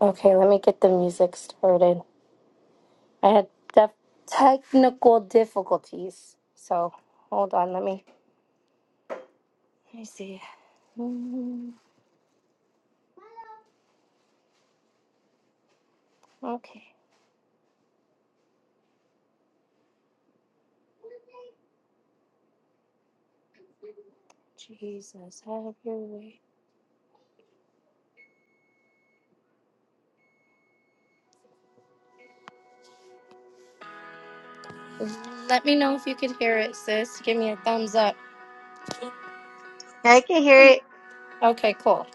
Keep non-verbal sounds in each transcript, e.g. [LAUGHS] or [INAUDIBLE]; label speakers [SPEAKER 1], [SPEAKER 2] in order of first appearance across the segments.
[SPEAKER 1] Okay, let me get the music started. I had def- technical difficulties. So hold on, let me. Let me see. Mm, okay. Jesus, have your way. Let me know if you could hear it, sis. Give me a thumbs up.
[SPEAKER 2] I can hear it.
[SPEAKER 1] Okay, cool.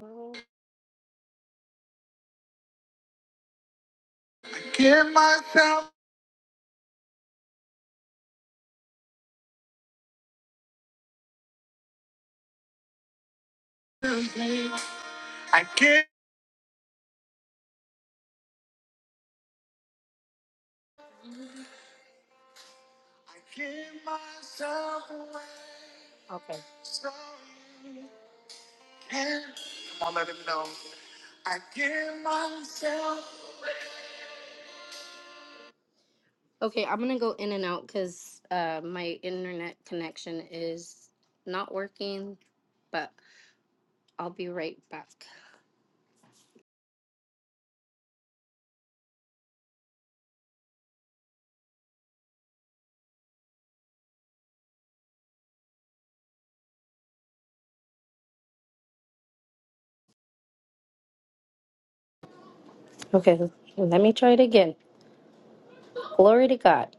[SPEAKER 1] Mm, Okay. Okay, I'm gonna go in and out because uh, my internet connection is not working, but I'll be right back. Okay, let me try it again. Glory to God.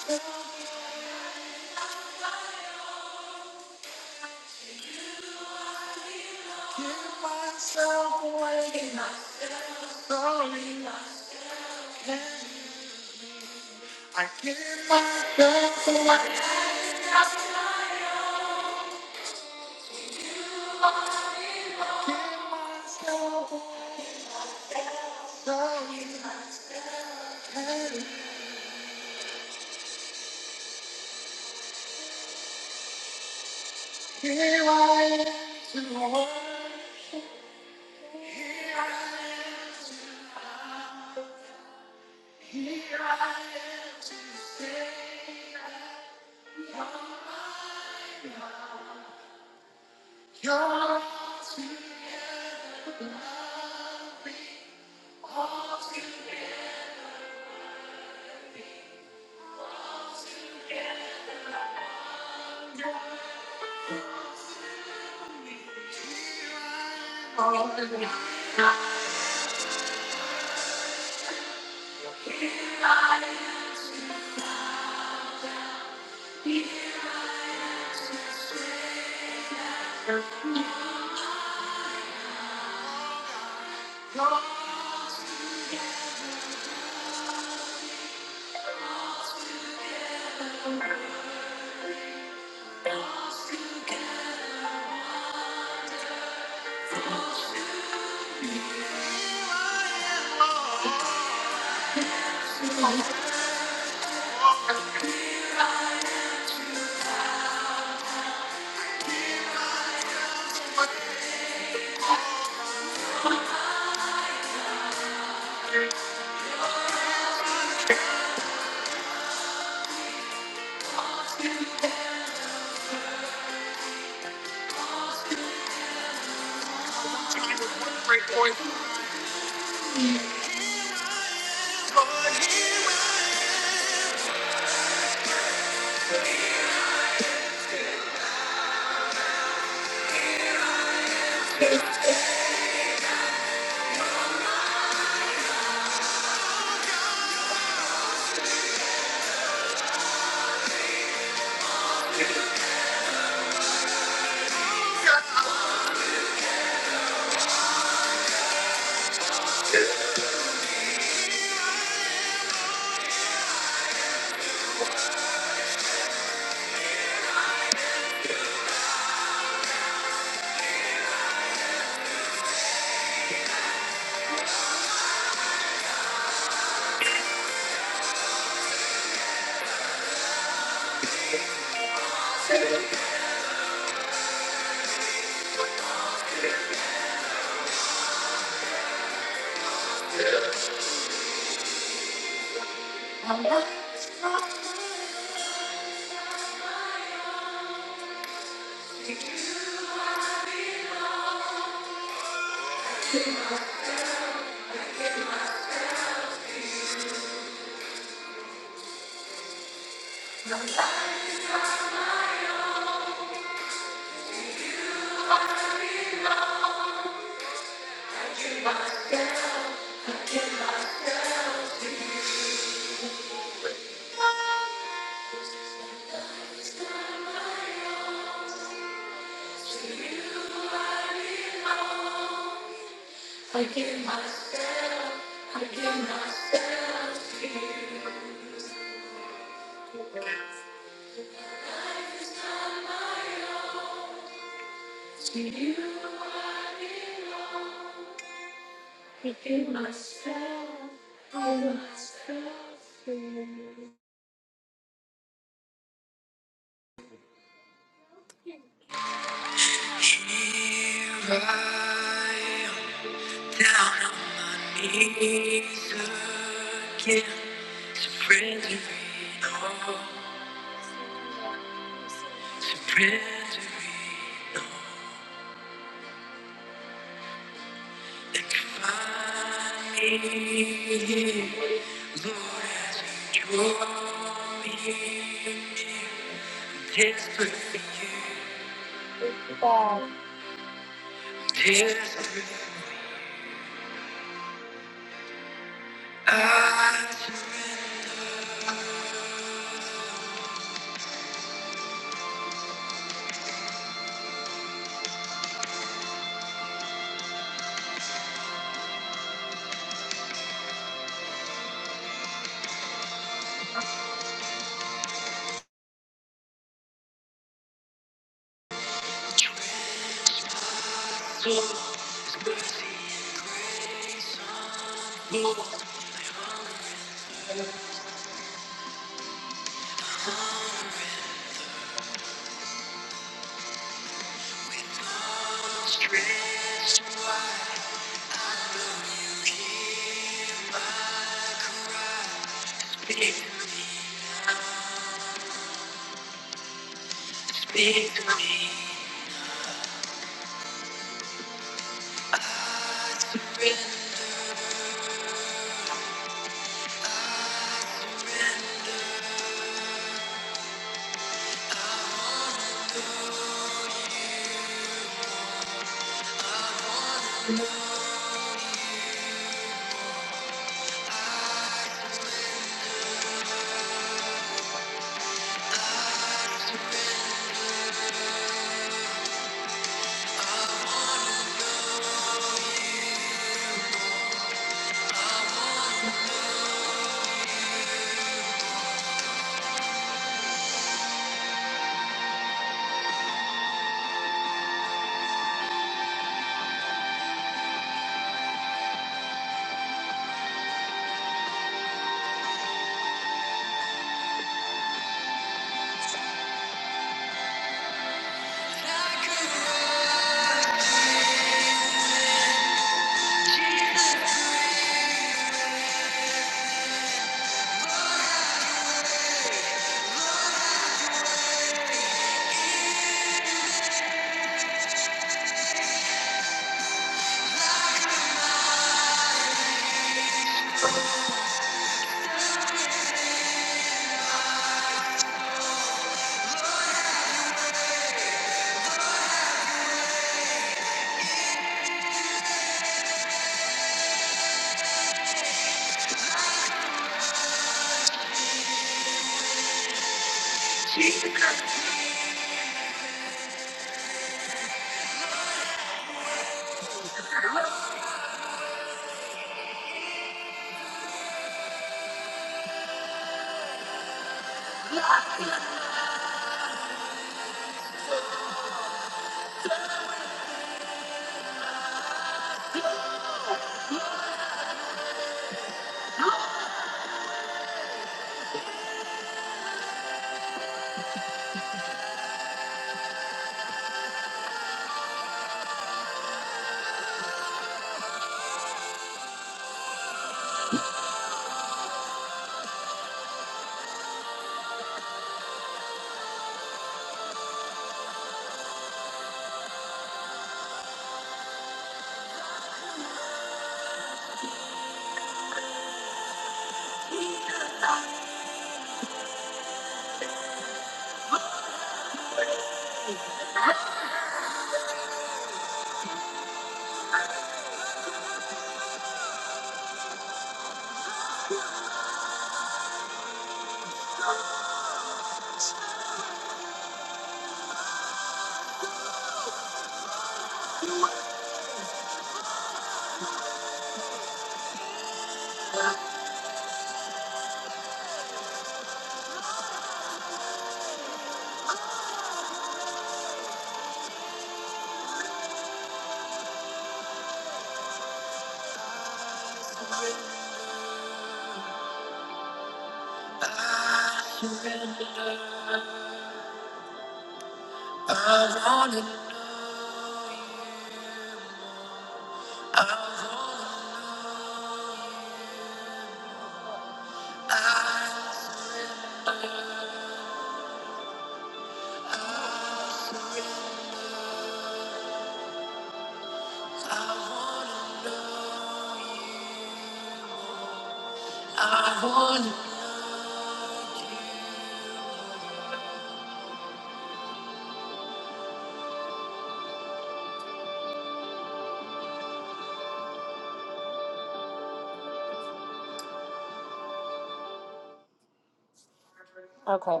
[SPEAKER 1] Okay.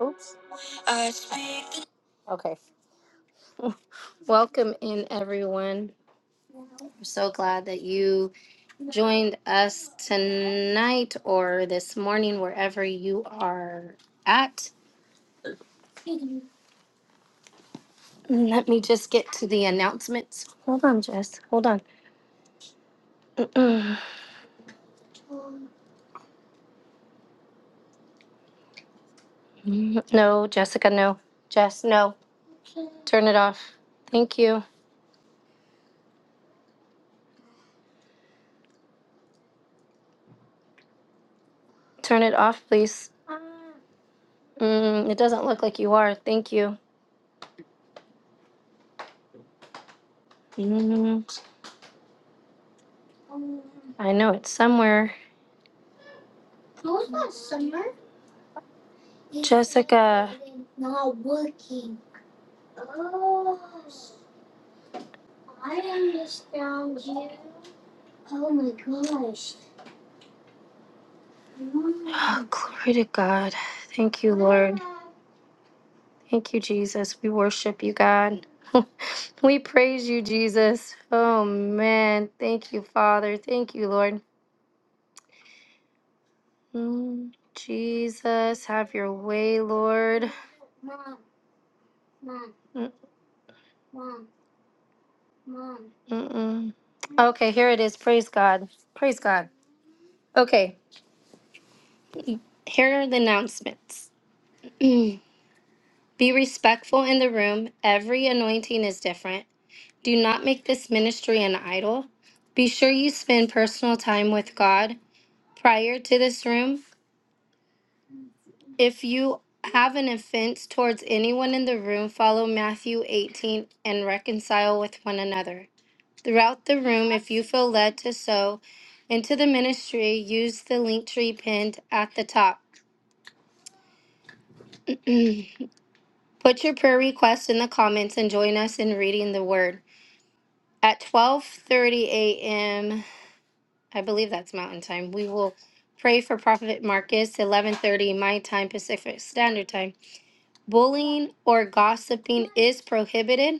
[SPEAKER 1] Oops. Okay. [LAUGHS] Welcome in, everyone. We're so glad that you joined us tonight or this morning, wherever you are at. Mm, Let me just get to the announcements. Hold on, Jess. Hold on. [CLEARS THROAT] No, Jessica, no. Jess, no. Turn it off. Thank you. Turn it off, please. Mm, it doesn't look like you are. Thank you. Mm, I know it's somewhere. Uh, Oh, glory to God. Thank you. Thank you, Jesus. We worship you, God. [LAUGHS] we praise you, Jesus. Oh, man. Thank you, Father. Thank you, Lord. Mm, Jesus, have your way, Lord. Mm-mm-mm. Okay, here it is. Praise God. Praise God. Okay, here are the announcements. Be respectful in the room. Every anointing is different. Do not make this ministry an idol. Be sure you spend personal time with God prior to this room If you have an offense towards anyone in the room, follow Matthew 18 and reconcile with one another. Throughout the room, if you feel led to sow into the ministry, use the link tree pinned at the top. Put your prayer request in the comments and join us in reading the word. At 12:30 a.m., I believe that's Mountain Time. We will pray for Prophet Marcus 11:30 my time Pacific Standard Time. Bullying or gossiping is prohibited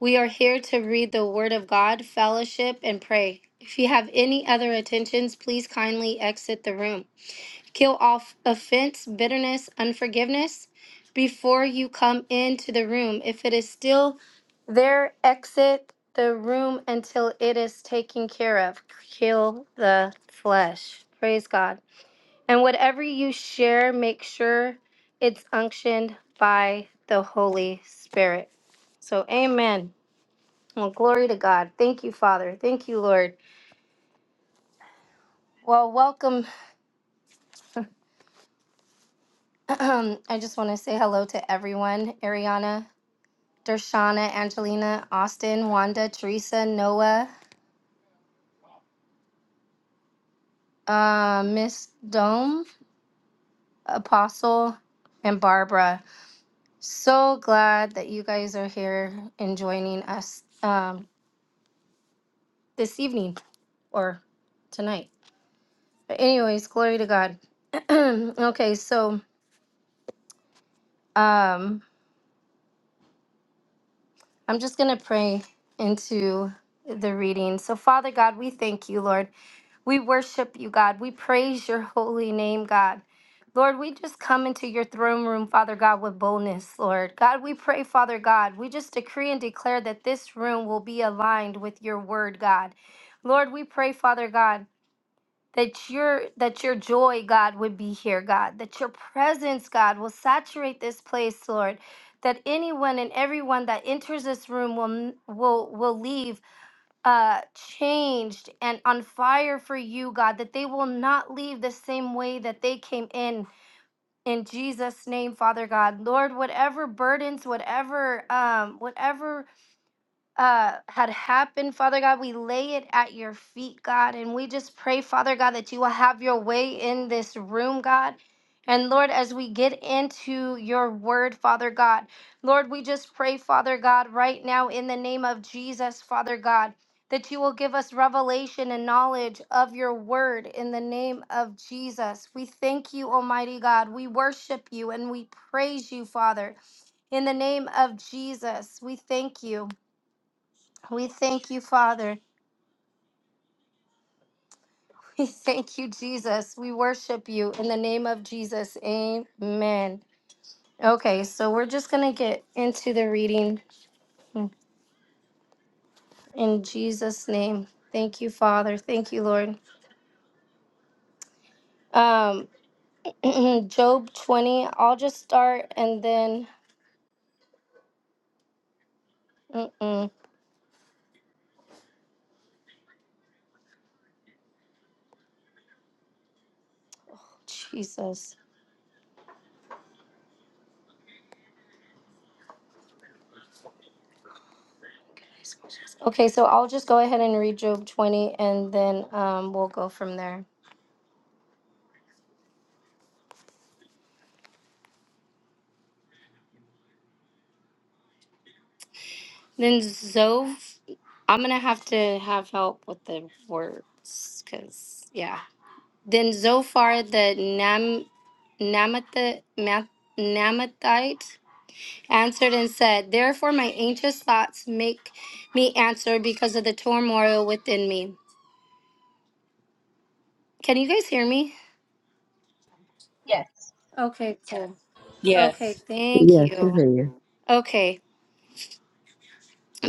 [SPEAKER 1] We are here to read the Word of God, fellowship, and pray. If you have any other attentions, please kindly exit the room. Kill off offense, bitterness, unforgiveness before you come into the room. If it is still there, exit the room until it is taken care of. Kill the flesh. Praise God. And whatever you share, make sure it's unctioned by the Holy Spirit. So, amen. Well, glory to God. Thank you, Father. Thank you, Lord. Well, welcome. [CLEARS THROAT] I just want to say hello to everyone Ariana, Dershana, Angelina, Austin, Wanda, Teresa, Noah, uh, Miss Dome, Apostle, and Barbara. So glad that you guys are here and joining us um, this evening or tonight. But anyways, glory to God. [CLEARS THROAT] okay, so. Um, I'm just going to pray into the reading. So, Father God, we thank you, Lord. We worship you, God. We praise your holy name, God. Lord, we just come into your throne room, Father God, with boldness, Lord. God, we pray, Father God, we just decree and declare that this room will be aligned with your word, God. Lord, we pray, Father God that your that your joy god would be here god that your presence god will saturate this place lord that anyone and everyone that enters this room will n- will will leave uh changed and on fire for you god that they will not leave the same way that they came in in jesus name father god lord whatever burdens whatever um whatever uh had happened, Father God. We lay it at your feet, God, and we just pray, Father God, that you will have your way in this room, God. And Lord, as we get into your word, Father God, Lord, we just pray, Father God, right now in the name of Jesus, Father God, that you will give us revelation and knowledge of your word in the name of Jesus. We thank you, Almighty God. We worship you and we praise you, Father. In the name of Jesus, we thank you. We thank you, Father. [LAUGHS] We thank you, Jesus. We worship you in the name of Jesus. Amen. Okay, so we're just going to get into the reading in Jesus' name. Thank you, Father. Thank you, Lord. Um, [CLEARS THROAT] Job 20, I'll just start and then, mm-mm, Jesus. Okay, so I'll just go ahead and read Job 20 and then um, we'll go from there. Then Zove, I'm gonna have to have help with the words, cause yeah. Then Zophar the Nam Namatha Ma- Namathite answered and said, "Therefore my anxious thoughts make me answer because of the turmoil within me." Can you guys hear me?
[SPEAKER 3] Yes,
[SPEAKER 1] Okay, cool. Okay,
[SPEAKER 4] Yes.
[SPEAKER 1] thank you.
[SPEAKER 5] Yes, we
[SPEAKER 1] Yes.
[SPEAKER 5] hear you.
[SPEAKER 1] Okay,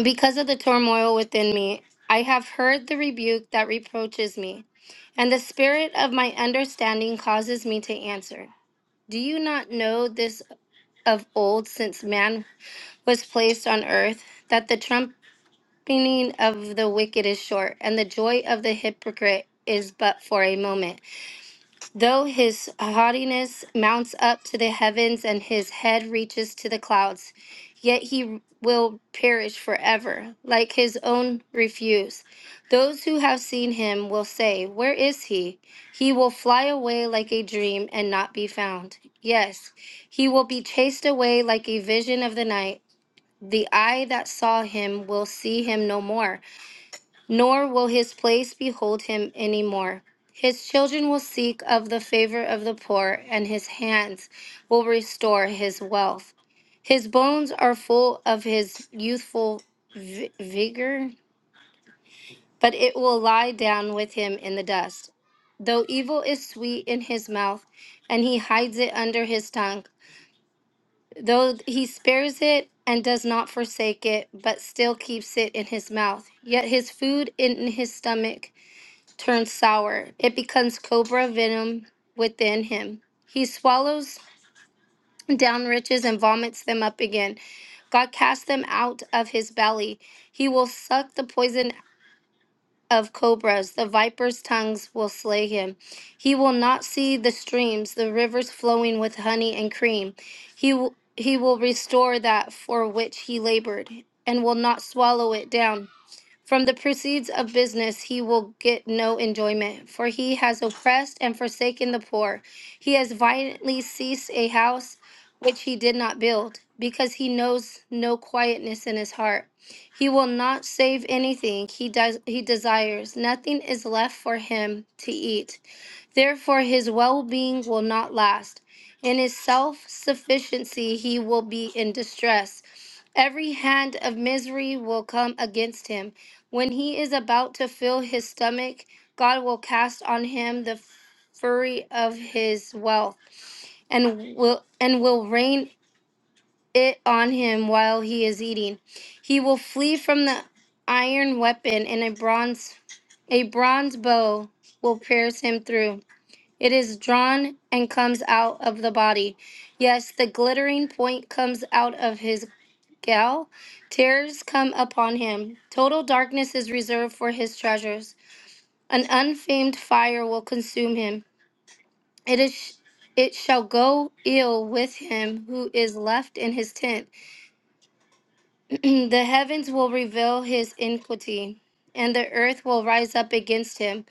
[SPEAKER 1] because of the turmoil within me, I have heard the rebuke that reproaches me. And the spirit of my understanding causes me to answer. Do you not know this of old, since man was placed on earth, that the trumpeting of the wicked is short, and the joy of the hypocrite is but for a moment? Though his haughtiness mounts up to the heavens and his head reaches to the clouds, yet he will perish forever, like his own refuse. Those who have seen him will say, Where is he? He will fly away like a dream and not be found. Yes, he will be chased away like a vision of the night. The eye that saw him will see him no more nor will his place behold him any more. His children will seek of the favor of the poor, and his hands will restore his wealth. His bones are full of his youthful vi- vigor, but it will lie down with him in the dust. Though evil is sweet in his mouth, and he hides it under his tongue, though he spares it and does not forsake it, but still keeps it in his mouth, yet his food in his stomach turns sour. It becomes cobra venom within him. He swallows down riches and vomits them up again. God casts them out of his belly. He will suck the poison of cobras. The viper's tongues will slay him. He will not see the streams, the rivers flowing with honey and cream. He will, he will restore that for which he labored and will not swallow it down. From the proceeds of business he will get no enjoyment, for he has oppressed and forsaken the poor. He has violently seized a house which he did not build, because he knows no quietness in his heart. He will not save anything he does he desires. Nothing is left for him to eat. Therefore, his well being will not last. In his self sufficiency, he will be in distress. Every hand of misery will come against him. When he is about to fill his stomach, God will cast on him the fury of his wealth and will and will rain it on him while he is eating. He will flee from the iron weapon and a bronze a bronze bow will pierce him through. It is drawn and comes out of the body. Yes, the glittering point comes out of his gal. Tears come upon him. Total darkness is reserved for his treasures. An unfamed fire will consume him. It is it shall go ill with him who is left in his tent. [CLEARS THROAT] the heavens will reveal his iniquity, and the earth will rise up against him.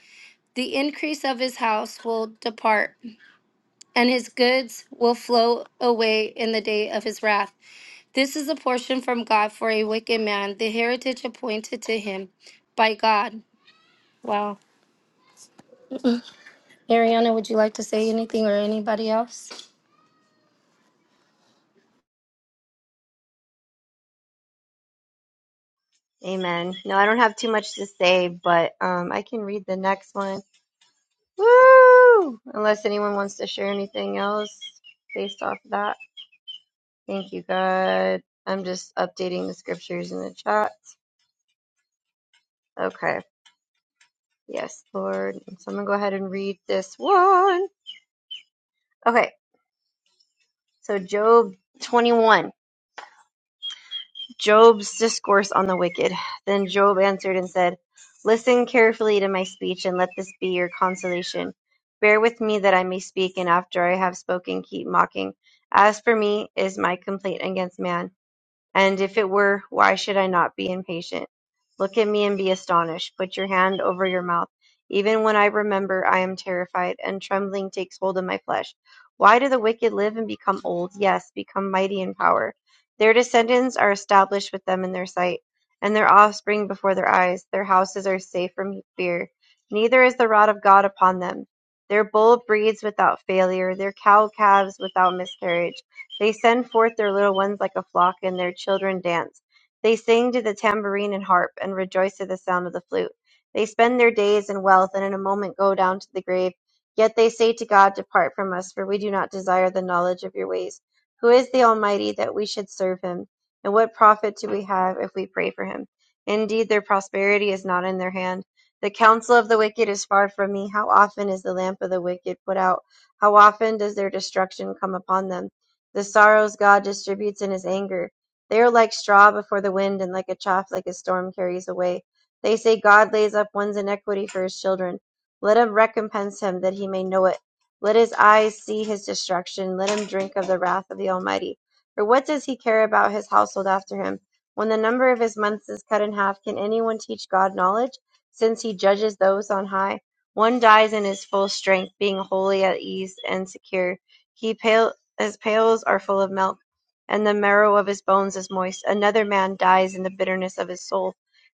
[SPEAKER 1] The increase of his house will depart. and his goods will flow away in the day of his wrath. This is a portion from God for a wicked man, the heritage appointed to him by God. Wow. Ariana, would you like to say anything or anybody else?
[SPEAKER 2] Amen. No, I don't have too much to say, but um, I can read the next one. Woo! Unless anyone wants to share anything else based off of that. Thank you, God. I'm just updating the scriptures in the chat. Okay. Yes, Lord. So I'm going to go ahead and read this one. Okay. So, Job 21. Job's discourse on the wicked. Then Job answered and said, Listen carefully to my speech, and let this be your consolation. Bear with me that I may speak, and after I have spoken, keep mocking. As for me, is my complaint against man. And if it were, why should I not be impatient? Look at me and be astonished. Put your hand over your mouth. Even when I remember, I am terrified, and trembling takes hold of my flesh. Why do the wicked live and become old? Yes, become mighty in power. Their descendants are established with them in their sight, and their offspring before their eyes. Their houses are safe from fear. Neither is the rod of God upon them. Their bull breeds without failure, their cow calves without miscarriage. They send forth their little ones like a flock, and their children dance. They sing to the tambourine and harp, and rejoice at the sound of the flute. They spend their days in wealth, and in a moment go down to the grave. Yet they say to God, Depart from us, for we do not desire the knowledge of your ways. Who is the Almighty that we should serve him? And what profit do we have if we pray for him? Indeed, their prosperity is not in their hand. The counsel of the wicked is far from me. How often is the lamp of the wicked put out? How often does their destruction come upon them? the sorrows God distributes in his anger. They are like straw before the wind and like a chaff like a storm carries away. They say God lays up one's iniquity for his children. Let him recompense him that he may know it. Let his eyes see his destruction. Let him drink of the wrath of the Almighty. For what does he care about his household after him? When the number of his months is cut in half, can anyone teach God knowledge? Since he judges those on high, one dies in his full strength, being wholly at ease and secure. He pale, his pails are full of milk, and the marrow of his bones is moist. Another man dies in the bitterness of his soul,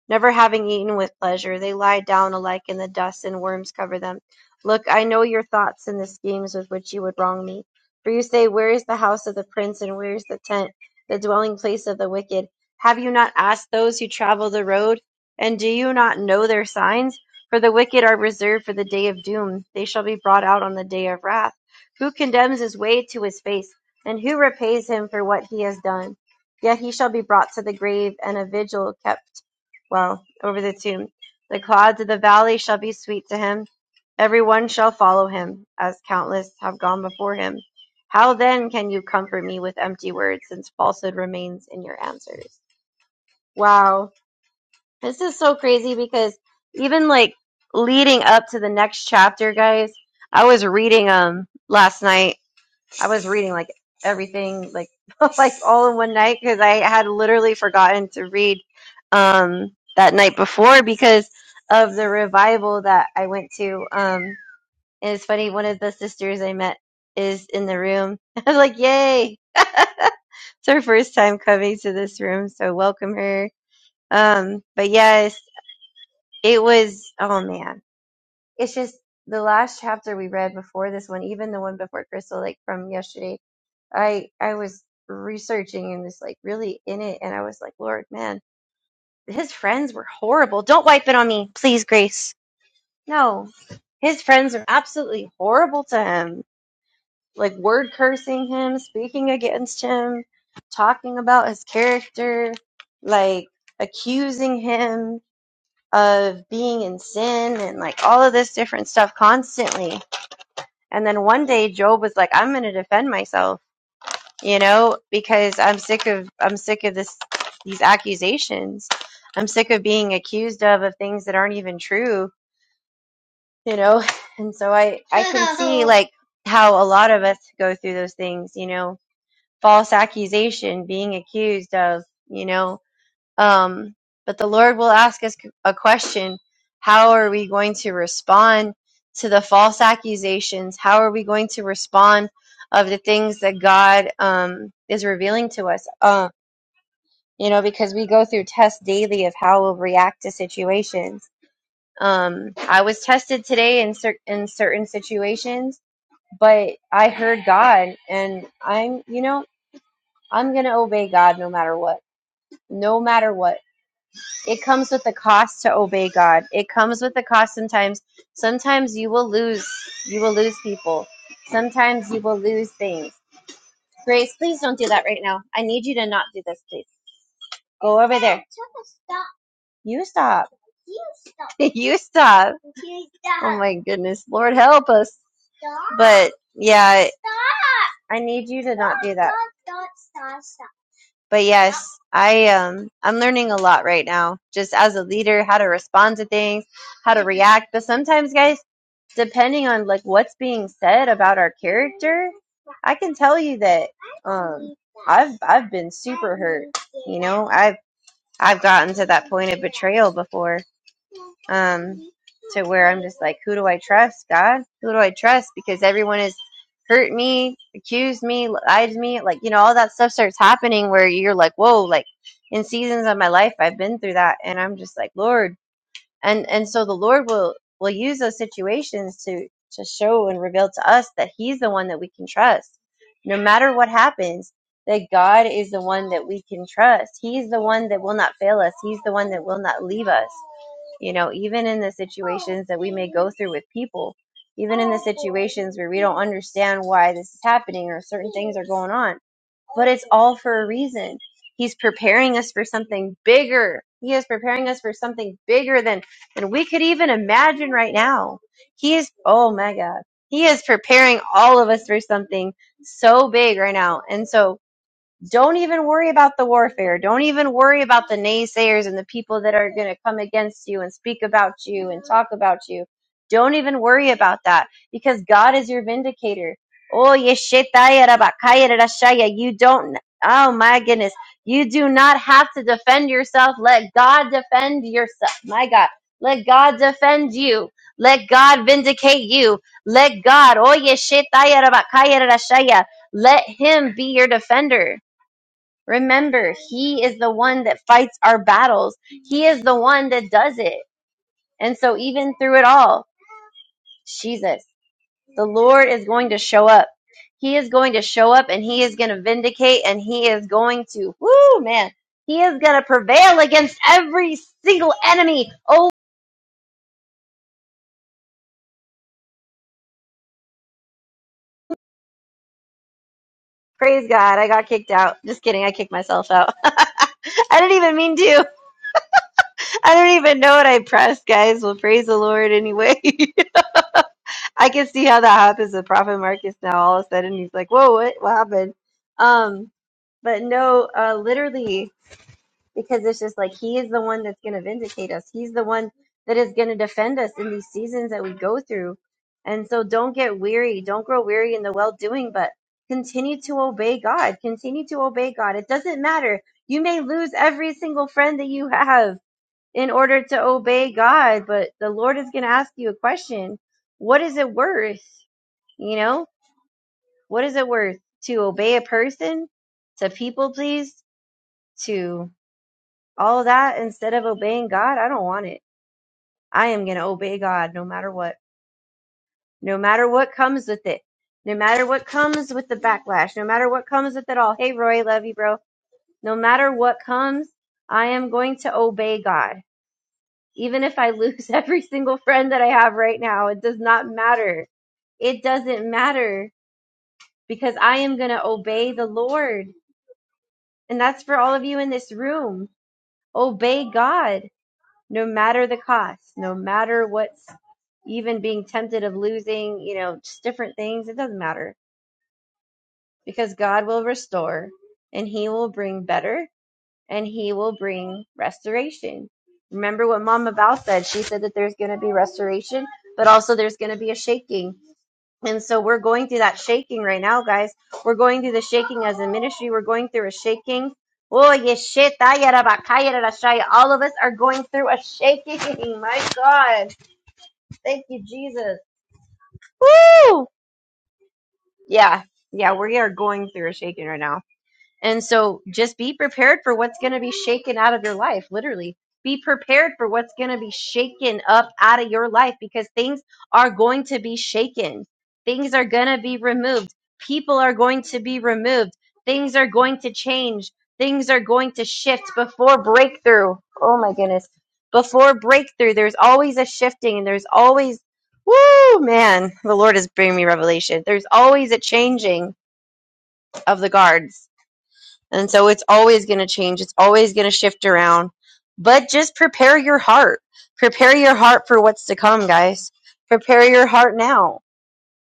[SPEAKER 2] never having eaten with pleasure. They lie down alike in the dust, and worms cover them. Look, I know your thoughts and the schemes with which you would wrong me. For you say, Where is the house of the prince, and where is the tent, the dwelling place of the wicked? Have you not asked those who travel the road? And do you not know their signs? For the wicked are reserved for the day of doom. They shall be brought out on the day of wrath. Who condemns his way to his face? And who repays him for what he has done? Yet he shall be brought to the grave, and a vigil kept well over the tomb. The clouds of the valley shall be sweet to him. Every one shall follow him, as countless have gone before him. How then can you comfort me with empty words, since falsehood remains in your answers? Wow. This is so crazy because even like leading up to the next chapter, guys, I was reading um last night I was reading like everything, like [LAUGHS] like all in one night because I had literally forgotten to read um, that night before because of the revival that I went to. Um, and it's funny, one of the sisters I met is in the room. [LAUGHS] I was like, "Yay! It's her first time coming to this room, so welcome her." Um, but yes, it was. Oh man, it's just the last chapter we read before this one, even the one before Crystal, like from yesterday I I was researching and was like really in it, and I was like, Lord, man, his friends were horrible. Don't wipe it on me, please, Grace. No, his friends are absolutely horrible to him. Like word cursing him, speaking against him, talking about his character, like accusing him of being in sin and like all of this different stuff constantly. And then one day Job was like, I'm going to defend myself you know, because I'm sick of I'm sick of this these accusations. I'm sick of being accused of of things that aren't even true, you know. [LAUGHS] And so I I can see [LAUGHS] like how a lot of us go through those things, you know, false accusation, being accused of, you know, um, but the Lord will ask us a question How are we going to respond to the false accusations? How are we going to respond of the things that God um, is revealing to us? Uh, you know, because we go through tests daily of how we'll react to situations. Um, I was tested today in, cer- in certain situations, but I heard God, and I'm, you know, I'm going to obey God no matter what. No matter what it comes with the cost to obey God. It comes with the cost sometimes. Sometimes you will lose. You will lose people. Sometimes you will lose things. Grace, please don't do that right now. I need you to not do this, please. Go over there. Stop. You stop. [LAUGHS] you stop. You stop. Oh my goodness. Lord help us. Stop. But yeah, I need you to not do that. Stop, stop, stop, stop. but yes i um i'm learning a lot right now just as a leader how to respond to things how to react but sometimes guys depending on like what's being said about our character i can tell you that um i've i've been super hurt you know i've i've gotten to that point of betrayal before um, to where I'm just like, who do I trust, God? Who do I trust? Because everyone has hurt me, accused me, lied to me, like you know, all that stuff starts happening where you're like, whoa, like in seasons of my life, I've been through that, and I'm just like, Lord, and and so the Lord will will use those situations to to show and reveal to us that He's the one that we can trust, no matter what happens. That God is the one that we can trust. He's the one that will not fail us. He's the one that will not leave us you know even in the situations that we may go through with people even in the situations where we don't understand why this is happening or certain things are going on but it's all for a reason he's preparing us for something bigger he is preparing us for something bigger than than we could even imagine right now he is oh my god he is preparing all of us for something so big right now and so don't even worry about the warfare. Don't even worry about the naysayers and the people that are going to come against you and speak about you and talk about you. Don't even worry about that because God is your vindicator. Oh, yeshetaya rabakaya rarashaya. you don't, oh my goodness, you do not have to defend yourself. Let God defend yourself. My God, let God defend you. Let God vindicate you. Let God, oh, yeshetaya rabakaya rarashaya. let Him be your defender Remember, He is the one that fights our battles. He is the one that does it. And so, even through it all, Jesus, the Lord is going to show up. He is going to show up and He is going to vindicate and He is going to, whoo, man, He is going to prevail against every single enemy. Oh, praise God. I got kicked out. Just kidding. I kicked myself out. [LAUGHS] I didn't even mean to. I don't even know what I pressed, guys. Well, praise the Lord anyway. [LAUGHS] I can see how that happens with Prophet Marcus now. All of a sudden, he's like, "Whoa, what? What happened?" Um, but no, uh, literally, because it's just like he is the one that's going to vindicate us. He's the one that is going to defend us in these seasons that we go through. And so, don't get weary. Don't grow weary in the well doing, but continue to obey God. Continue to obey God. It doesn't matter. You may lose every single friend that you have in order to obey God, but the Lord is going to ask you a question. What is it worth? You know, what is it worth to obey a person, to people please, to all that instead of obeying God? I don't want it. I am going to obey God no matter what, no matter what comes with it, no matter what comes with the backlash, no matter what comes with it all. Hey, Roy, love you, bro. No matter what comes, I am going to obey God. Even if I lose [LAUGHS] every single friend that I have right now, it does not matter it doesn't matter because I am going to obey the Lord. And that's for all of you in this room. Obey God, no matter the cost, no matter what's even being tempted of losing, you know, just different things. It doesn't matter because God will restore and He will bring better and He will bring restoration. Remember what Mama Val said. She said that there's going to be restoration, but also there's going to be a shaking and so we're going through that shaking right now, guys. We're going through the shaking as a ministry. We're going through a shaking. Oh, yes, ah, All of us are going through a shaking. [LAUGHS] My God. Thank you, Jesus. Woo! Yeah. Yeah, we are going through a shaking right now. And so just be prepared for what's going to be shaken out of your life, literally. Be prepared for what's going to be shaken up out of your life because things are going to be shaken. Things are going to be removed. People are going to be removed. Things are going to change. Things are going to shift before breakthrough. Oh my goodness. Before breakthrough, there's always a shifting and there's always, woo, man, the Lord is bringing me revelation. There's always a changing of the guards and so it's always going to change. It's always going to shift around. But just prepare your heart. Prepare your heart for what's to come, guys. Prepare your heart now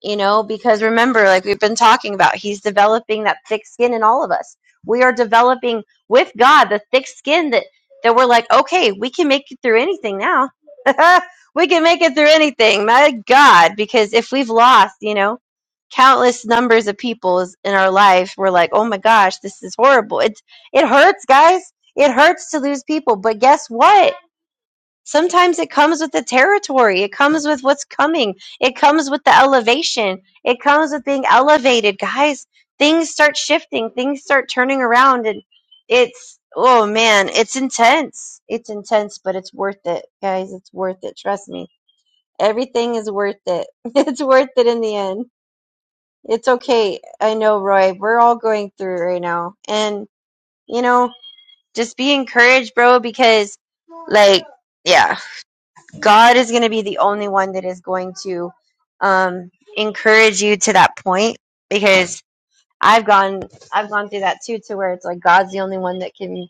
[SPEAKER 2] you know because remember like we've been talking about he's developing that thick skin in all of us we are developing with god the thick skin that that we're like okay we can make it through anything now [LAUGHS] we can make it through anything my god because if we've lost you know countless numbers of people is- in our life we're like oh my gosh this is horrible It's it hurts guys it hurts to lose people but guess what Sometimes it comes with the territory. It comes with what's coming. It comes with the elevation. It comes with being elevated. Guys, things start shifting. Things start turning around. And it's, oh man, it's intense. It's intense, but it's worth it, guys. It's worth it. Trust me. Everything is worth it. [LAUGHS] It's worth it in the end. It's okay. I know, Roy. We're all going through it right now. And, you know, just be encouraged, bro, because, like, yeah God is going to be the only one that is going to um, encourage you to that point because I've gone I've gone through that too to where it's like God's the only one that can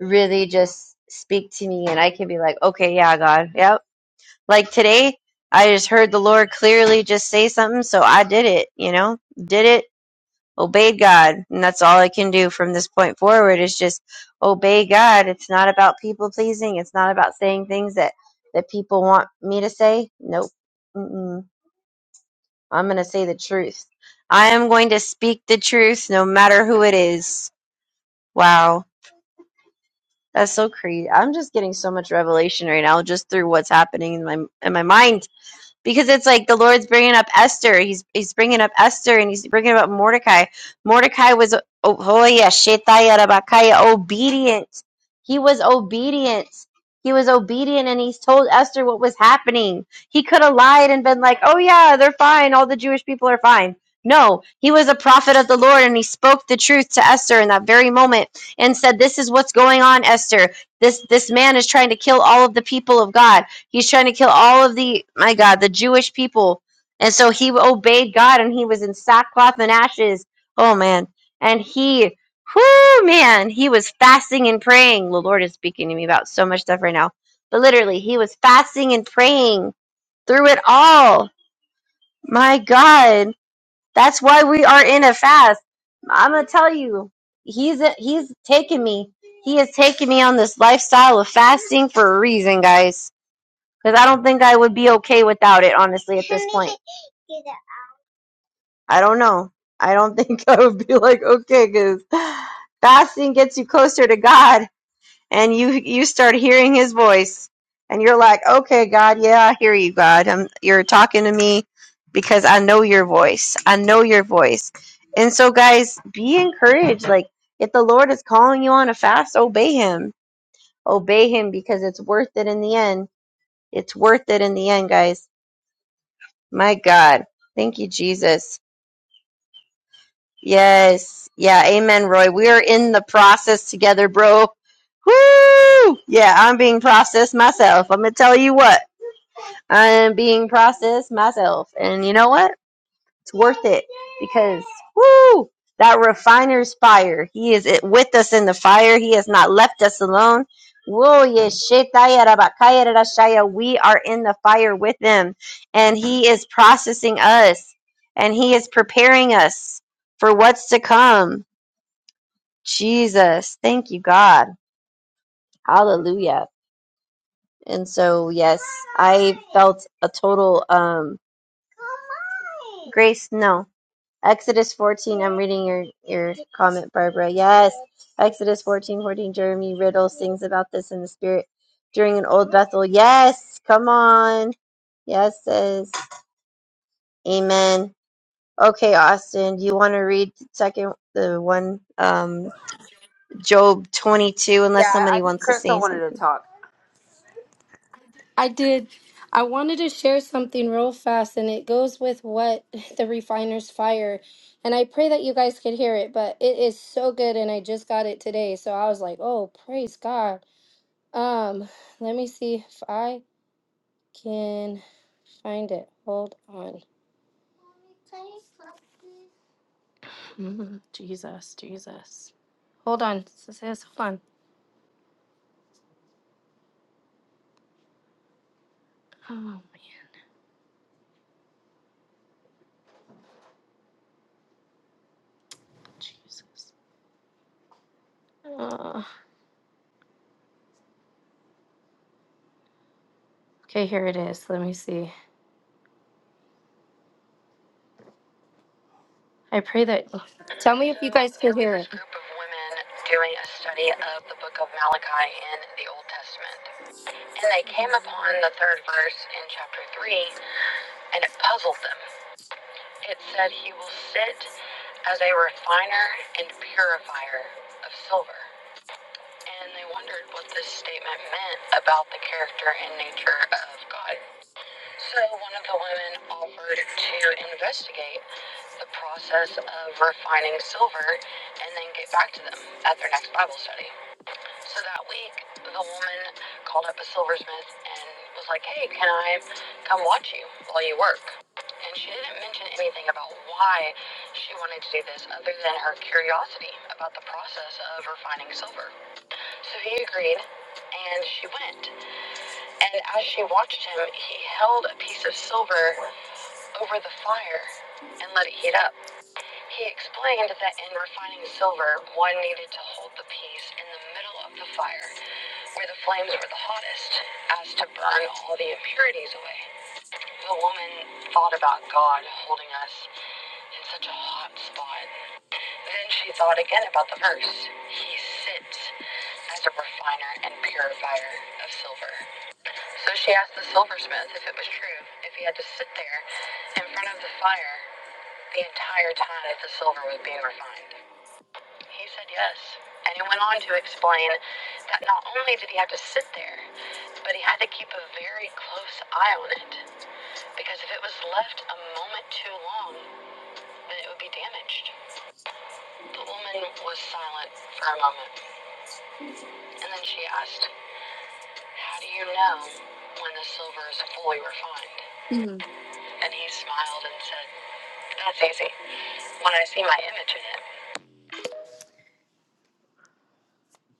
[SPEAKER 2] really just speak to me and I can be like okay yeah God yep like today I just heard the Lord clearly just say something so I did it you know did it obeyed God. And that's all I can do from this point forward is just obey God. It's not about people pleasing. It's not about saying things that, that people want me to say. Nope. Mm-mm. I'm going to say the truth. I am going to speak the truth no matter who it is. Wow. That's so crazy. I'm just getting so much revelation right now just through what's happening in my in my mind because it's like the Lord's bringing up Esther. He's he's bringing up Esther and he's bringing up Mordecai. Mordecai was oh, oh yeah, Shetaya Rabakaya, obedient. He was obedient. He was obedient and he's told Esther what was happening. He could have lied and been like, "Oh yeah, they're fine. All the Jewish people are fine." No, he was a prophet of the Lord and he spoke the truth to Esther in that very moment and said, "This is what's going on, Esther. This this man is trying to kill all of the people of God." He's trying to kill all of the, my God, the Jewish people. And so he obeyed God and he was in sackcloth and ashes. Oh, man. And he, whoo, man, he was fasting and praying. The Lord is speaking to me about so much stuff right now. But literally, he was fasting and praying through it all. My God. That's why we are in a fast. I'm going to tell you, he's, he's taken me. He has taken me on this lifestyle of fasting for a reason, guys because I don't think I would be okay without it, honestly, at this point. I don't know. I don't think [LAUGHS] I would be like okay because fasting gets you closer to God, and you you start hearing His voice, and you're like, okay, God, yeah, I hear you, God. I'm, you're talking to me because I know your voice. I know your voice, and so guys, be encouraged. Like if the Lord is calling you on a fast, obey Him. Obey Him because it's worth it in the end. It's worth it in the end, guys My God. Thank you, Jesus. Yes. Yeah. Amen, Roy. We are in the process together, bro. Woo! Yeah, I'm being processed myself. I'm going to tell you what. I'm being processed myself. And you know what? It's worth it because woo that refiner's fire. He is it with us in the fire. He has not left us alone. Whoa, yes, shetaya rabakaya rarashaya. we are in the fire with him, and he is processing us, and he is preparing us for what's to come. Jesus, thank you, God, Hallelujah. And so, yes, I felt a total um, grace. No, Exodus 14. I'm reading your, your comment, Barbara. Yes. Exodus 14, 14. Jeremy Riddle sings about this in the spirit during an old Bethel. Yes. Come on. Yes, says. Amen. Okay, Austin, do you want to read the second, the one, um, Job 22, unless
[SPEAKER 4] Yeah,
[SPEAKER 2] somebody
[SPEAKER 4] I think
[SPEAKER 2] wants to say
[SPEAKER 4] Crystal wanted to
[SPEAKER 2] something?
[SPEAKER 4] talk.
[SPEAKER 1] I did. I wanted to share something real fast, and it goes with what the refiner's fire. And I pray that you guys could hear it, but it is so good, and I just got it today. So I was like, oh, praise God. Um, let me see if I can find it. Hold on. Mm, Jesus, Jesus. Hold on. Sis, hold on. Oh, man. Jesus. Uh, okay, here it is. Let me see. I pray that. [SIGHS] Tell me if you guys can hear it.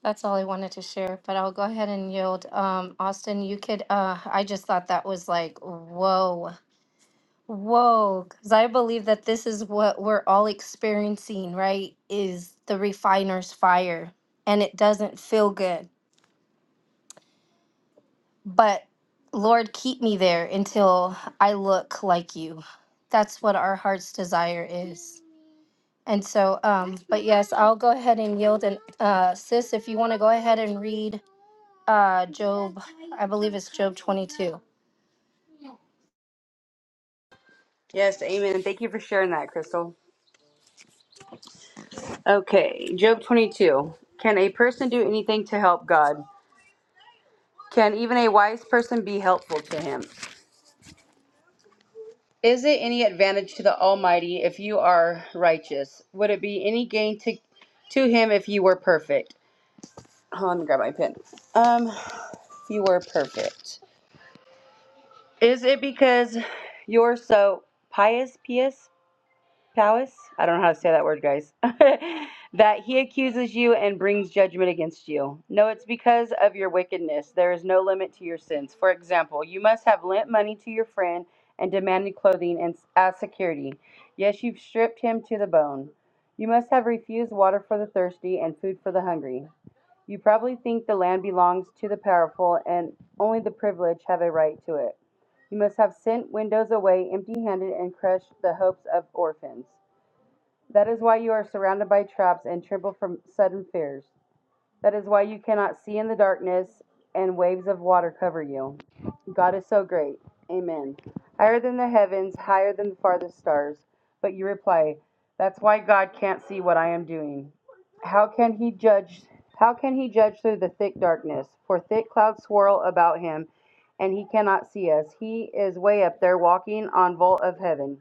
[SPEAKER 1] That's all I wanted to share, but I'll go ahead and yield. Um, Austin, you could. Uh, I just thought that was like, whoa, whoa, because I believe that this is what we're all experiencing, right? Is the refiner's fire, and it doesn't feel good But Lord, keep me there until I look like you. That's what our heart's desire is. And so, um, but yes, I'll go ahead and yield. And uh, sis, if you want to go ahead and read uh, Job, I believe it's Job 22.
[SPEAKER 4] Yes, amen. Thank you for sharing that, Crystal. Okay, Job 22. Can a person do anything to help God? Can even a wise person be helpful to him? Is it any advantage to the Almighty if you are righteous? Would it be any gain to to him if you were perfect? Hold on, let me grab my pen. Um, if you were perfect. Is it because you're so pious, pious? Powis, I don't know how to say that word, guys, [LAUGHS] that he accuses you and brings judgment against you. No, it's because of your wickedness. There is no limit to your sins. For example, you must have lent money to your friend and demanded clothing and, as security. Yes, you've stripped him to the bone. You must have refused water for the thirsty and food for the hungry. You probably think the land belongs to the powerful and only the privileged have a right to it. You must have sent widows away empty handed and crushed the hopes of orphans. That is why you are surrounded by traps and tremble from sudden fears. That is why you cannot see in the darkness and waves of water cover you. God is so great. Amen. Higher than the heavens, higher than the farthest stars. But you reply, That's why God can't see what I am doing. How can he judge? How can he judge through the thick darkness? For thick clouds swirl about him, and he cannot see us. He is way up there walking on vault of heaven,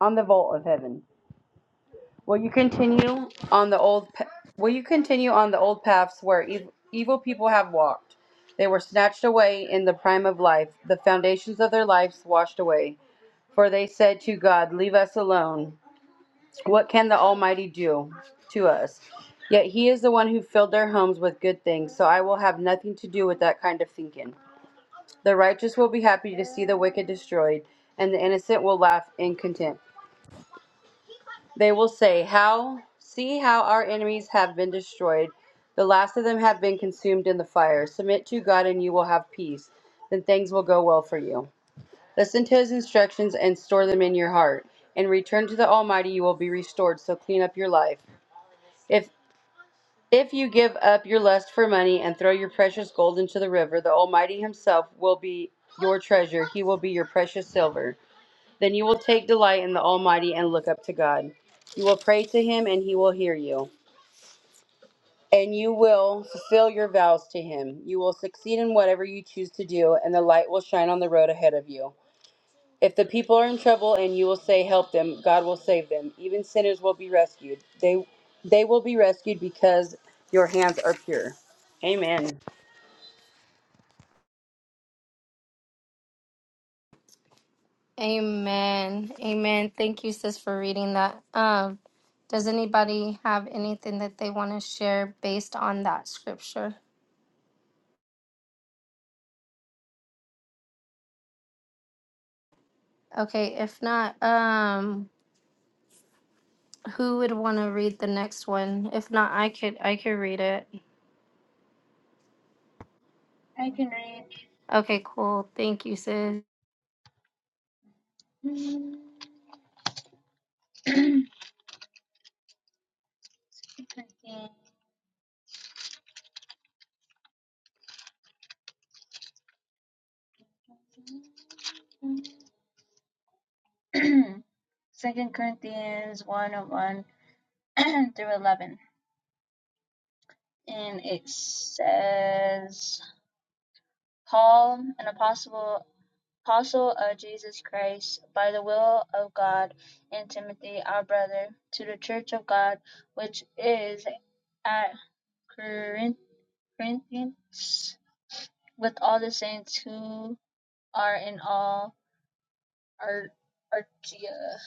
[SPEAKER 4] on the vault of heaven. Will you continue on the old pa- Will you continue on the old paths where ev- evil people have walked? They were snatched away in the prime of life, the foundations of their lives washed away. For they said to God, "Leave us alone. What can the Almighty do to us?" Yet he is the one who filled their homes with good things, so I will have nothing to do with that kind of thinking. The righteous will be happy to see the wicked destroyed, and the innocent will laugh in contempt. They will say, How see how our enemies have been destroyed. The last of them have been consumed in the fire. Submit to God and you will have peace. Then things will go well for you. Listen to his instructions and store them in your heart. And return to the Almighty you will be restored, so clean up your life. If if you give up your lust for money and throw your precious gold into the river, the Almighty himself will be your treasure. He will be your precious silver. Then you will take delight in the Almighty and look up to God. You will pray to Him, and He will hear you. And you will fulfill your vows to Him. You will succeed in whatever you choose to do, and the light will shine on the road ahead of you. If the people are in trouble and you will say, Help them, God will save them. Even sinners will be rescued. They, they will be rescued because your hands are pure. Amen.
[SPEAKER 1] Amen. Amen. Thank you, sis, for reading that. Um, does anybody have anything that they want to share based on that scripture? Okay, if not, um, Who would want to read the next one? If not, I could I could read it.
[SPEAKER 3] I can read.
[SPEAKER 1] Okay, cool. Thank you, sis.
[SPEAKER 3] Mm. [CLEARS THROAT] Second Corinthians [CLEARS THROAT] Second Corinthians 1 of 1 [CLEARS THROAT] through 11. And it says, Paul, an apostle, apostle of Jesus Christ, by the will of God, and Timothy, our brother, to the church of God, which is at Corinth, Corinthians, with all the saints who are in all Archaea.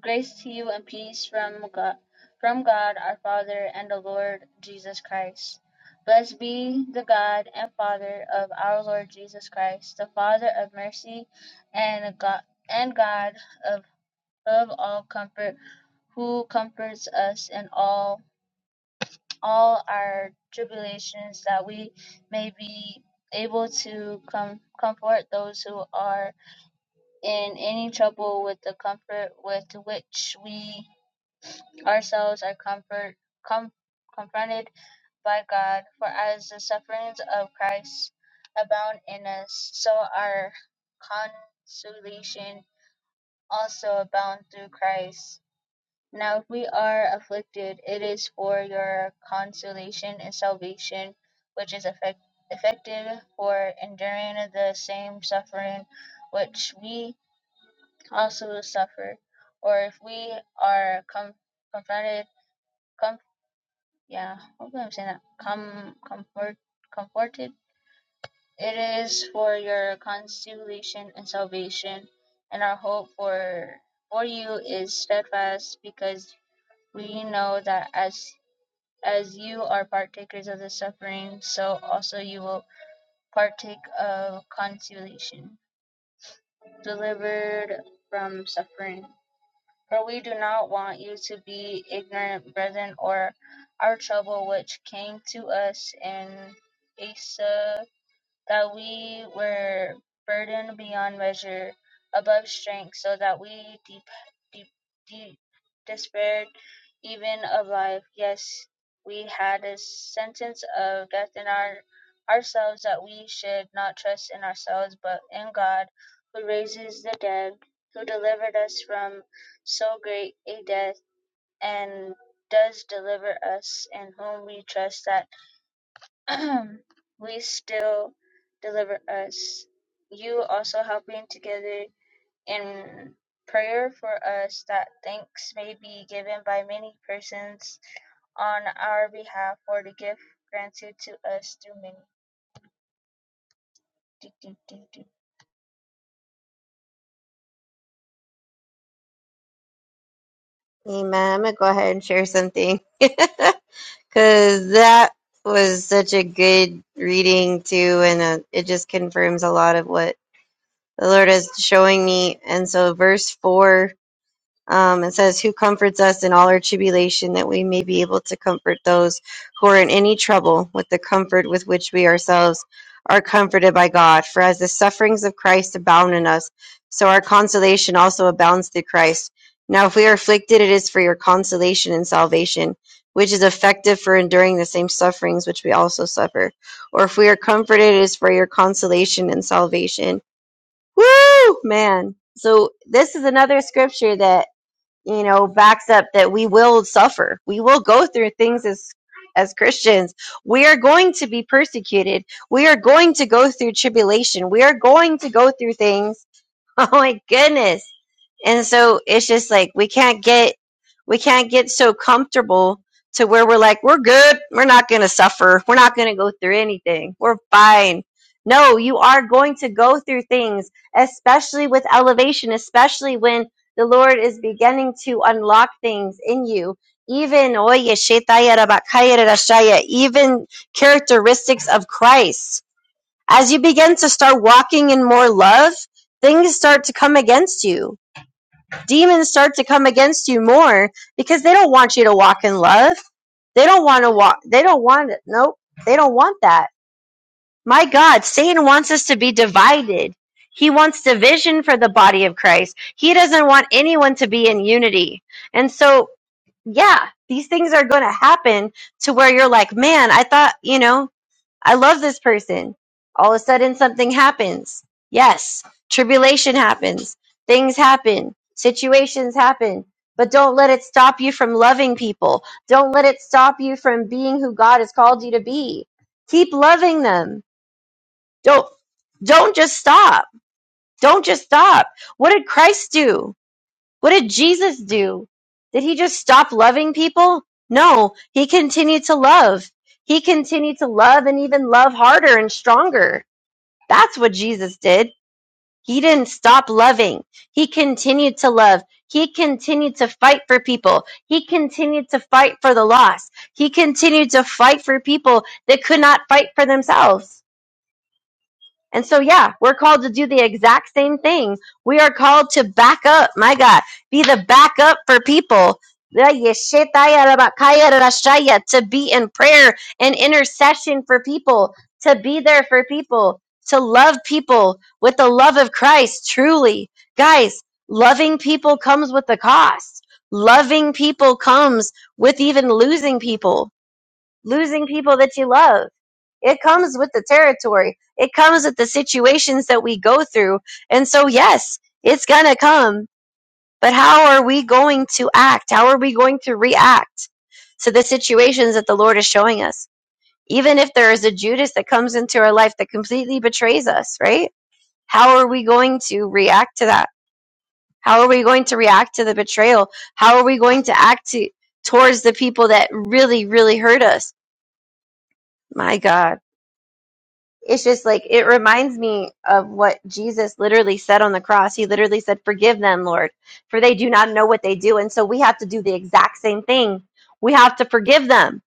[SPEAKER 3] Grace to you and peace from God, from God our Father and the Lord Jesus Christ. Blessed be the God and Father of our Lord Jesus Christ, the Father of mercy and God and God of of all comfort, who comforts us in all all our tribulations, that we may be able to com- comfort those who are in any trouble with the comfort with which we ourselves are comfort com- confronted by God. For as the sufferings of Christ abound in us, so our consolation also abound through Christ. Now, if we are afflicted, it is for your consolation and salvation, which is effect- effected for enduring the same suffering which we also will suffer, or if we are com- confronted, com- yeah, hopefully I'm saying that, com- comfort- comforted. It is for your consolation and salvation, and our hope for for you is steadfast, because we know that as as you are partakers of the suffering, so also you will partake of consolation, delivered from suffering. For we do not want you to be ignorant, brethren, of our trouble which came to us in Asia that we were burdened beyond measure, above strength, so that we deep, deep, deep despaired even of life. Yes, we had a sentence of death in our ourselves that we should not trust in ourselves, but in God, who raises the dead, who delivered us from so great a death, and does deliver us, in whom we trust that [CLEARS THROAT] we still deliver us. You also helping together in prayer for us that thanks may be given by many persons on our behalf for the gift granted to us through many. Do, do, do, do.
[SPEAKER 2] Amen. I'm going to go ahead and share something. [LAUGHS] Because that was such a good reading, too, and uh it just confirms a lot of what the Lord is showing me. And so, verse 4, um, it says, Who comforts us in all our tribulation, that we may be able to comfort those who are in any trouble with the comfort with which we ourselves are comforted by God. For as the sufferings of Christ abound in us, so our consolation also abounds through Christ. Now, if we are afflicted, it is for your consolation and salvation, which is effective for enduring the same sufferings which we also suffer. Or if we are comforted, it is for your consolation and salvation Woo, man. So this is another scripture that, you know, backs up that we will suffer. We will go through things as as Christians. We are going to be persecuted. We are going to go through tribulation. We are going to go through things [LAUGHS] Oh my goodness. And so it's just like we can't get we can't get so comfortable to where we're like, we're good, we're not gonna suffer, we're not gonna go through anything, we're fine. No, you are going to go through things, especially with elevation, especially when the Lord is beginning to unlock things in you. Even oye, shetaya rabakaya rashaya, even characteristics of Christ as you begin to start walking in more love, things start to come against you. Demons start to come against you more because they don't want you to walk in love. They don't want to walk. They don't want it. Nope. They don't want that. My God, Satan wants us to be divided. He wants division for the body of Christ. He doesn't want anyone to be in unity. And so, yeah, these things are going to happen to where you're like, man, I thought, you know, I love this person. All of a sudden, something happens. Yes, tribulation happens. Things happen. Situations happen. But don't let it stop you from loving people. Don't let it stop you from being who God has called you to be. Keep loving them. Don't, don't just stop. Don't just stop. What did Christ do? What did Jesus do? Did he just stop loving people? No, he continued to love. He continued to love and even love harder and stronger. That's what Jesus did. He didn't stop loving. He continued to love. He continued to fight for people. He continued to fight for the lost. He continued to fight for people that could not fight for themselves. And so, yeah, we're called to do the exact same thing. We are called to back up, my God, be the backup for people. To be in prayer and intercession for people, to be there for people, to love people with the love of Christ, truly. Guys, loving people comes with a cost. Loving people comes with even losing people, losing people that you love it comes with the territory. It comes with the situations that we go through. And so, yes, it's going to come. But how are we going to act? How are we going to react to the situations that the Lord is showing us? Even if there is a Judas that comes into our life that completely betrays us, right? How are we going to react to that? How are we going to react to the betrayal? How are we going to act to, towards the people that really, really hurt us? My God it's just like it reminds me of what Jesus literally said on the cross. He literally said, "Forgive them, Lord, for they do not know what they do." And so we have to do the exact same thing. We have to forgive them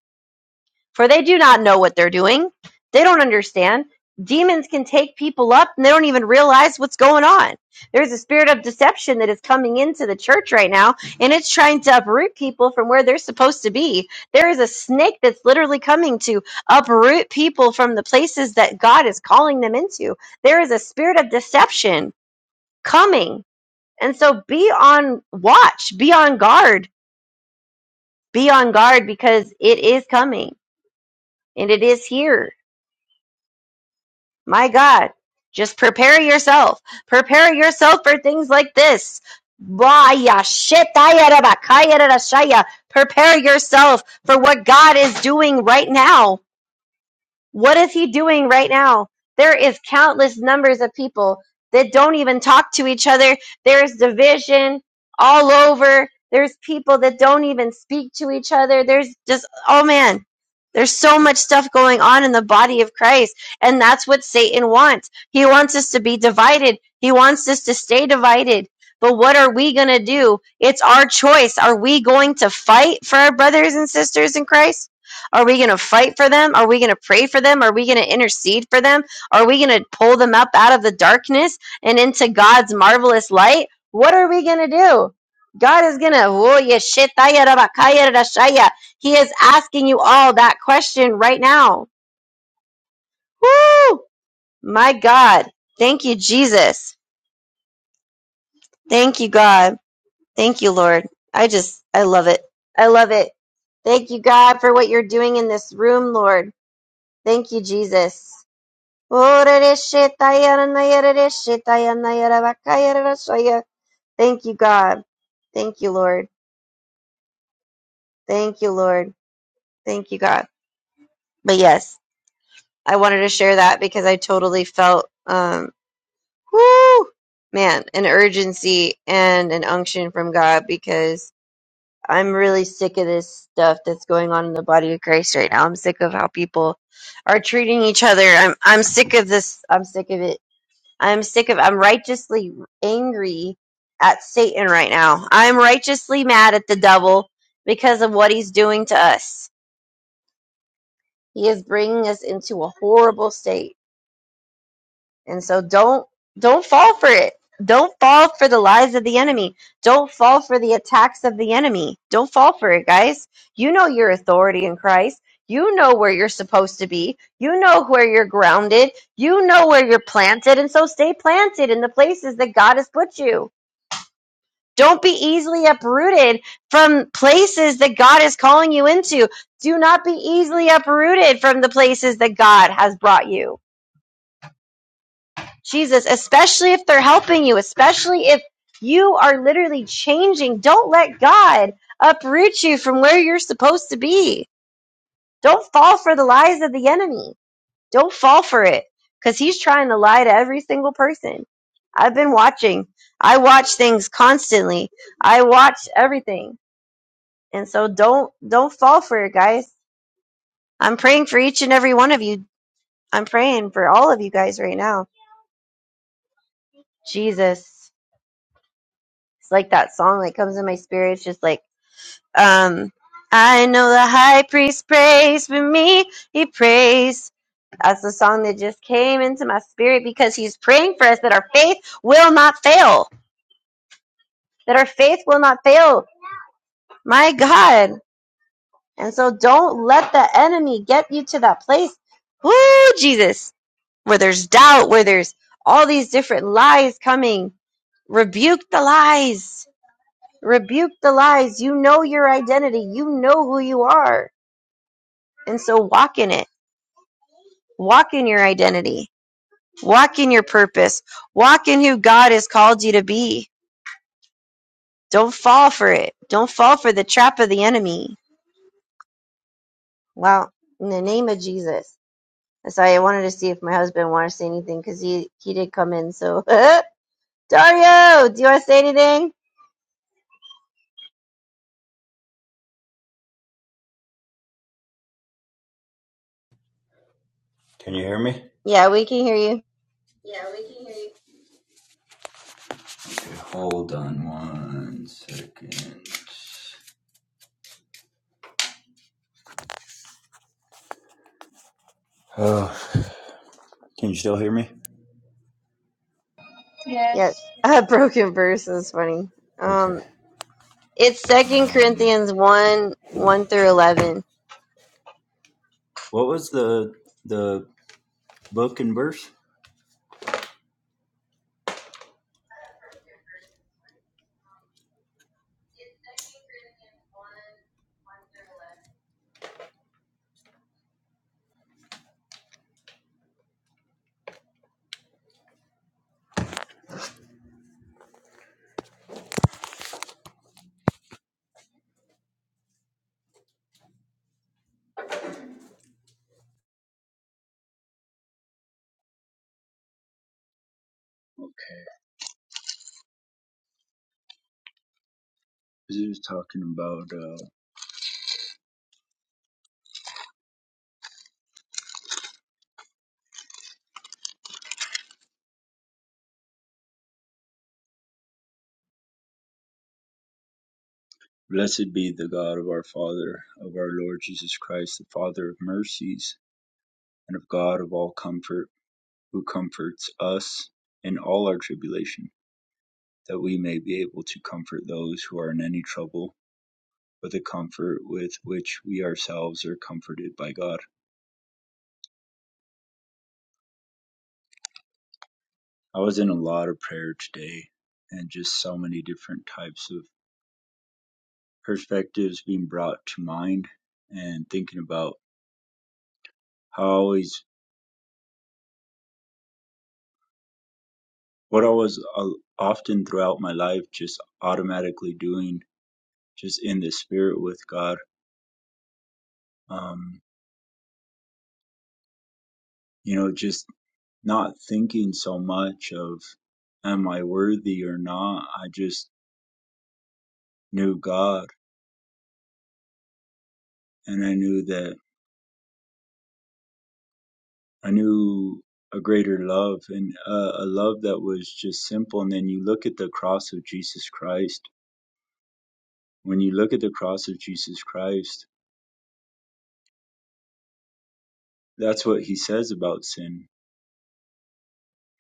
[SPEAKER 2] for they do not know what they're doing. They don't understand. Demons can take people up and they don't even realize what's going on. There's a spirit of deception that is coming into the church right now and it's trying to uproot people from where they're supposed to be. There is a snake that's literally coming to uproot people from the places that God is calling them into. There is a spirit of deception coming. And so be on watch, be on guard, be on guard because it is coming and it is here My God, just prepare yourself. Prepare yourself for things like this. Vaya, shetaya raba, kaya rara shaya. Prepare yourself for what God is doing right now. What is he doing right now? There is countless numbers of people that don't even talk to each other. There's division all over. There's people that don't even speak to each other. There's just oh man, there's so much stuff going on in the body of Christ, and that's what Satan wants. He wants us to be divided. He wants us to stay divided. But what are we going to do? It's our choice. Are we going to fight for our brothers and sisters in Christ? Are we going to fight for them? Are we going to pray for them? Are we going to intercede for them? Are we going to pull them up out of the darkness and into God's marvelous light? What are we going to do? God is going to, He is asking you all that question right now. Woo! My God. Thank you, Jesus. Thank you, God. Thank you, Lord. I just, I love it. I love it. Thank you, God, for what you're doing in this room, Lord. Thank you, Jesus. Thank you, God. Thank you, Lord. Thank you, Lord. Thank you, God. But yes, I wanted to share that because I totally felt, um, man, an urgency and an unction from God because I'm really sick of this stuff that's going on in the body of Christ right now. I'm sick of how people are treating each other. I'm I'm sick of this. I'm sick of it I'm sick of, I'm righteously angry at Satan right now. I'm righteously mad at the devil because of what he's doing to us. He is bringing us into a horrible state. And so don't, don't fall for it. Don't fall for the lies of the enemy. Don't fall for the attacks of the enemy. Don't fall for it, guys. You know your authority in Christ. You know where you're supposed to be. You know where you're grounded. You know where you're planted. And so stay planted in the places that God has put you Don't be easily uprooted from places that God is calling you into. Do not be easily uprooted from the places that God has brought you. Jesus, especially if they're helping you, especially if you are literally changing, don't let God uproot you from where you're supposed to be. Don't fall for the lies of the enemy. Don't fall for it because he's trying to lie to every single person. I've been watching. I watch things constantly. I watch everything And so don't don't fall for it, guys. I'm praying for each and every one of you. I'm praying for all of you guys right now. Jesus. It's like that song that comes in my spirit. It's just like, um, I know the high priest prays for me. He prays. That's the song that just came into my spirit because he's praying for us that our faith will not fail. That our faith will not fail. My God. And so don't let the enemy get you to that place. Woo, Jesus where there's doubt, where there's all these different lies coming. Rebuke the lies. Rebuke the lies. You know your identity. You know who you are. And so walk in it. Walk in your identity. Walk in your purpose. Walk in who God has called you to be. Don't fall for it. Don't fall for the trap of the enemy. Wow. In the name of Jesus. So I wanted to see if my husband wanted to say anything because he, he did come in. So, [LAUGHS] Dario, do you want to say anything?
[SPEAKER 6] Can you hear me?
[SPEAKER 2] Yeah, we can hear you.
[SPEAKER 6] Hold on one second. Oh, can you still hear me?
[SPEAKER 2] Yeah,
[SPEAKER 3] Yes.
[SPEAKER 2] [LAUGHS] a broken verse is funny.
[SPEAKER 6] Okay.
[SPEAKER 2] Um, it's Second
[SPEAKER 6] Um,
[SPEAKER 2] Corinthians one one through eleven.
[SPEAKER 6] what was the the book and verse? He was talking about uh, blessed be the God of our Father, of our Lord Jesus Christ, the Father of mercies, and of God of all comfort, who comforts us in all our tribulation, that we may be able to comfort those who are in any trouble With the comfort with which we ourselves are comforted by God. I was in a lot of prayer today and just so many different types of perspectives being brought to mind and thinking about how I always, what I was uh, often throughout my life just automatically doing, just in the spirit with God. Um, you know, just not thinking so much of am I worthy or not. I just knew God and I knew that I knew a greater love and uh, a love that was just simple. And then you look at the cross of Jesus Christ. When you look at the cross of Jesus Christ, that's what he says about sin.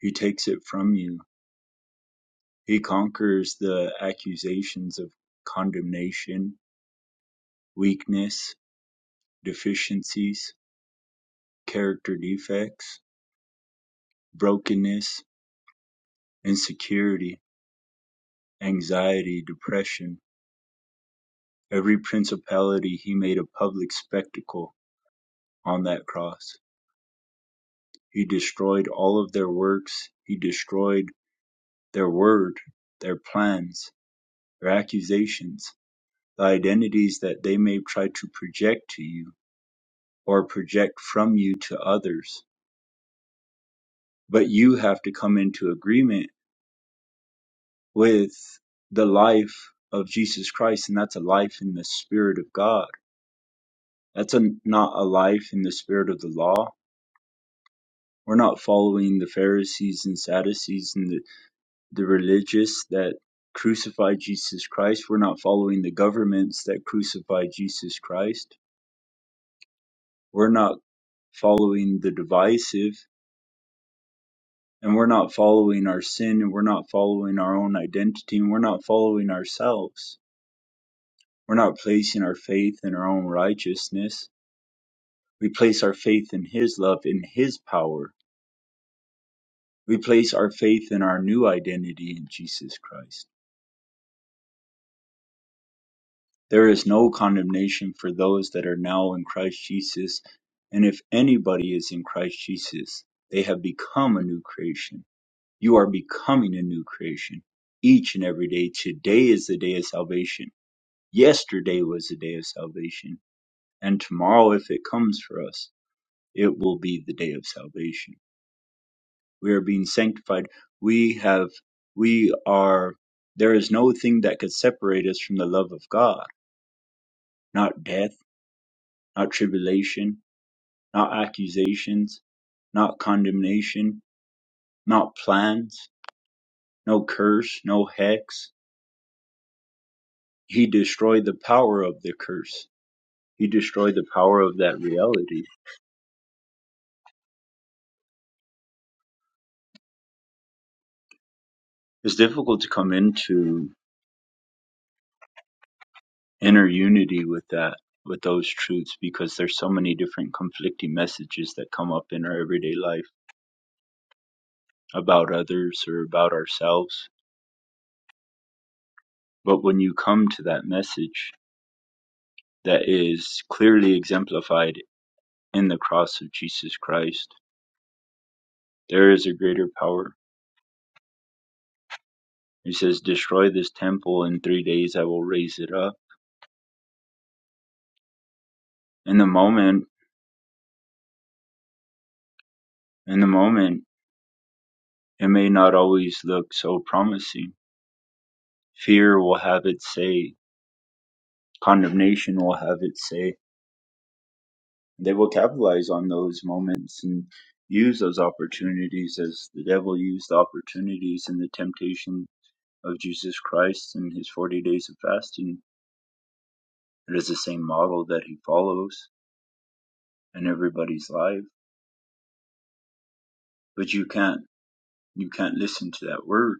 [SPEAKER 6] He takes it from you, he conquers the accusations of condemnation, weakness, deficiencies, character defects, brokenness, insecurity, anxiety, depression. Every principality he made a public spectacle on that cross He destroyed all of their works, he destroyed their word, their plans, their accusations, the identities that they may try to project to you or project from you to others. But you have to come into agreement with the life of Jesus Christ, and that's a life in the Spirit of God. That's a, not a life in the spirit of the law. We're not following the Pharisees and Sadducees and the The religious that crucified Jesus Christ we're not following the governments that crucified Jesus Christ. We're not following the divisive, and we're not following our sin, and we're not following our own identity, and we're not following ourselves. We're not placing our faith in our own righteousness. We place our faith in His love, in His power. We place our faith in our new identity in Jesus Christ. There is no condemnation for those that are now in Christ Jesus. And if anybody is in Christ Jesus, they have become a new creation. You are becoming a new creation each and every day. Today is the day of salvation. Yesterday was the day of salvation. And tomorrow, if it comes for us, it will be the day of salvation. We are being sanctified. We have, we are, there is no thing that could separate us from the love of God. Not death, not tribulation, not accusations, not condemnation, not plans, no curse, no hex. He destroyed the power of the curse. He destroyed the power of that reality. It's difficult to come into inner unity with that, with those truths, because there's so many different conflicting messages that come up in our everyday life about others or about ourselves. But when you come to that message that is clearly exemplified in the cross of Jesus Christ, There is a greater power. He says, Destroy this temple in three days I will raise it up. In the moment in the moment it may not always look so promising. Fear will have its say, condemnation will have its say. They will capitalize on those moments and use those opportunities as the devil used the opportunities in the temptation of Jesus Christ in his forty days of fasting. It is the same model that he follows in everybody's life. But you can't You can't listen to that word.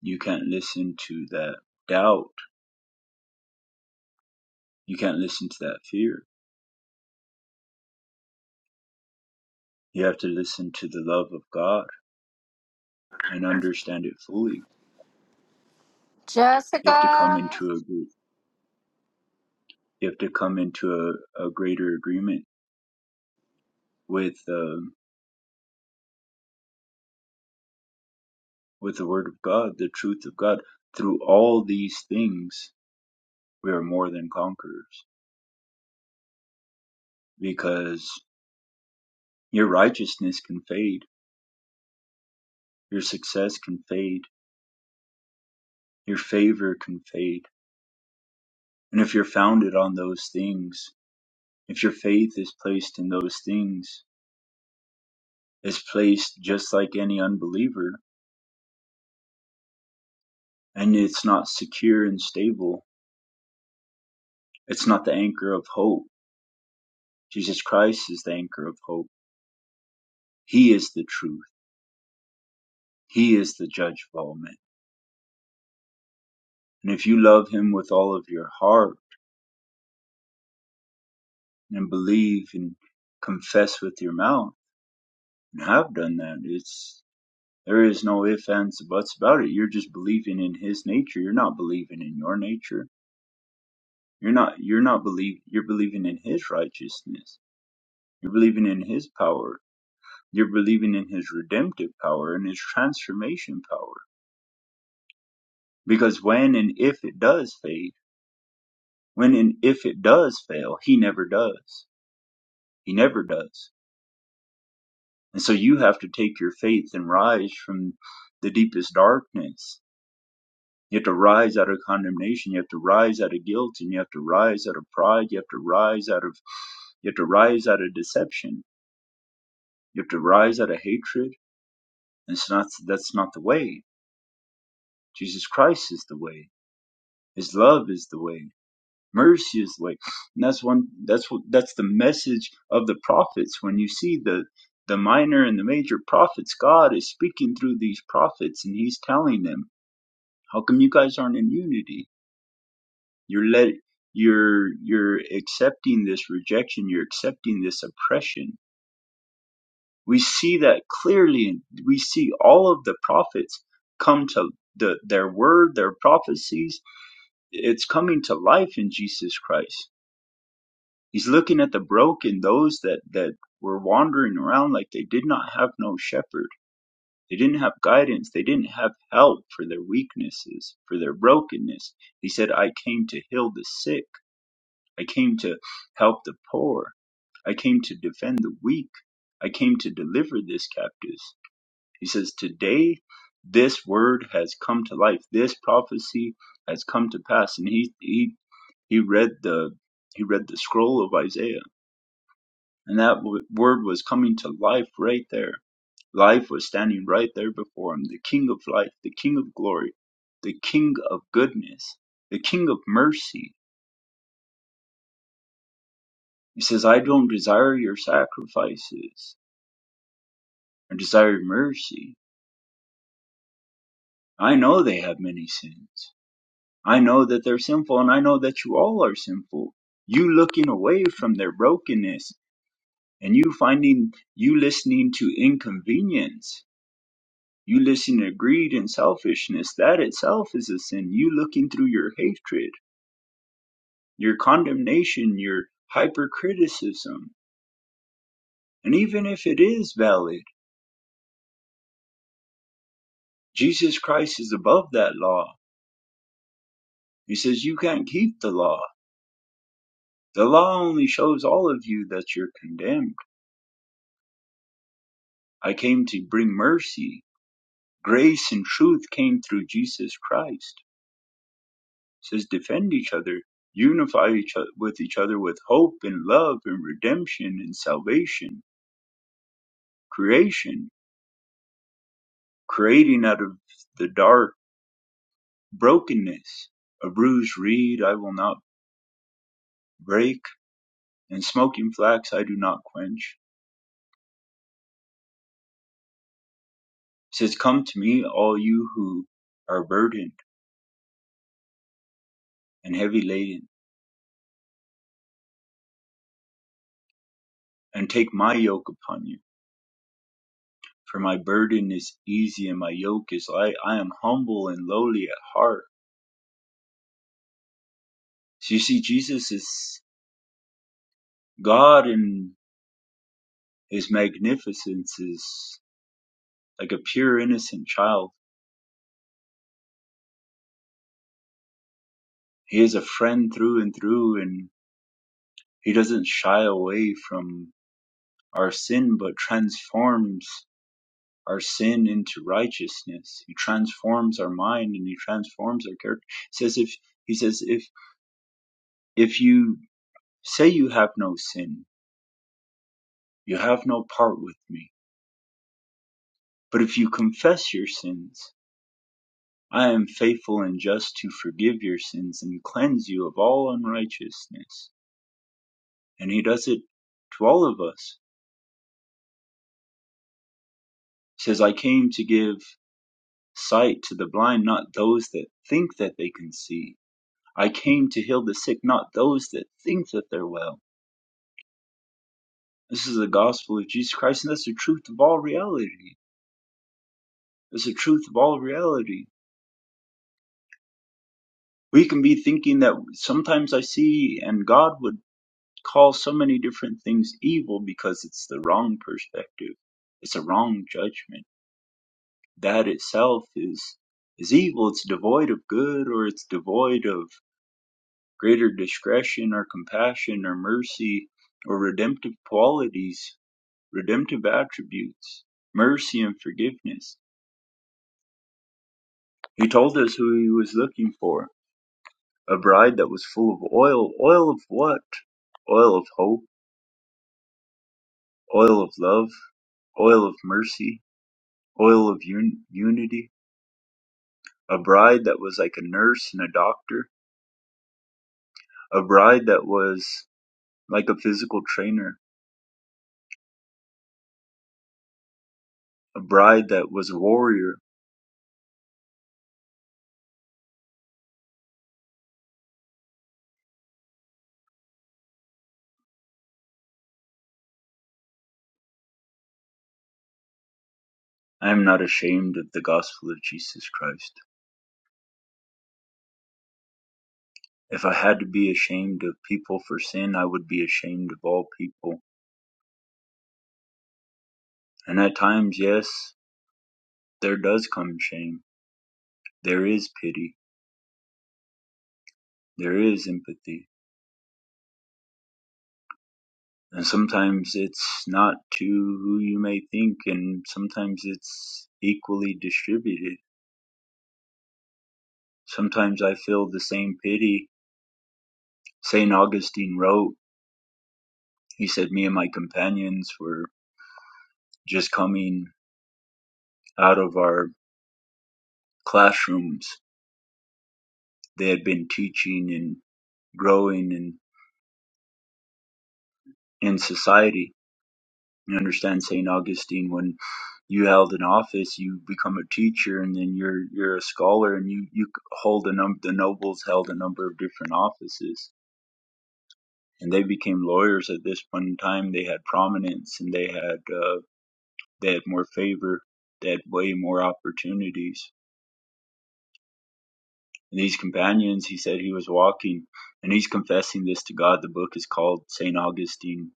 [SPEAKER 6] You can't listen to that doubt. You can't listen to that fear. You have to listen to the love of God and understand it fully. You have to come
[SPEAKER 1] Jessica.
[SPEAKER 6] into a gr- you have to come into a, a greater agreement with um with the word of God, the truth of God. Through all these things, we are more than conquerors because your righteousness can fade, your success can fade, your favor can fade, and if you're founded on those things If your faith is placed in those things, it's placed just like any unbeliever, and it's not secure and stable. It's not the anchor of hope. Jesus Christ is the anchor of hope. He is the truth. He is the judge of all men. And if you love him with all of your heart and believe and confess with your mouth and have done that, it's there is no ifs, ands, buts about it. You're just believing in his nature. You're not believing in your nature You're not you're not believe you're believing in his righteousness. You're believing in his power. You're believing in his redemptive power and his transformation power. Because when and if it does fade, when and if it does fail, he never does. He never does. And so you have to take your faith and rise from the deepest darkness. You have to rise out of condemnation. You have to rise out of guilt and you have to rise out of pride. You have to rise out of you have to rise out of deception. You have to rise out of hatred. It's not that's not the way. Jesus Christ is the way. His love is the way. Mercy is the way. And that's one that's what that's the message of the prophets. When you see the the minor and the major prophets, God is speaking through these prophets and he's telling them, How come you guys aren't in unity? You're let you're you're accepting this rejection, you're accepting this oppression. We see that clearly and we see all of the prophets come to the, their word, their prophecies, it's coming to life in Jesus Christ. He's looking at the broken, those that that were wandering around like they did not have no shepherd. They didn't have guidance. They didn't have help for their weaknesses, for their brokenness. He said, "I came to heal the sick. I came to help the poor. I came to defend the weak. I came to deliver this captives." He says, "Today, this word has come to life. This prophecy has come to pass." And he he he read the he read the scroll of Isaiah, and that w- word was coming to life right there. Life was standing right there before him. The King of life, the King of glory, the King of goodness, the King of mercy. He says, I don't desire your sacrifices. I desire mercy. I know they have many sins. I know that they're sinful, and I know that you all are sinful. You looking away from their brokenness, and you finding you listening to inconvenience You listen to greed and selfishness. That itself is a sin. You looking through your hatred, your condemnation, your hypercriticism. And even if it is valid, Jesus Christ is above that law. He says you can't keep the law. The law only shows all of you that you're condemned. I came to bring mercy. Grace and truth came through Jesus Christ. He says defend each other, unify each o- with each other with hope and love and redemption and salvation creation, creating out of the dark brokenness. A bruised reed I will not break, and smoking flax I do not quench. It Says, Come to me, all you who are burdened and heavy laden, and take my yoke upon you. For my burden is easy and my yoke is light. I am humble and lowly at heart. So you see, Jesus is God and his magnificence is like a pure, innocent child. He is a friend through and through and He doesn't shy away from our sin, but transforms our sin into righteousness. He transforms our mind and he transforms our character. He says if he says if if you say you have no sin, you have no part with me. But if you confess your sins, I am faithful and just to forgive your sins and cleanse you of all unrighteousness. And he does it to all of us. He says, I came to give Sight to the blind, not those that think that they can see. I came to heal the sick, not those that think that they're well. This is the gospel of Jesus Christ, and that's the truth of all reality. That's the truth of all reality. We can be thinking that sometimes I see, and God would call so many different things evil because it's the wrong perspective. It's a wrong judgment. That itself is is evil. It's devoid of good, or it's devoid of Greater discretion or compassion or mercy or redemptive qualities, redemptive attributes, mercy and forgiveness. He told us who he was looking for a bride that was full of oil. Oil of what? Oil of hope, oil of love, oil of mercy, oil of un- unity. A bride that was like a nurse and a doctor. A bride that was like a physical trainer. A bride that was a warrior. I am not ashamed of the gospel of Jesus Christ. If I had to be ashamed of people for sin, I would be ashamed of all people. And at times, yes, there does come shame. There is pity. There is empathy. And sometimes it's not to who you may think, and sometimes it's equally distributed. Sometimes I feel the same pity. St. Augustine wrote, he said, Me and my companions were just coming out of our classrooms they had been teaching and growing in, in society. You understand St. Augustine when you held an office, you become a teacher and then you're you're a scholar and you you hold a number the nobles held a number of different offices and they became lawyers at this point in time. They had prominence and they had uh, they had more favor, they had way more opportunities. And these companions, he said he was walking and he's confessing this to God. The book is called St. Augustine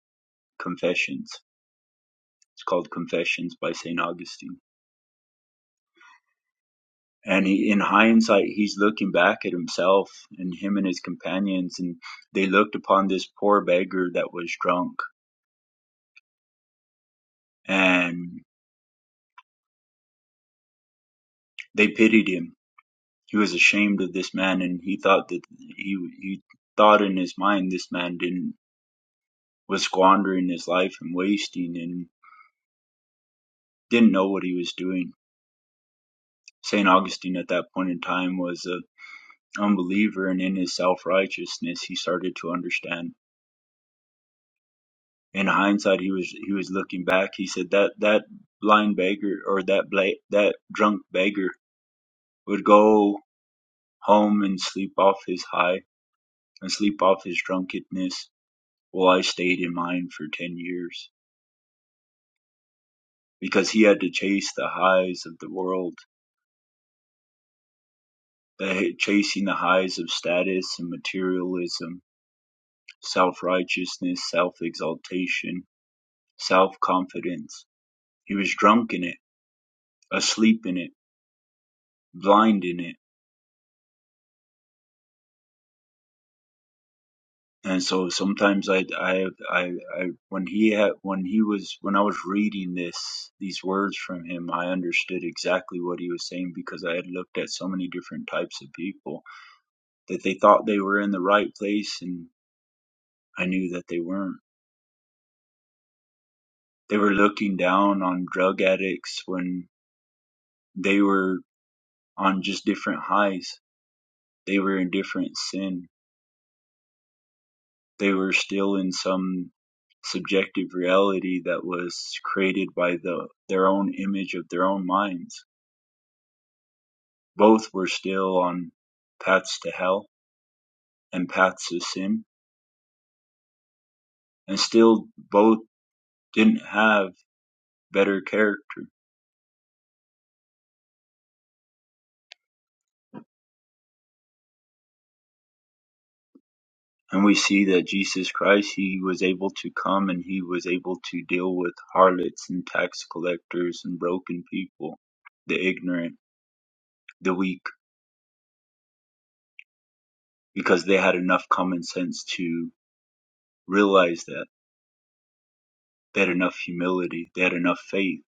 [SPEAKER 6] Confessions It's called Confessions by St. Augustine. And he, in hindsight, he's looking back at himself and him and his companions, and they looked upon this poor beggar that was drunk and they pitied him. He was ashamed of this man, and he thought that he, he thought in his mind this man didn't was squandering his life and wasting and didn't know what he was doing. St. Augustine at that point in time was a unbeliever, and in his self righteousness, he started to understand in hindsight, he was he was looking back. He said that that blind beggar or that bla- that drunk beggar would go home and sleep off his high and sleep off his drunkenness, while I stayed in mine for ten years because he had to chase the highs of the world, the, chasing the highs of status and materialism, self righteousness, self exaltation, self confidence. He was drunk in it, asleep in it, blind in it and so sometimes I, I, I, I, when he had, when he was, when I was reading this, these words from him, I understood exactly what he was saying because I had looked at so many different types of people that they thought they were in the right place, and I knew that they weren't. They were looking down on drug addicts when they were on just different highs. They were in different sin They were still in some subjective reality that was created by the their own image of their own minds. Both were still on paths to hell and paths to sin, and still both didn't have better character. And we see that Jesus Christ, he was able to come and he was able to deal with harlots and tax collectors and broken people, the ignorant, the weak, because they had enough common sense to realize that. They had enough humility. They had enough faith.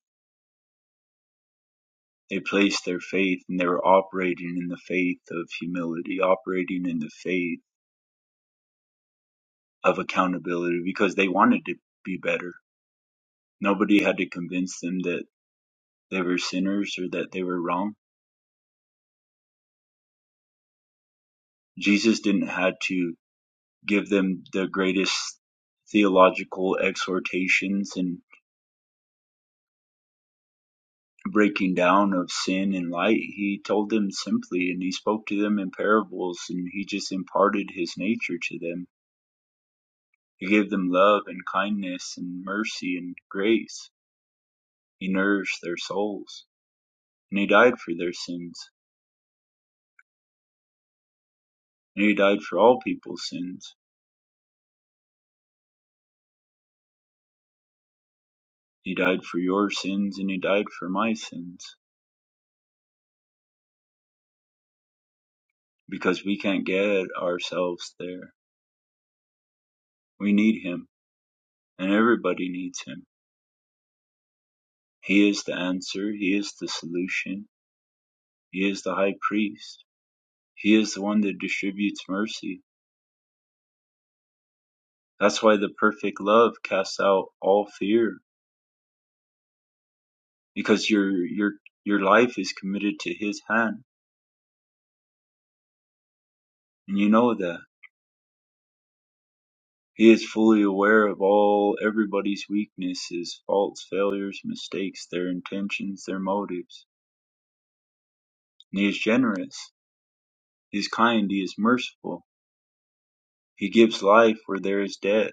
[SPEAKER 6] They placed their faith and they were operating in the faith of humility, operating in the faith of accountability because they wanted to be better. Nobody had to convince them that they were sinners or that they were wrong. Jesus didn't have to give them the greatest theological exhortations and breaking down of sin and light. He told them simply and he spoke to them in parables and he just imparted his nature to them He gave them love and kindness and mercy and grace. He nourished their souls. And He died for their sins. And He died for all people's sins. He died for your sins and He died for my sins. Because we can't get ourselves there. We need Him. And everybody needs Him. He is the answer. He is the solution. He is the high priest. He is the one that distributes mercy. That's why the perfect love casts out all fear. because your your your life is committed to his hand and you know that he is fully aware of all everybody's weaknesses faults failures mistakes their intentions their motives and he is generous he is kind he is merciful he gives life where there is death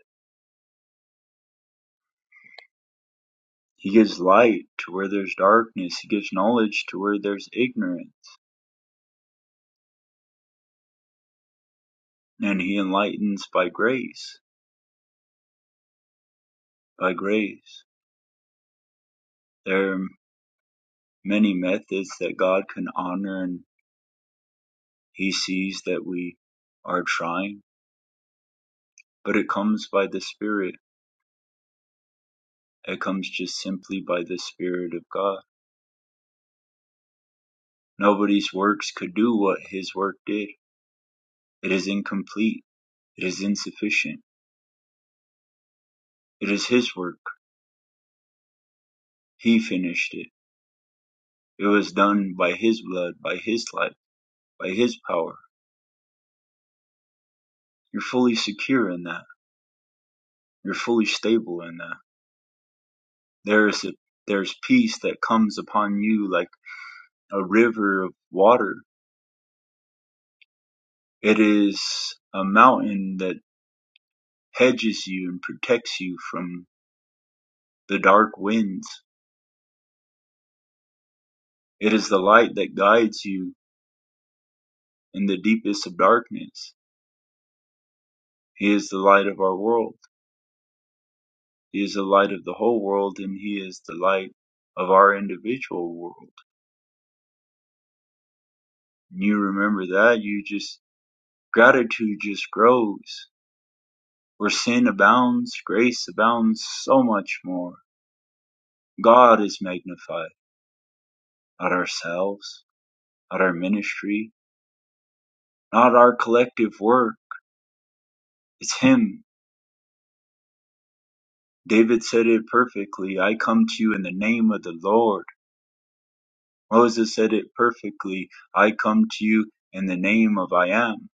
[SPEAKER 6] he gives light to where there's darkness he gives knowledge to where there's ignorance and he enlightens by grace by grace there are many methods that god can honor and. He sees that we are trying, but it comes by the Spirit. It comes just simply by the Spirit of God. Nobody's works could do what His work did. It is incomplete. It is insufficient. It is His work. He finished it. It was done by His blood, by His life, by His power. You're fully secure in that. You're fully stable in that. There is a, there's peace that comes upon you like a river of water. It is a mountain that hedges you and protects you from the dark winds. It is the light that guides you in the deepest of darkness. He is the light of our world. He is the light of the whole world, and He is the light of our individual world. And you remember that, you just, gratitude just grows. Where sin abounds, grace abounds so much more. God is magnified, not ourselves, not our ministry, not our collective work. It's Him David said it perfectly, I come to you in the name of the Lord. Moses said it perfectly, I come to you in the name of I am.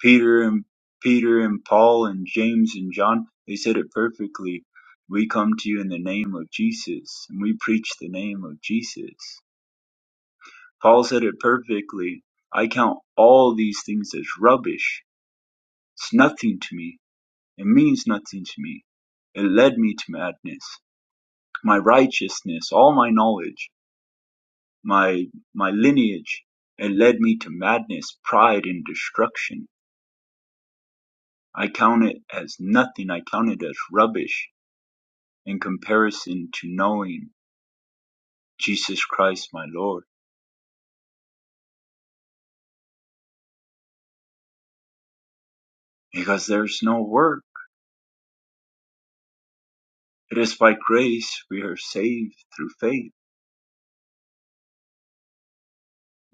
[SPEAKER 6] Peter and Peter and Paul and James and John, they said it perfectly. We come to you in the name of Jesus, and we preach the name of Jesus. Paul said it perfectly. I count all these things as rubbish. It's nothing to me. It means nothing to me. It led me to madness. My righteousness, all my knowledge. my my lineage. It led me to madness, pride, and destruction. I count it as nothing. I count it as rubbish in comparison to knowing Jesus Christ, my Lord, because there's no work. It is by grace we are saved through faith.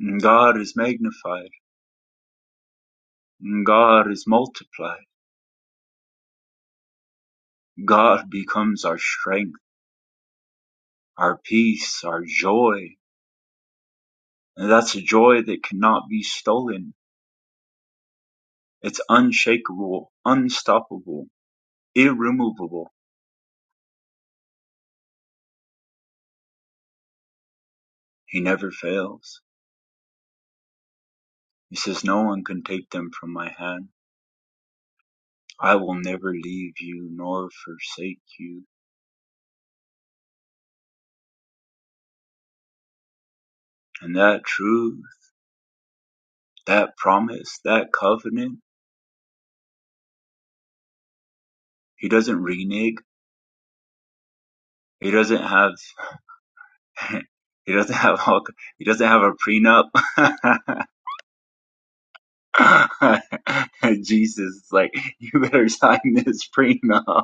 [SPEAKER 6] And God is magnified. And God is multiplied. God becomes our strength, our peace, our joy. And that's a joy that cannot be stolen. It's unshakable, unstoppable, irremovable. He never fails. He says, No one can take them from my hand. I will never leave you nor forsake you. And that truth, that promise, that covenant, he doesn't renege. He doesn't have, [LAUGHS] he doesn't have, all, he doesn't have a prenup. [LAUGHS] Jesus is like, you better sign this prenup.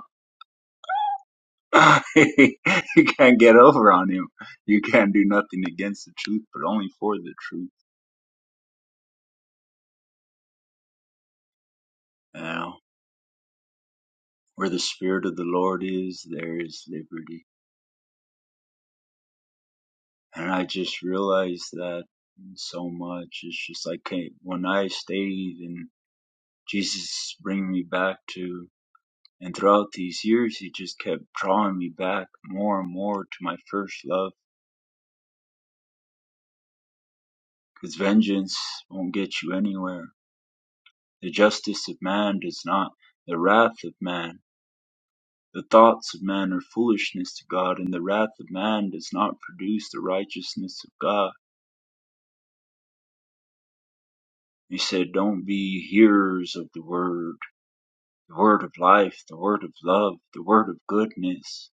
[SPEAKER 6] [LAUGHS] you can't get over on him. You can't do nothing against the truth, but only for the truth. Now, where the spirit of the Lord is, there is liberty. And I just realized that so much. It's just like hey, when I stayed and Jesus bring me back to, and throughout these years, he just kept drawing me back more and more to my first love. Because vengeance won't get you anywhere. The justice of man does not. The wrath of man The thoughts of man are foolishness to God, and the wrath of man does not produce the righteousness of God. He said, Don't be hearers of the word, the word of life, the word of love, the word of goodness,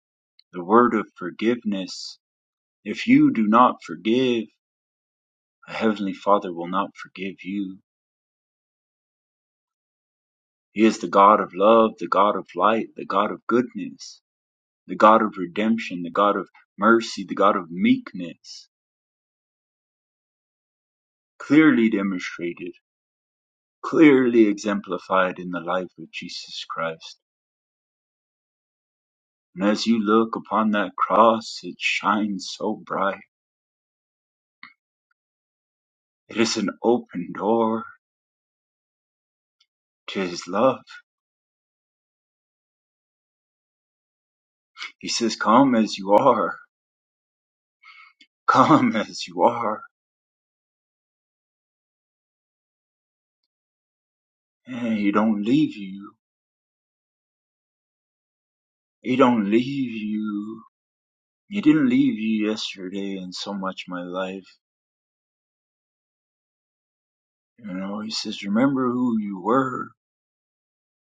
[SPEAKER 6] the word of forgiveness. If you do not forgive, the Heavenly Father will not forgive you. He is the God of love, the God of light, the God of goodness, the God of redemption, the God of mercy, the God of meekness, clearly demonstrated clearly exemplified in the life of Jesus Christ. And as you look upon that cross, it shines so bright. It is an open door to his love. He says, Come as you are, [LAUGHS] come as you are. And he don't leave you. He don't leave you. He didn't leave you yesterday and so much my life. You know, he says, Remember who you were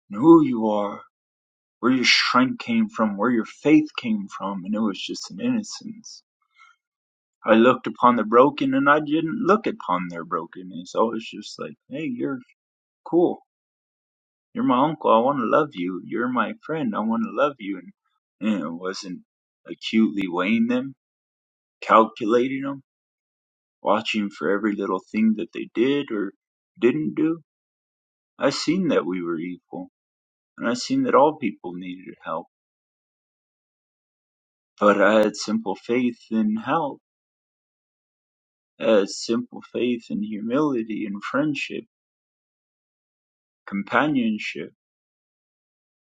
[SPEAKER 6] and who you are, where your strength came from, where your faith came from, and it was just an innocence I looked upon the broken and I didn't look upon their brokenness. I was just like, hey, you're cool. You're my uncle. I want to love you. You're my friend. I want to love you. And, and I wasn't acutely weighing them, calculating them, watching for every little thing that they did or didn't do. I seen that we were equal and I seen that all people needed help. But I had simple faith in help. I had simple faith in humility and friendship, companionship,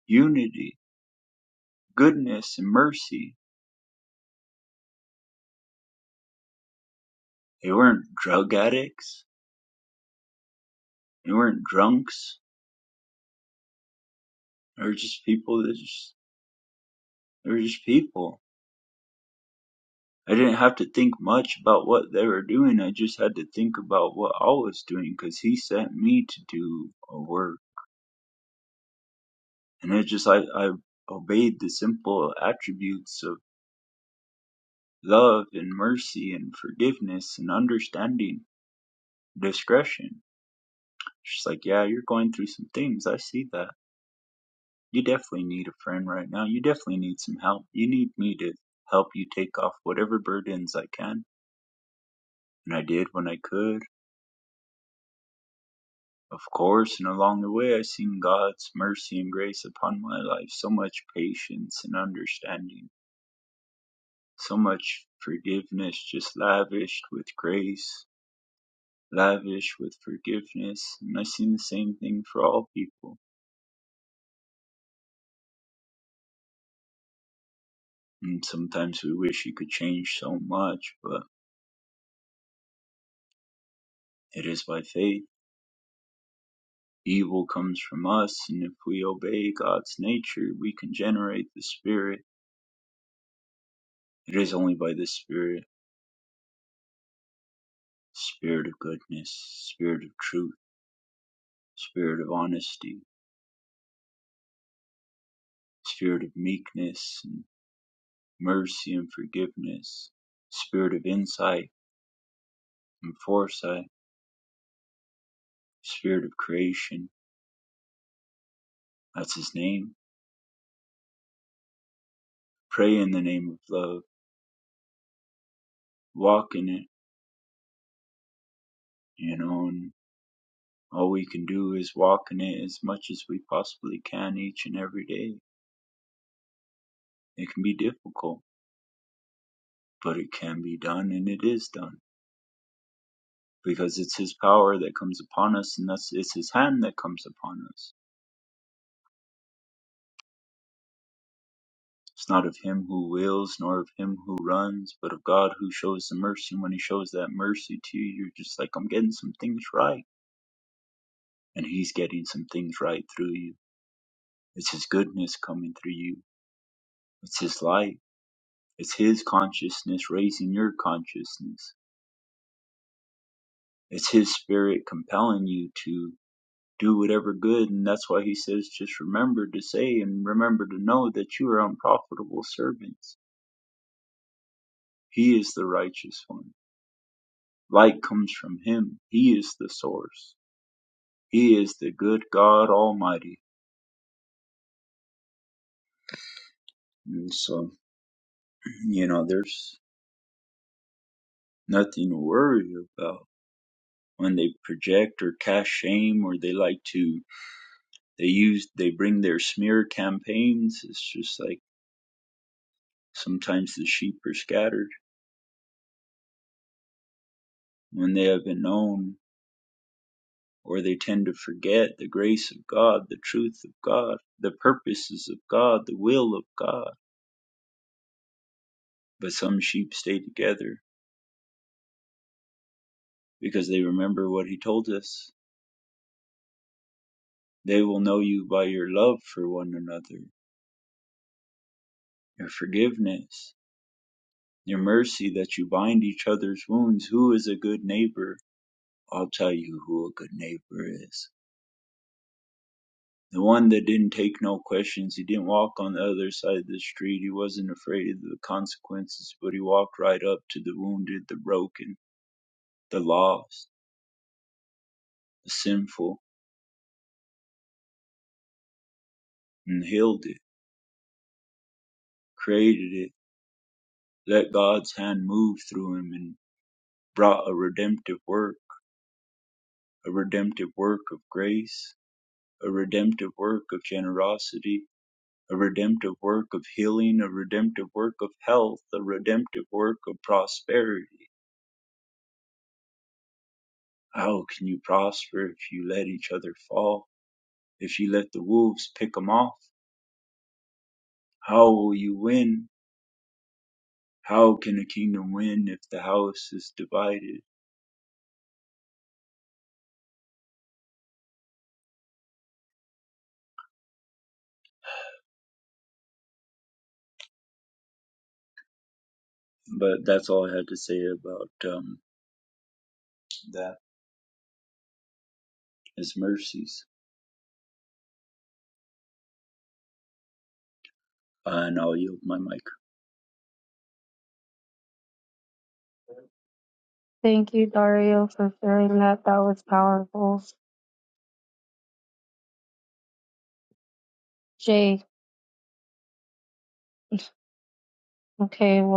[SPEAKER 6] unity goodness and mercy. They weren't drug addicts. They weren't drunks. They were just people that just, they were just people. I didn't have to think much about what they were doing. I just had to think about what I was doing because he sent me to do a work. And it just, I, I obeyed the simple attributes of love and mercy and forgiveness and understanding, discretion. She's like, yeah, you're going through some things. I see that You definitely need a friend right now. You definitely need some help. You need me to help you take off whatever burdens I can. And I did when I could, of course. And along the way, I've seen God's mercy and grace upon my life. So much patience and understanding. So much forgiveness just lavished with grace, lavish with forgiveness. And I've seen the same thing for all people. And sometimes we wish you could change so much, but it is by faith Evil comes from us, and if we obey God's nature, we can generate the Spirit. It is only by the Spirit, Spirit of goodness, Spirit of truth, Spirit of honesty, Spirit of meekness and mercy and forgiveness, Spirit of insight and foresight, Spirit of creation. That's His name. Pray in the name of love. Walk in it, you know, and all we can do is walk in it as much as we possibly can each and every day It can be difficult, but it can be done and it is done because it's His power that comes upon us and thus it's His hand that comes upon us. It's not of Him who wills nor of Him who runs, but of God who shows the mercy. And when He shows that mercy to you, you're just like, I'm getting some things right. And He's getting some things right through you. It's His goodness coming through you, it's His light, it's His consciousness raising your consciousness, it's His spirit compelling you to. do whatever good. And that's why he says, just remember to say and remember to know that you are unprofitable servants. He is the righteous one. Light comes from him. He is the source. He is the good God Almighty. And so, [CLEARS THROAT] you know, there's nothing to worry about when they project or cast shame or they like to, they use, they bring their smear campaigns. It's just like sometimes the sheep are scattered when they have been known or they tend to forget the grace of God, the truth of God, the purposes of God, the will of God. But some sheep stay together because they remember what he told us. They will know you by your love for one another, your forgiveness, your mercy that you bind each other's wounds. Who is a good neighbor? I'll tell you who a good neighbor is. The one that didn't take no questions, he didn't walk on the other side of the street. He wasn't afraid of the consequences, but he walked right up to the wounded, the broken, the lost, the sinful, and healed it, created it, let God's hand move through him, and brought a redemptive work, a redemptive work of grace, a redemptive work of generosity, a redemptive work of healing, a redemptive work of health, a redemptive work of prosperity How can you prosper if you let each other fall? If you let the wolves pick 'em off? How will you win? How can a kingdom win if the house is divided? But that's all I had to say about um, that. His mercies, uh, and I'll yield my mic.
[SPEAKER 1] Thank.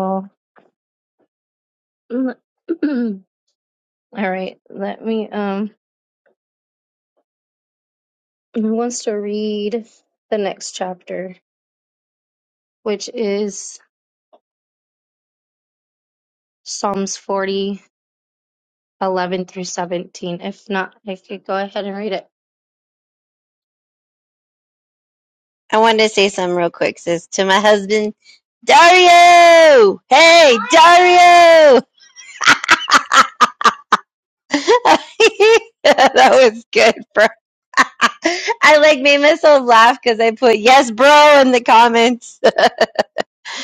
[SPEAKER 1] [CLEARS THROAT] All right. Let me um who wants to read the next chapter, which is Psalms forty eleven through 17. If not, I could go ahead and read it.
[SPEAKER 2] I wanted to say something real quick, sis, to my husband Dario. Hey, Dario! [LAUGHS] that was good, bro. I like made myself laugh because I put yes, bro, in the comments.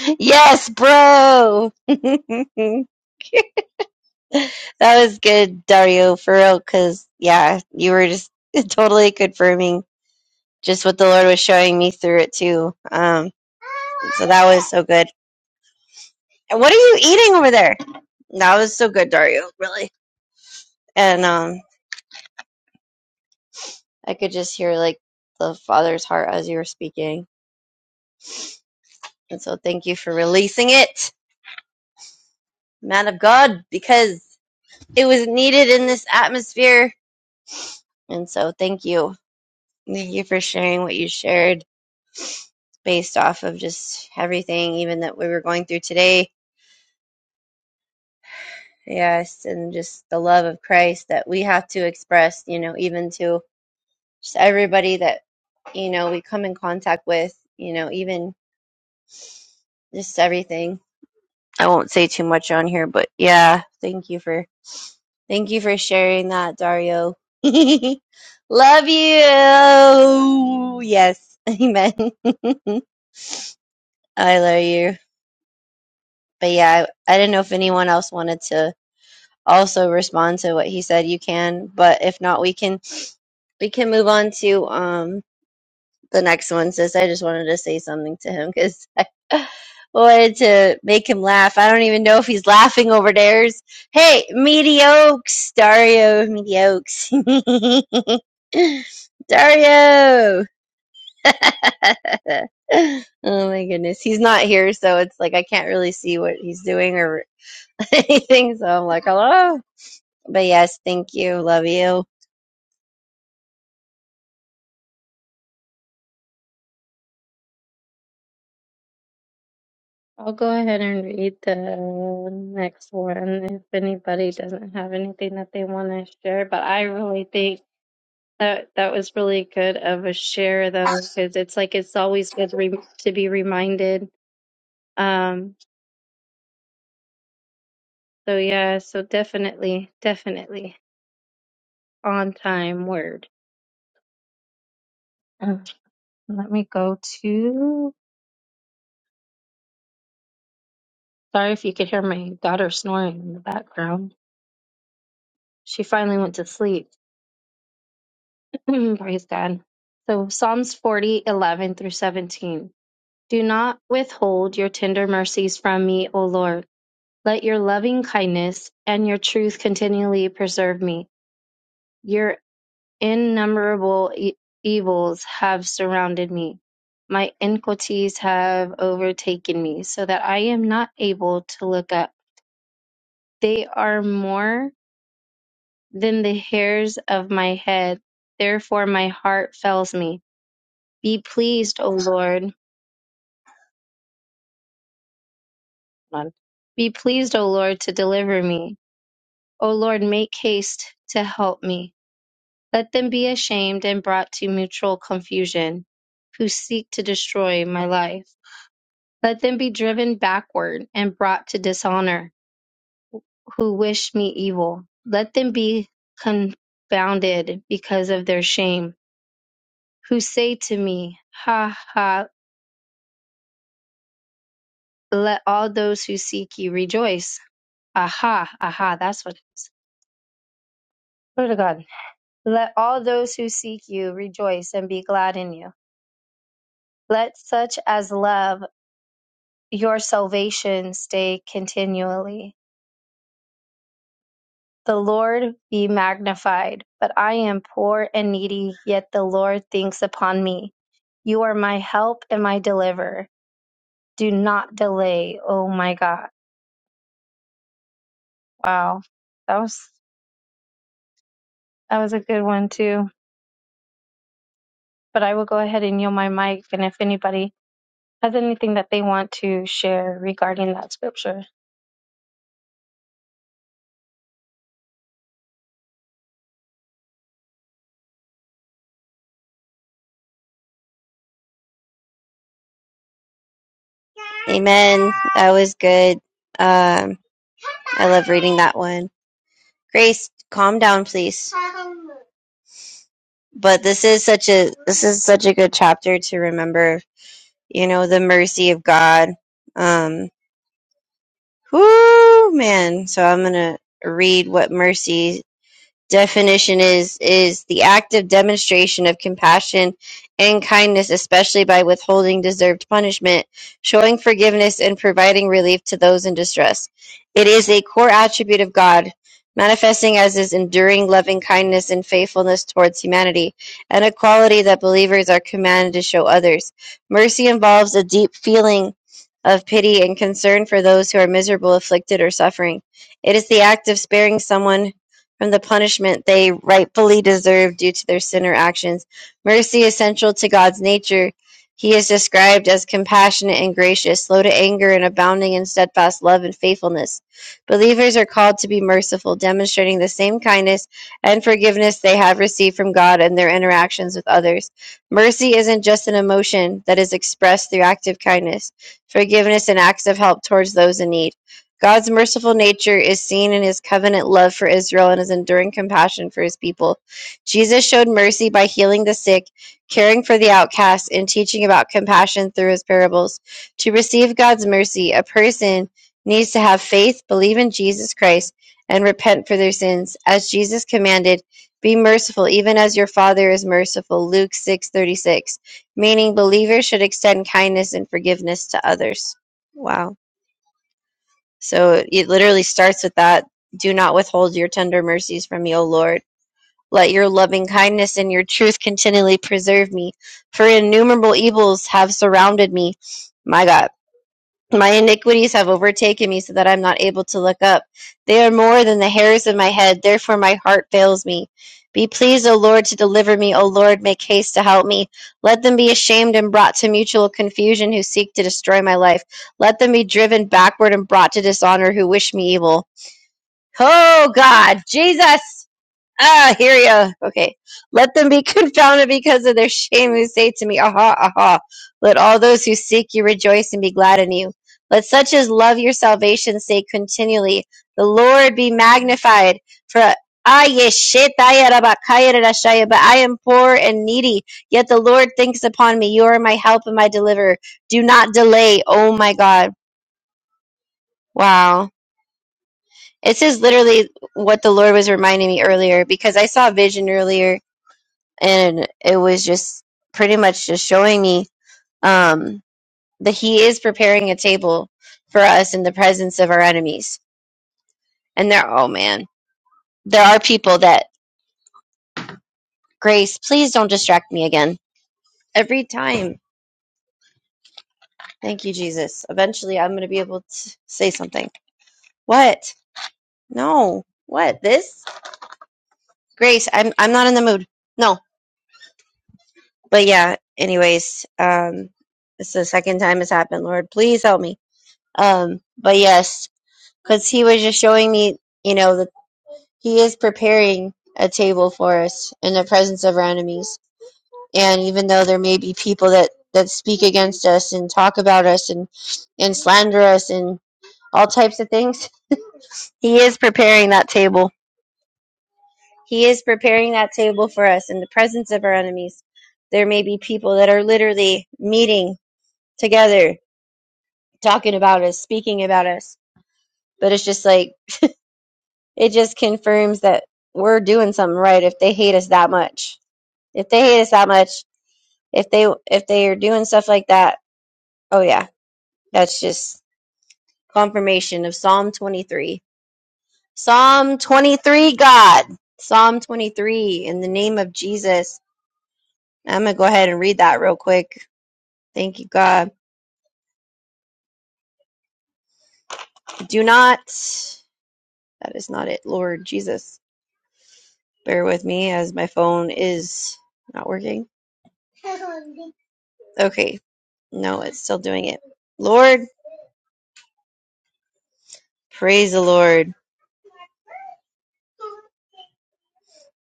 [SPEAKER 2] [LAUGHS] yes, bro. [LAUGHS] that was good, Dario, for real. Because yeah, you were just [LAUGHS] totally confirming. just what the Lord was showing me through it too. Um, so that was so good. And what are you eating over there? That was so good, Dario. Really. And um, I could just hear like the Father's heart as you were speaking. And so thank you for releasing it, man of God, because it was needed in this atmosphere. And so thank you. Thank you for sharing what you shared based off of just everything, even that we were going through today Yes, and just the love of Christ that we have to express, you know, even to just everybody that, you know, we come in contact with, you know, even just everything. I won't say too much on here, but yeah, thank you for thank you for sharing that, Dario. [LAUGHS] Love you. Yes. [LAUGHS] Amen. [LAUGHS] I love you. But yeah, I, I didn't know if anyone else wanted to also respond to what he said. You can, but if not, we can we can move on to um the next one sis i just wanted to say something to him because i [LAUGHS] wanted to make him laugh i don't even know if he's laughing over theirs hey mediocre dario mediocre [LAUGHS] dario [LAUGHS] oh my goodness he's not here so it's like i can't really see what he's doing or [LAUGHS] anything so i'm like hello but yes thank you love you
[SPEAKER 1] I'll go ahead and read the next one if anybody doesn't have anything that they want to share, but I really think That that was really good of a share though, because it's like it's always good re- to be reminded. Um, so yeah, so definitely, definitely on time word. Uh, let me go to. Sorry if you could hear my daughter snoring in the background. She finally went to sleep. [CLEARS THROAT] Praise God. So Psalms forty eleven through 17. Do not withhold your tender mercies from me, O Lord. Let your loving kindness and your truth continually preserve me. Your innumerable e- evils have surrounded me. My iniquities have overtaken me, so that I am not able to look up. They are more than the hairs of my head. Therefore, my heart fails me. Be pleased, O Lord. hold on. Be pleased, O Lord, to deliver me. O Lord, make haste to help me. Let them be ashamed and brought to mutual confusion, who seek to destroy my life. Let them be driven backward and brought to dishonor, who wish me evil. Let them be confounded because of their shame, who say to me, Ha ha, let all those who seek you rejoice. Aha, aha, that's what it is. Glory to God. Let all those who seek you rejoice and be glad in you. Let such as love your salvation stay continually. The Lord be magnified, but I am poor and needy, yet the Lord thinks upon me. You are my help and my deliverer. Do not delay, oh my God. Wow. That was that was a good one too. But I will go ahead and yield my mic and if anybody has anything that they want to share regarding that scripture.
[SPEAKER 2] amen that was good Um, I love reading that one. Grace, calm down, please. But this is such a this is such a good chapter to remember. You know the mercy of God. Um, whoo, man. So I'm gonna read what mercy definition is is the active demonstration of compassion and kindness especially by withholding deserved punishment showing forgiveness and providing relief to those in distress it is a core attribute of god manifesting as his enduring loving kindness and faithfulness towards humanity and a quality that believers are commanded to show others mercy involves a deep feeling of pity and concern for those who are miserable afflicted or suffering it is the act of sparing someone from the punishment they rightfully deserve due to their sin or actions. Mercy is central to God's nature. He is described as compassionate and gracious, slow to anger, and abounding in steadfast love and faithfulness. Believers are called to be merciful, demonstrating the same kindness and forgiveness they have received from God in their interactions with others. Mercy isn't just an emotion that is expressed through active kindness, forgiveness, and acts of help towards those in need. God's merciful nature is seen in his covenant love for Israel and his enduring compassion for his people. Jesus showed mercy by healing the sick, caring for the outcast, and teaching about compassion through his parables. To receive God's mercy, a person needs to have faith, believe in Jesus Christ, and repent for their sins. As Jesus commanded, be merciful even as your Father is merciful. Luke 6:36. Meaning believers should extend kindness and forgiveness to others. Wow. So it literally starts with that. Do not withhold your tender mercies from me, O Lord. Let your loving kindness and your truth continually preserve me, for innumerable evils have surrounded me. My God. My iniquities have overtaken me so that I am not able to look up. They are more than the hairs of my head, therefore my heart fails me. Be pleased, O Lord, to deliver me. O Lord, make haste to help me. Let them be ashamed and brought to mutual confusion who seek to destroy my life. Let them be driven backward and brought to dishonor who wish me evil. Oh God, Jesus! Ah, hear ya. Okay. Let them be [LAUGHS] confounded because of their shame who say to me, Aha, aha. Let all those who seek you rejoice and be glad in you. Let such as love your salvation say continually, The Lord be magnified. For I but I am poor and needy, yet the Lord thinks upon me. You are my help and my deliverer. Do not delay, oh my God. Wow. This is literally what the Lord was reminding me earlier because I saw a vision earlier and it was just pretty much just showing me um, that he is preparing a table for us in the presence of our enemies. And there, oh man, there are people that grace. Please don't distract me again. Every time, thank you, Jesus. Eventually, I'm going to be able to say something. What? No. What? This grace? I'm I'm not in the mood. No. But yeah. Anyways, um, it's the second time it's happened. Lord, please help me. Um, but yes. because he was just showing me, you know, that he is preparing a table for us in the presence of our enemies. And even though there may be people that that speak against us and talk about us and and slander us and all types of things, [LAUGHS] he is preparing that table. He is preparing that table for us in the presence of our enemies. There may be people that are literally meeting together, talking about us, speaking about us. But it's just like it just confirms that we're doing something right if they hate us that much if they hate us that much if they if they are doing stuff like that oh yeah that's just confirmation of psalm 23 psalm 23 god psalm 23 in the name of jesus i'm gonna go ahead and read that real quick thank you god do not that is not it lord jesus bear with me as my phone is not working okay no it's still doing it lord Praise the Lord.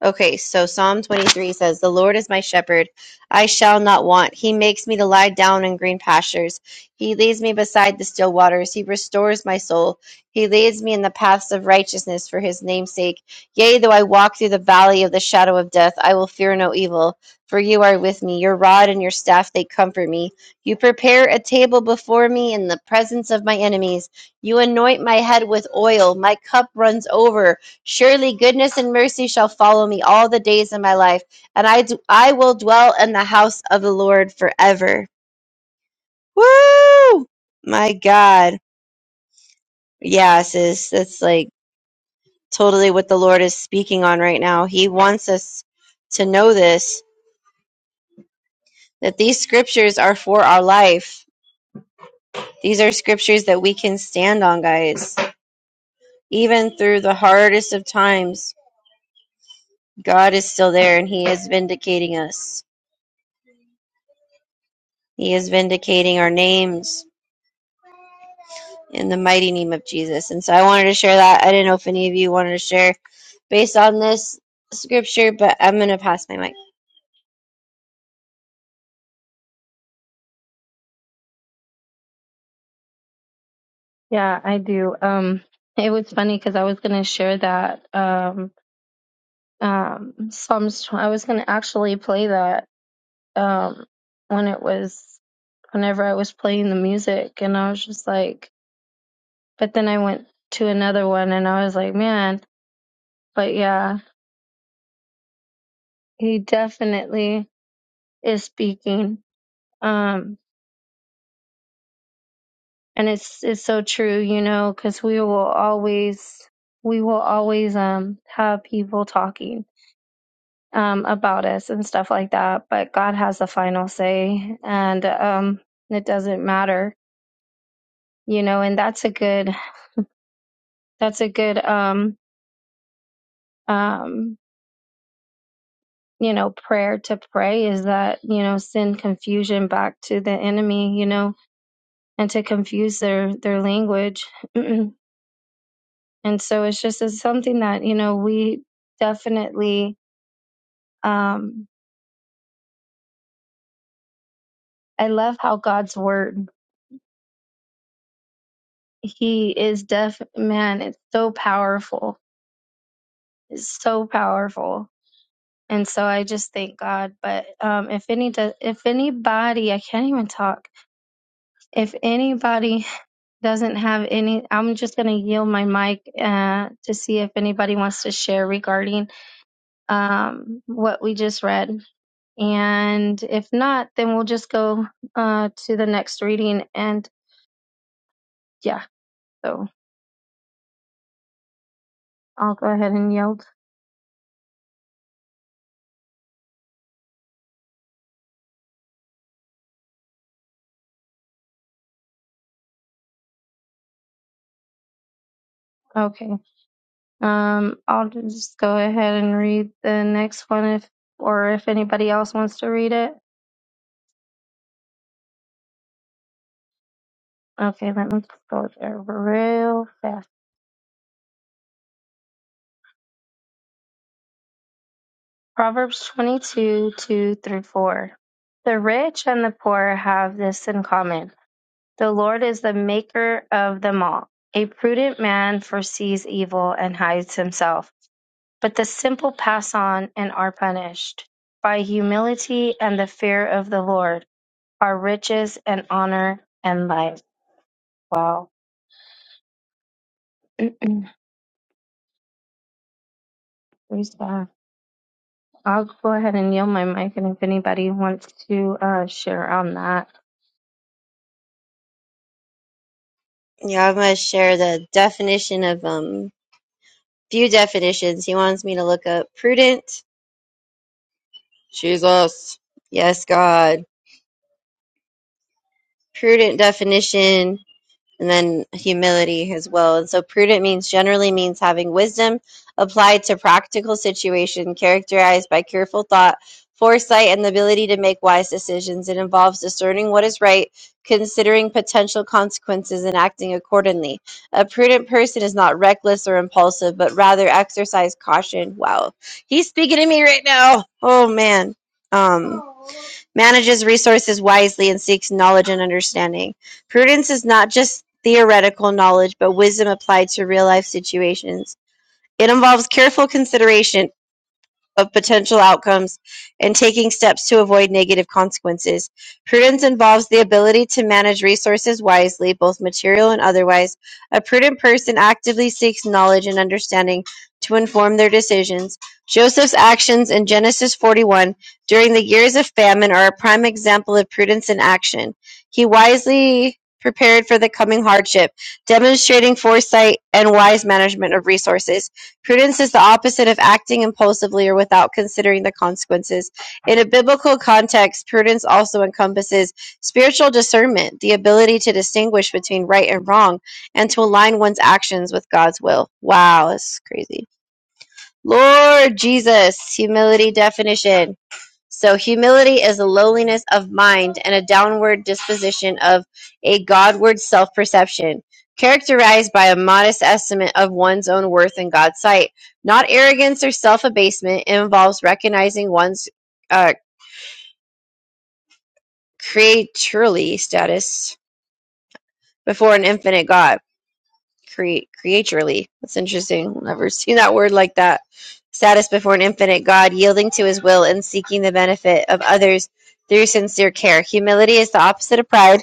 [SPEAKER 2] Okay, so Psalm 23 says, The Lord is my shepherd. I shall not want. He makes me to lie down in green pastures. He leads me beside the still waters. He restores my soul. He leads me in the paths of righteousness for his name's sake. Yea, though I walk through the valley of the shadow of death, I will fear no evil, for you are with me. Your rod and your staff, they comfort me. You prepare a table before me in the presence of my enemies. You anoint my head with oil. My cup runs over. Surely goodness and mercy shall follow me all the days of my life, and I do I will dwell in the house of the Lord forever. Woo! My God. Yeah, sis, that's like totally what the Lord is speaking on right now. He wants us to know this, that these scriptures are for our life. These are scriptures that we can stand on, guys. Even through the hardest of times, God is still there and He is vindicating us. He is vindicating our names. in the mighty name of Jesus. And so I wanted to share that. I didn't know if any of you wanted to share based on this scripture, but I'm going to pass my mic.
[SPEAKER 1] Yeah, I do. Um it was funny because I was gonna share that. Um Um, Psalms. tw- I was gonna actually play that um, when it was whenever I was playing the music, and I was just like, but then I went to another one, and I was like, man, but yeah, he definitely is speaking. Um, and it's it's so true, you know, because we will always we will always um have people talking um about us and stuff like that, but God has the final say, and um it doesn't matter you know and that's a good that's a good um um you know prayer to pray is that you know send confusion back to the enemy you know and to confuse their their language [CLEARS THROAT] and so it's just it's something that you know we definitely um i love how god's word he is def man it's so powerful it's so powerful and so i just thank god but um if any do, if anybody i can't even talk If anybody doesn't have any, I'm just going to yield my mic uh, to see if anybody wants to share regarding um, what we just read. And if not, then we'll just go uh, to the next reading. And yeah, so I'll go ahead and yield. Okay. Um, I'll just go ahead and read the next one if, or if anybody else wants to read it. Okay, let me just go there real fast. Proverbs 22, 2 through 4. The rich and the poor have this in common. The Lord is the maker of them all. A prudent man foresees evil and hides himself, but the simple pass on and are punished. By humility and the fear of the Lord are riches and honor and life. Wow. [CLEARS THROAT] Praise God. I'll go ahead and yield my mic, and if anybody wants to uh, share on that,
[SPEAKER 2] Yeah, I'm going to share the definition of um few definitions. He wants me to look up prudent. Jesus. Yes, God. Prudent definition and then humility as well. And so prudent means generally means having wisdom applied to practical situation characterized by careful thought, foresight, and the ability to make wise decisions. It involves discerning what is right, considering potential consequences, and acting accordingly. A prudent person is not reckless or impulsive, but rather exercise caution. Wow. He's speaking to me right now. Oh man. Um manages resources wisely and seeks knowledge and understanding Prudence is not just theoretical knowledge, but wisdom applied to real life situations. It involves careful consideration of potential outcomes and taking steps to avoid negative consequences. Prudence involves the ability to manage resources wisely, both material and otherwise. A prudent person actively seeks knowledge and understanding to inform their decisions. Joseph's actions in Genesis 41 during the years of famine are a prime example of prudence in action. He wisely prepared for the coming hardship, demonstrating foresight and wise management of resources. Prudence is the opposite of acting impulsively or without considering the consequences. In a biblical context, prudence also encompasses spiritual discernment, the ability to distinguish between right and wrong, and to align one's actions with God's will. Wow, that's crazy. Lord Jesus, humility definition. So humility is a lowliness of mind and a downward disposition of a Godward self-perception, characterized by a modest estimate of one's own worth in God's sight. Not arrogance or self-abasement. It involves recognizing one's uh, creaturely status before an infinite God. Create creaturely. That's interesting. Never seen that word like that. Status before an infinite God, yielding to his will and seeking the benefit of others through sincere care. Humility is the opposite of pride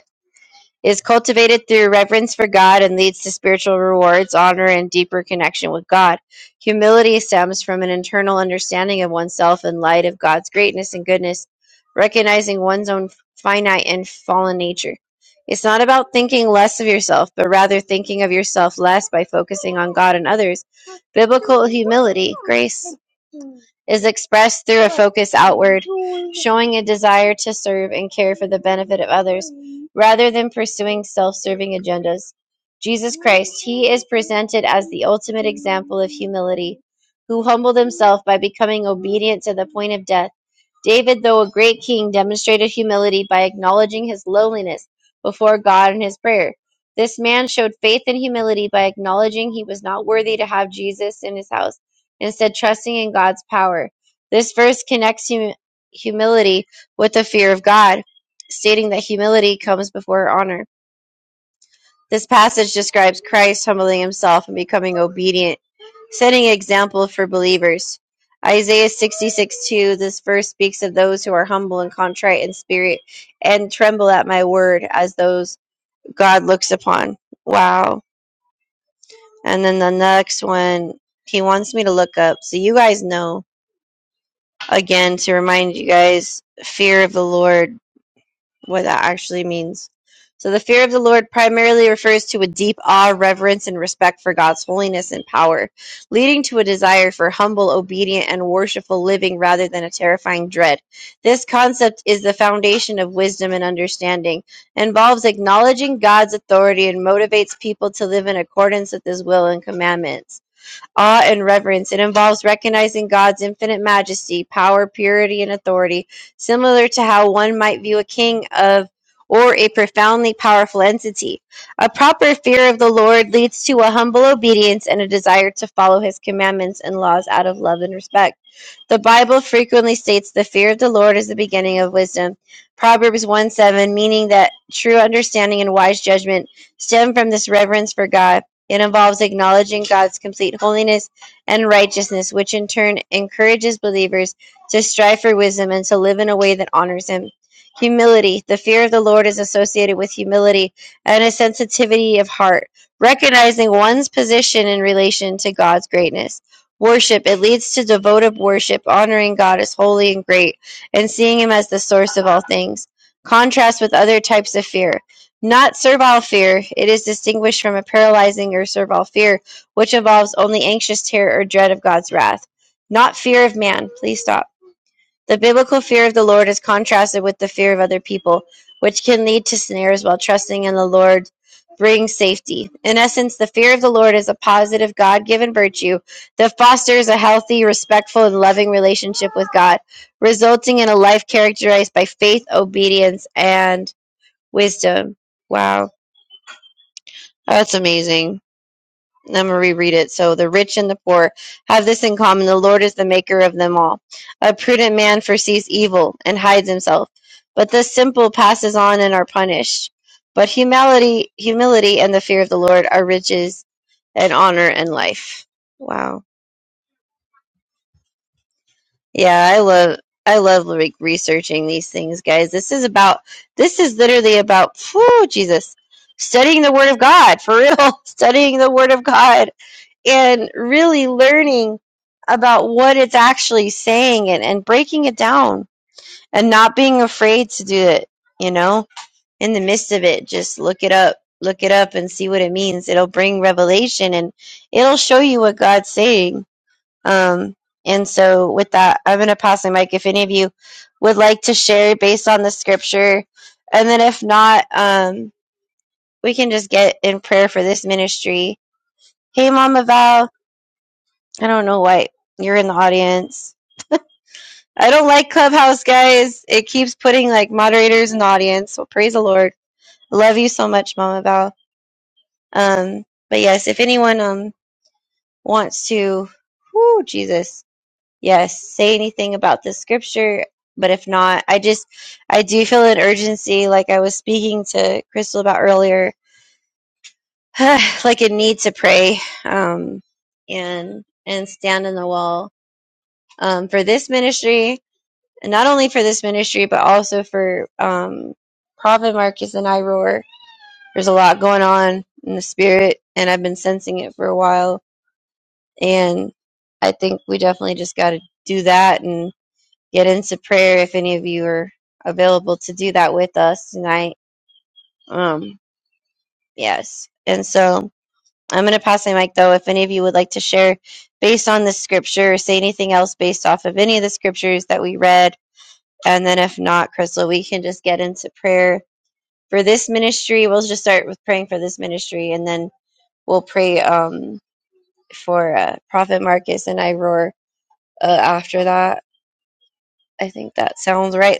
[SPEAKER 2] is cultivated through reverence for God and leads to spiritual rewards, honor, and deeper connection with God. Humility stems from an internal understanding of oneself in light of God's greatness and goodness, recognizing one's own finite and fallen nature. It's not about thinking less of yourself, but rather thinking of yourself less by focusing on God and others. Biblical humility, grace is expressed through a focus outward, showing a desire to serve and care for the benefit of others, rather than pursuing self serving agendas. Jesus Christ, he is presented as the ultimate example of humility, who humbled himself by becoming obedient to the point of death. David, though a great king, demonstrated humility by acknowledging his lowliness before God in his prayer. This man showed faith and humility by acknowledging he was not worthy to have Jesus in his house instead trusting in God's power. This verse connects hum- humility with the fear of God, stating that humility comes before honor. This passage describes Christ humbling himself and becoming obedient, setting an example for believers. Isaiah 66 2, this verse speaks of those who are humble and contrite in spirit and tremble at my word as those God looks upon. Wow. And then the next one, he wants me to look up. So you guys know again to remind you guys fear of the Lord, what that actually means. So, the fear of the Lord primarily refers to a deep awe, reverence, and respect for God's holiness and power, leading to a desire for humble, obedient, and worshipful living rather than a terrifying dread. This concept is the foundation of wisdom and understanding, involves acknowledging God's authority, and motivates people to live in accordance with His will and commandments awe and reverence. It involves recognizing God's infinite majesty, power, purity, and authority, similar to how one might view a king of or a profoundly powerful entity. A proper fear of the Lord leads to a humble obedience and a desire to follow his commandments and laws out of love and respect. The Bible frequently states the fear of the Lord is the beginning of wisdom. Proverbs 1 7, meaning that true understanding and wise judgment stem from this reverence for God. It involves acknowledging God's complete holiness and righteousness, which in turn encourages believers to strive for wisdom and to live in a way that honors Him. Humility. The fear of the Lord is associated with humility and a sensitivity of heart, recognizing one's position in relation to God's greatness. Worship. It leads to devotive worship, honoring God as holy and great, and seeing Him as the source of all things. Contrast with other types of fear. Not servile fear. It is distinguished from a paralyzing or servile fear, which involves only anxious terror or dread of God's wrath. Not fear of man. Please stop. The biblical fear of the Lord is contrasted with the fear of other people, which can lead to snares while trusting in the Lord brings safety. In essence, the fear of the Lord is a positive God given virtue that fosters a healthy, respectful, and loving relationship with God, resulting in a life characterized by faith, obedience, and wisdom. Wow Oh, That's amazing. I'm going to reread it. So the rich and the poor have this in common. The Lord is the maker of them all. A prudent man foresees evil and hides himself, but the simple passes on and are punished. But humility, humility and the fear of the Lord are riches and honor and life. Wow. Yeah, I love I love like researching these things, guys. This is about this is literally about whew, Jesus. Studying the word of God, for real. [LAUGHS] Studying the word of God and really learning about what it's actually saying and, and breaking it down and not being afraid to do it, you know, in the midst of it, just look it up, look it up and see what it means. It'll bring revelation and it'll show you what God's saying. Um, and so with that, I'm going to pass the mic if any of you would like to share based on the scripture. And then if not, um, we can just get in prayer for this ministry. Hey, Mama Val. I don't know why you're in the audience. I don't like Clubhouse, guys. It keeps putting like moderators in the audience. So praise the Lord. I love you so much, Mama Val. Um, but yes, if anyone um wants to, whoo, Jesus, yes, say anything about this scripture. But if not, I just I do feel an urgency, like I was speaking to Crystal about earlier, [SIGHS] like a need to pray, um, and and stand in the wall, um, for this ministry not only for this ministry, but also for um, Prophet Marcus and I There's a lot going on in the spirit, and I've been sensing it for a while. And I think we definitely just got to do that and get into prayer if any of you are available to do that with us tonight. Um, yes. And so I'm going to pass my mic though. If any of you would like to share based on this scripture, or say anything else based off of any of the scriptures that we read. And then if not, Crystal, we can just get into prayer for this ministry. We'll just start with praying for this ministry, and then we'll pray um, for uh, Prophet Marcus and I uh, after that. I think that sounds right.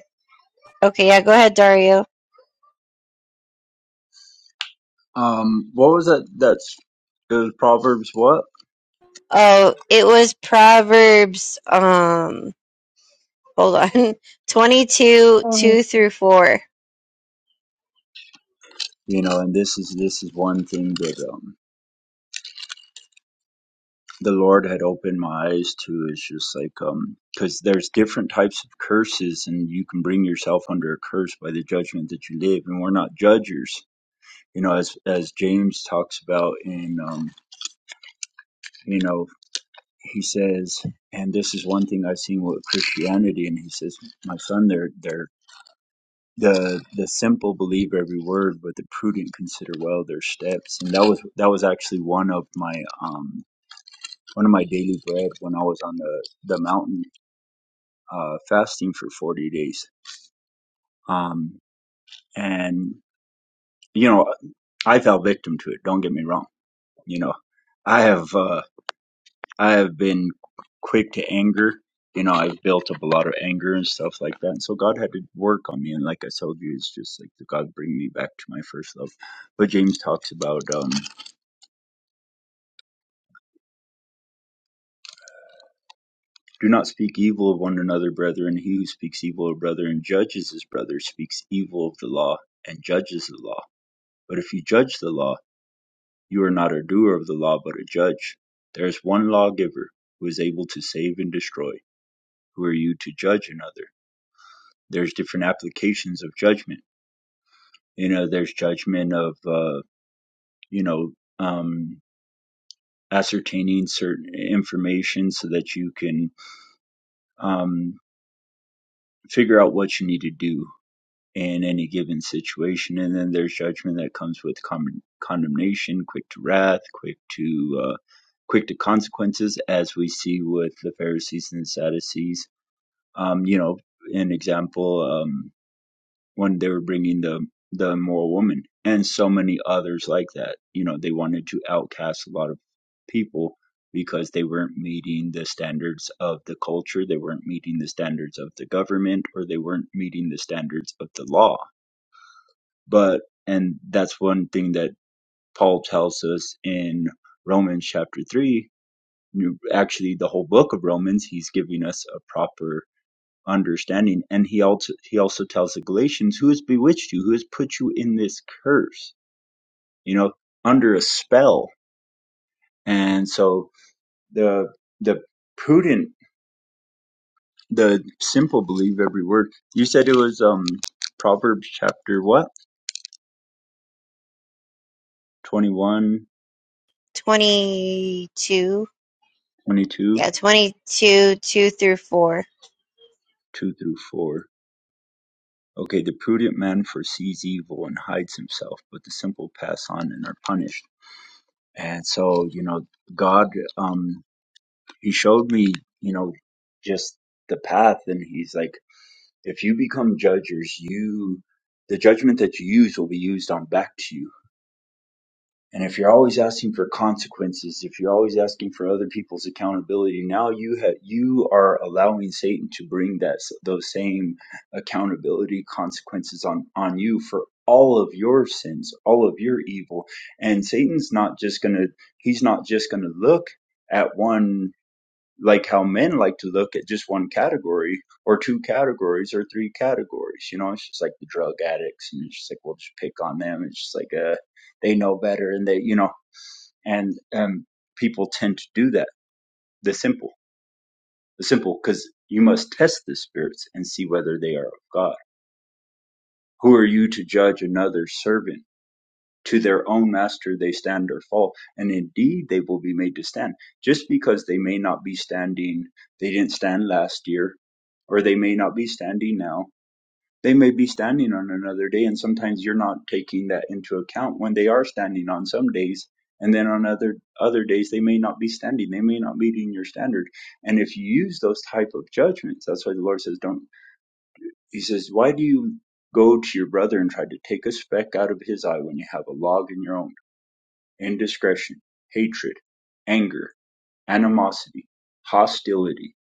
[SPEAKER 2] Okay, yeah, go ahead, Dario.
[SPEAKER 6] Um, what was that? That's it was Proverbs. What
[SPEAKER 2] Oh, it was Proverbs. Um, hold on, [LAUGHS] twenty-two, two through four.
[SPEAKER 6] you know, and this is this is one thing that um the Lord had opened my eyes to is just like um because there's different types of curses and you can bring yourself under a curse by the judgment that you live and we're not judges you know as as James talks about in um you know he says and this is one thing I've seen with Christianity and he says my son they're they're the the simple believe every word but the prudent consider well their steps and that was that was actually one of my um one of my daily bread when I was on the the mountain uh, fasting for 40 days. Um, and, you know, I fell victim to it. Don't get me wrong. You know, I have, uh, I have been quick to anger. You know, I've built up a lot of anger and stuff like that. And so God had to work on me. And like I told you, it's just like God bring me back to my first love. But James talks about, um, do not speak evil of one another, brethren. He who speaks evil of brother and judges his brother speaks evil of the law and judges the law. But if you judge the law, You are not a doer of the law, but a judge. There is one lawgiver who is able to save and destroy. Who are you to judge another? There's different applications of judgment. You know, there's judgment of, uh, you know, um, ascertaining certain information so that you can um, figure out what you need to do in any given situation. And then there's judgment that comes with con- condemnation, quick to wrath, quick to uh, quick to consequences, as we see with the Pharisees and the Sadducees. Um, you know, an example um, when they were bringing the the immoral woman, and so many others like that. You know, they wanted to outcast a lot of people because they weren't meeting the standards of the culture, they weren't meeting the standards of the government, or they weren't meeting the standards of the law but, and that's one thing that Paul tells us in Romans chapter 3. Actually, the whole book of Romans, he's giving us a proper understanding. And he also, he also tells the Galatians, who has bewitched you? Who has put you in this curse? You know, under a spell. And so the, the prudent, the simple believe every word. You said it was, um, Proverbs chapter what? 21,
[SPEAKER 2] Twenty-two, yeah, twenty-two, two through four.
[SPEAKER 6] 2 through 4. Okay, the prudent man foresees evil and hides himself, but the simple pass on and are punished. And so, you know, God, um, He showed me, you know, just the path, and He's like, if you become judges, you, the judgment that you use will be used on back to you and if you're always asking for consequences, if you're always asking for other people's accountability, now you have you are allowing Satan to bring that s- those same accountability consequences on on you for all of your sins, all of your evil. And Satan's not just going to he's not just going to look at one like how men like to look at just one category or two categories or three categories. You know, it's just like the drug addicts, and it's just like we'll just pick on them. It's just like uh, they know better, and they, you know, and um, people tend to do that. The simple, the simple, because you must test the spirits and see whether they are of God. Who are you to judge another's servant? to their own master they stand or fall and indeed they will be made to stand just because they may not be standing they didn't stand last year or they may not be standing now they may be standing on another day and sometimes you're not taking that into account when they are standing on some days and then on other other days they may not be standing they may not be meeting your standard and if you use those type of judgments that's why the lord says don't he says why do you go to your brother and try to take a speck out of his eye when you have a log in your own indiscretion, hatred, anger, animosity, hostility,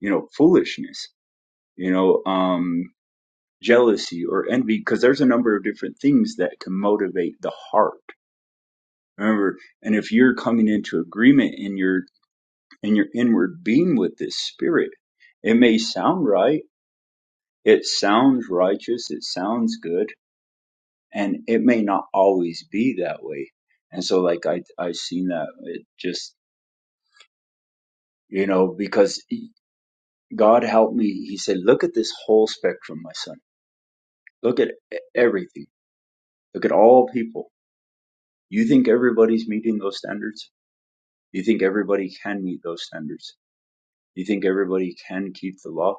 [SPEAKER 6] you know, foolishness, you know, um, jealousy or envy, because there's a number of different things that can motivate the heart. Remember, and if you're coming into agreement in your in your inward being with this spirit, it may sound right, it sounds righteous, it sounds good, and it may not always be that way. And so, like I I seen that it just you know because God help me. He said, Look at this whole spectrum, my son. Look at e- everything. Look at all people. You think everybody's meeting those standards? You think everybody can meet those standards? You think everybody can keep the law?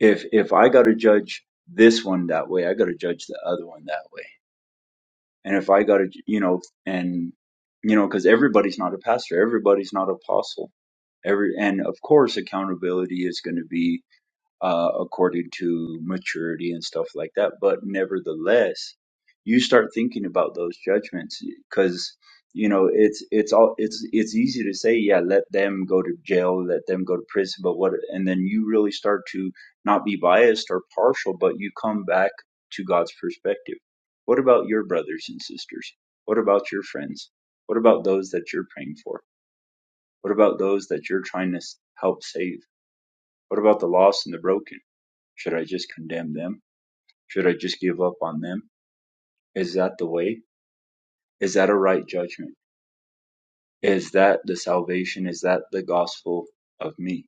[SPEAKER 6] If if I got to judge this one that way, I got to judge the other one that way. And if I got to, you know, and you know, because everybody's not a pastor, everybody's not an apostle. Every and of course, accountability is going to be uh, according to maturity and stuff like that. But nevertheless, you start thinking about those judgments because you know it's it's all it's it's easy to say yeah let them go to jail let them go to prison but what and then you really start to not be biased or partial but you come back to God's perspective what about your brothers and sisters what about your friends what about those that you're praying for what about those that you're trying to s- help save what about the lost and the broken should I just condemn them? Should I just give up on them? Is that the way? Is that a right judgment? Is that the salvation? Is that the gospel of me?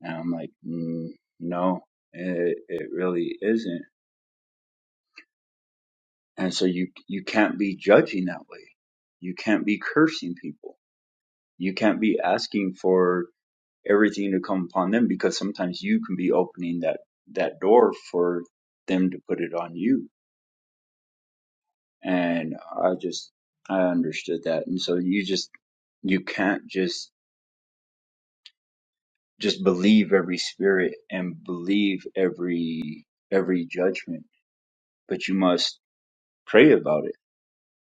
[SPEAKER 6] And I'm like, mm, no, it, it really isn't. And so you you can't be judging that way. You can't be cursing people. You can't be asking for everything to come upon them because sometimes you can be opening that that door for them to put it on you and I just I understood that, and so you just you can't just just believe every spirit and believe every every judgment, but you must pray about it.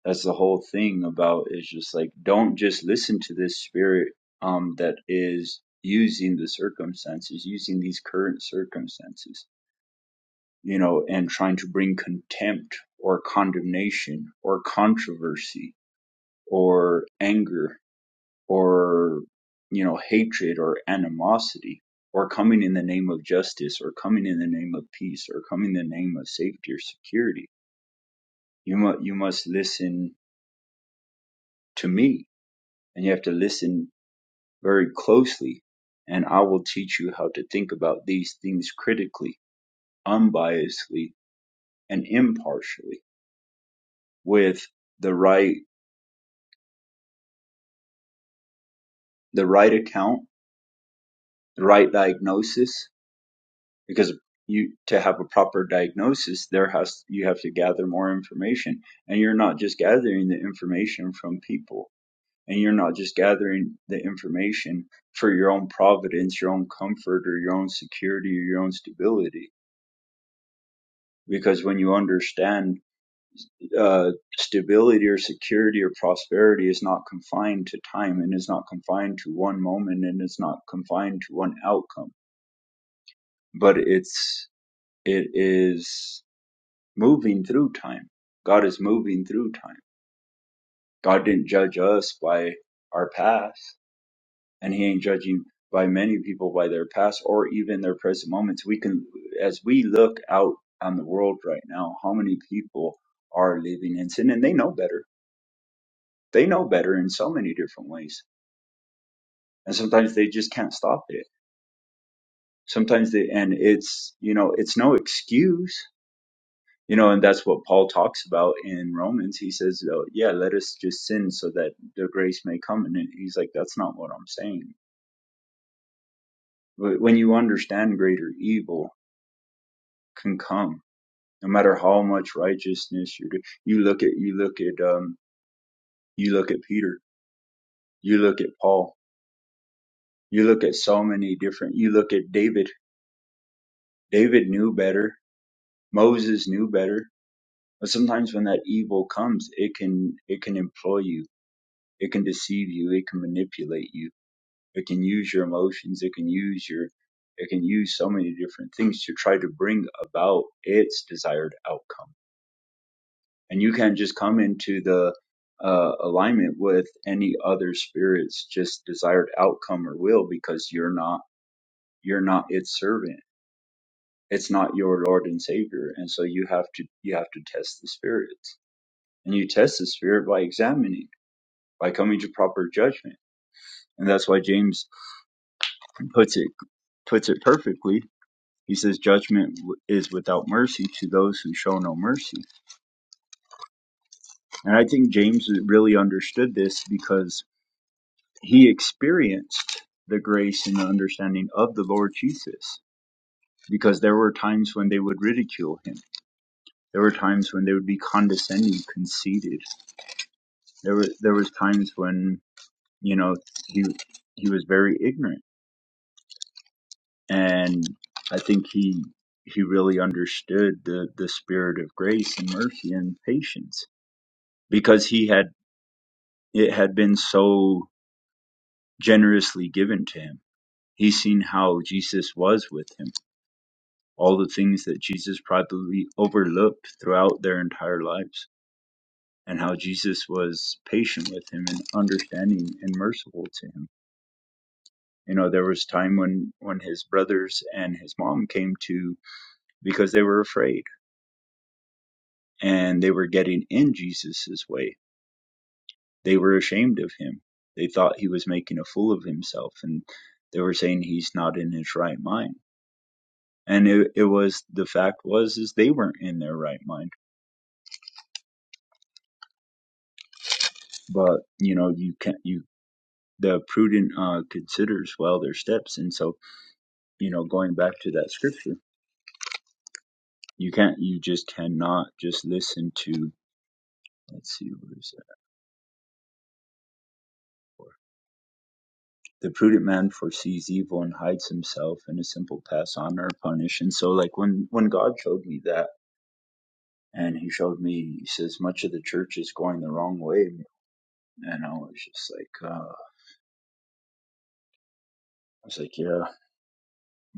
[SPEAKER 6] That's the whole thing about is just like don't just listen to this spirit um that is using the circumstances, using these current circumstances, you know, and trying to bring contempt or condemnation or controversy or anger or you know hatred or animosity or coming in the name of justice or coming in the name of peace or coming in the name of safety or security you must you must listen to me and you have to listen very closely and i will teach you how to think about these things critically unbiasedly and impartially with the right the right account the right diagnosis because you to have a proper diagnosis there has you have to gather more information and you're not just gathering the information from people and you're not just gathering the information for your own providence your own comfort or your own security or your own stability because when you understand uh, stability or security or prosperity is not confined to time and is not confined to one moment and it's not confined to one outcome but it's it is moving through time. God is moving through time. God didn't judge us by our past, and He ain't judging by many people by their past or even their present moments. We can, as we look out on the world right now, how many people are living in sin, and they know better. They know better in so many different ways, and sometimes they just can't stop it. Sometimes they, and it's you know, it's no excuse You know, and that's what Paul talks about in Romans. He says, oh, yeah, let us just sin so that the grace may come. And he's like, that's not what I'm saying. But when you understand greater evil can come, no matter how much righteousness you do, you look at, you look at, um, you look at Peter, you look at Paul, you look at so many different, you look at David. David knew better. Moses knew better. But sometimes when that evil comes, it can, it can employ you. It can deceive you. It can manipulate you It can use your emotions. It can use your, it can use so many different things to try to bring about its desired outcome. And you can't just come into the uh, alignment with any other spirit's just desired outcome or will because you're not, you're not its servant. It's not your Lord and Savior. And so you have to, you have to test the spirits and you test the spirit by examining, by coming to proper judgment. And that's why James puts it, puts it perfectly He says judgment is without mercy to those who show no mercy. And I think James really understood this because he experienced the grace and the understanding of the Lord Jesus. Because there were times when they would ridicule him. There were times when they would be condescending, conceited. There were there was times when you know he he was very ignorant, and I think he he really understood the the spirit of grace and mercy and patience because he had It had been so generously given to him. He seen how Jesus was with him, all the things that Jesus probably overlooked throughout their entire lives, and how Jesus was patient with him and understanding and merciful to him. You know, there was time when when his brothers and his mom came to because they were afraid and they were getting in Jesus's way. They were ashamed of him. They thought he was making a fool of himself and they were saying he's not in his right mind and it, it was the fact was is they weren't in their right mind but you know you can not you the prudent uh considers well their steps and so you know going back to that scripture you can't you just cannot just listen to let's see what is that for the prudent man foresees evil and hides himself and a simple pass on or punish and so like when when god showed me that and he showed me he says much of the church is going the wrong way and i was just like uh I was like, yeah.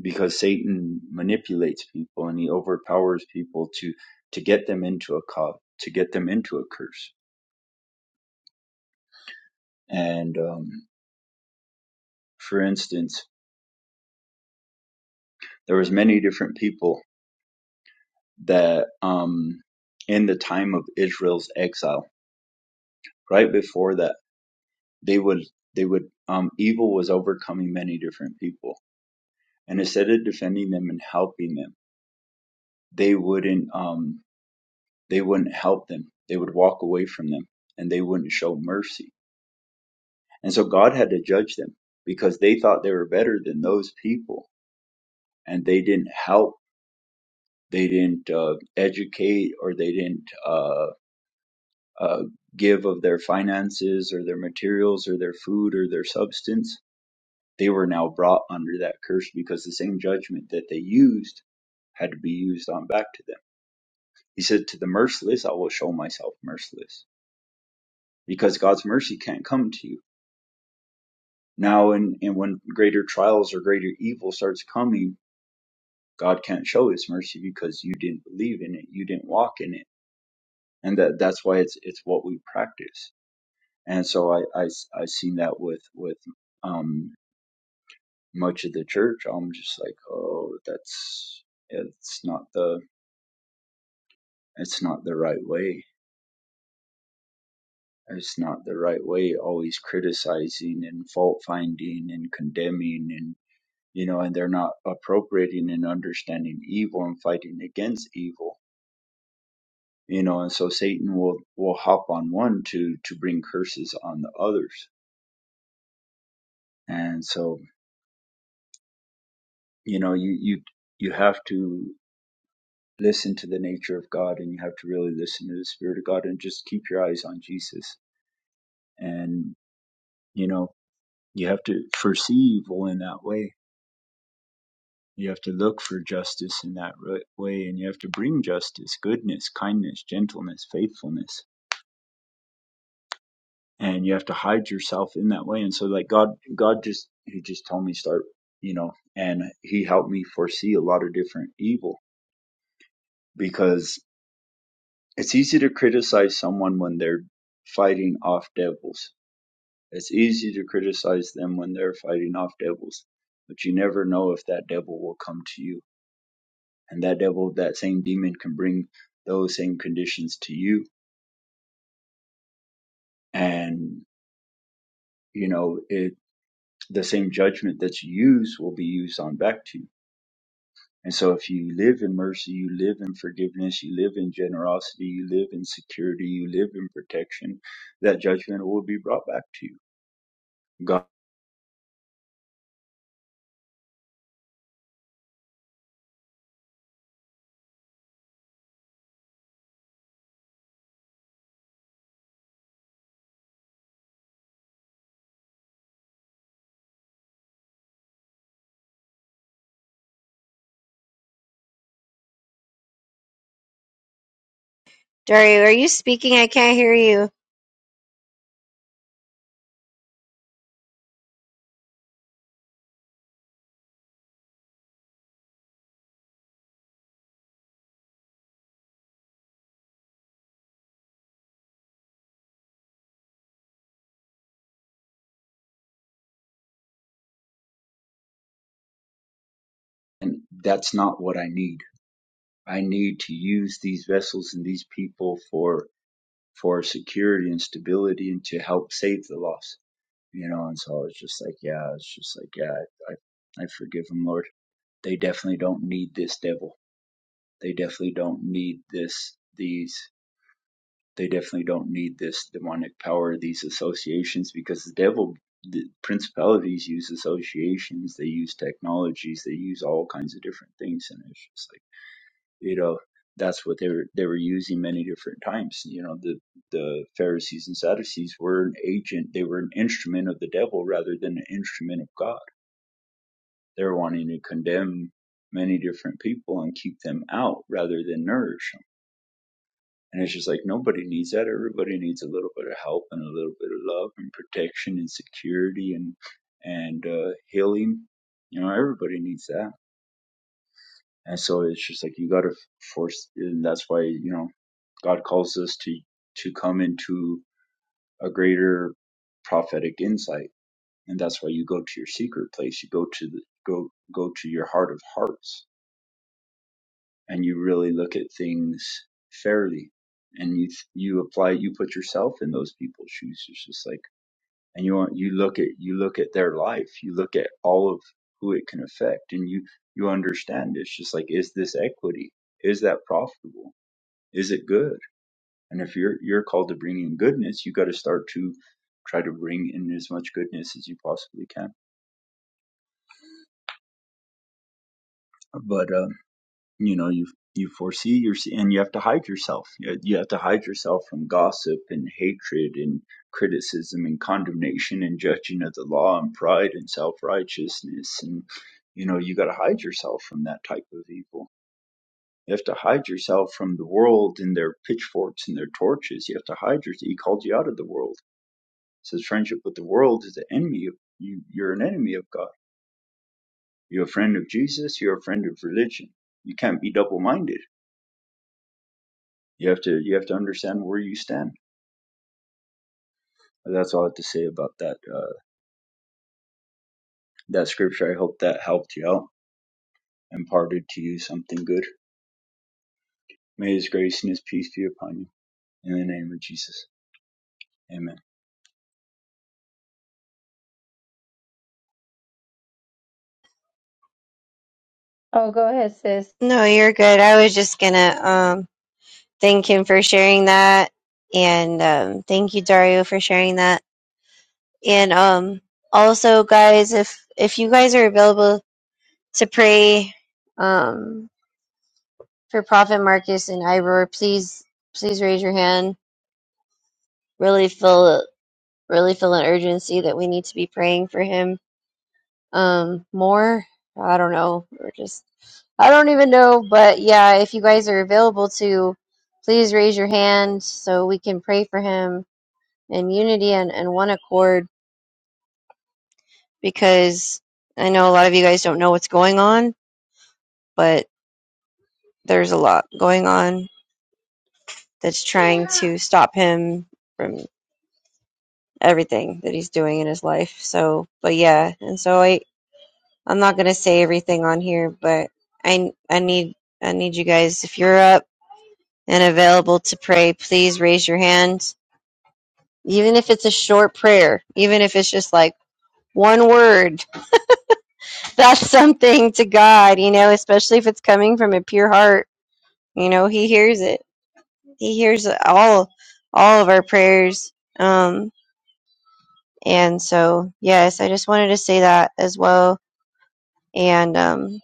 [SPEAKER 6] because Satan manipulates people and he overpowers people to to get them into a cause, to get them into a curse. And um, for instance, there was many different people that um, in the time of Israel's exile, right before that, they would they would um, evil was overcoming many different people, and instead of defending them and helping them, they wouldn't um, they wouldn't help them. They would walk away from them, and they wouldn't show mercy And so God had to judge them because they thought they were better than those people and they didn't help, they didn't uh, educate, or they didn't uh, uh, give of their finances or their materials or their food or their substance. They were now brought under that curse because the same judgment that they used had to be used on back to them. He said, To the merciless, I will show myself merciless because God's mercy can't come to you. Now, and, and when greater trials or greater evil starts coming, God can't show his mercy because you didn't believe in it, you didn't walk in it. And that that's why it's it's what we practice. And so I I I seen that with with um much of the church. I'm just like, "Oh, that's it's not the it's not the right way. It's not the right way always criticizing and fault finding and condemning and you know, and they're not appropriating and understanding evil and fighting against evil you know and so satan will will hop on one to to bring curses on the others and so you know you you you have to listen to the nature of god and you have to really listen to the spirit of god and just keep your eyes on jesus and you know you have to foresee evil in that way you have to look for justice in that way and you have to bring justice goodness kindness gentleness faithfulness and you have to hide yourself in that way and so like god god just he just told me start you know and he helped me foresee a lot of different evil because it's easy to criticize someone when they're fighting off devils it's easy to criticize them when they're fighting off devils but you never know if that devil will come to you and that devil that same demon can bring those same conditions to you and you know it the same judgment that's used will be used on back to you And so, if you live in mercy, you live in forgiveness, you live in generosity, you live in security, you live in protection, that judgment will be brought back to you. God,
[SPEAKER 2] Dario, are you speaking? I can't hear you.
[SPEAKER 6] and that's not what I need. I need to use these vessels and these people for, for security and stability and to help save the lost, you know? And so it's just like, yeah, it's just like, yeah, I, I, I forgive them, Lord. They definitely don't need this devil. They definitely don't need this, these. They definitely don't need this demonic power, these associations, because the devil, the principalities use associations, they use technologies, they use all kinds of different things, and it's just like you know that's what they were they were using many different times. You know the the Pharisees and Sadducees were an agent, they were an instrument of the devil rather than an instrument of God. They're wanting to condemn many different people and keep them out rather than nourish them and it's just like nobody needs that. Everybody needs a little bit of help and a little bit of love and protection and security and and uh, healing. You know, everybody needs that. And so it's just like you got to force, and that's why you know God calls us to to come into a greater prophetic insight, and that's why you go to your secret place. You go to the go go to your heart of hearts and you really look at things fairly and you you apply you put yourself in those people's shoes it's just like and you want- you look at you look at their life you look at all of who it can affect and you you understand it's just like is this equity is that profitable is it good and if you're you're called to bring in goodness you got to start to try to bring in as much goodness as you possibly can but um, you know you you foresee your and you have to hide yourself you you have to hide yourself from gossip and hatred and criticism and condemnation and judging of the law and pride and self-righteousness and you know you got to hide yourself from that type of evil you have to hide yourself from the world and their pitchforks and their torches you have to hide yourself he called you out of the world says friendship with the world is an enemy of you you're an enemy of god you're a friend of jesus you're a friend of religion you can't be double-minded You have to you have to understand where you stand. That's all I have to say about that uh, that scripture. I hope that helped you out, imparted to you something good. May His grace and His peace be upon you. In the name of Jesus, Amen.
[SPEAKER 1] Oh, go ahead, sis.
[SPEAKER 2] No, you're good. I was just gonna um thank him for sharing that, and um, thank you, Dario, for sharing that. And um, also, guys, if if you guys are available to pray um, for Prophet Marcus and Ivor, please please raise your hand. Really feel really feel an urgency that we need to be praying for him um, more. I don't know, or just I don't even know, but yeah, if you guys are available to, please raise your hand so we can pray for him and unity and, and one accord because I know a lot of you guys don't know what's going on, but there's a lot going on that's trying to stop him from everything that he's doing in his life. So, but yeah, and so I I'm not going to say everything on here, but I I need I need you guys if you're up and available to pray, please raise your hand. Even if it's a short prayer, even if it's just like one word that's something to God, you know, especially if it's coming from a pure heart. You know, He hears it. He hears all all of our prayers. Um, and so, yes, I just wanted to say that as well. And um,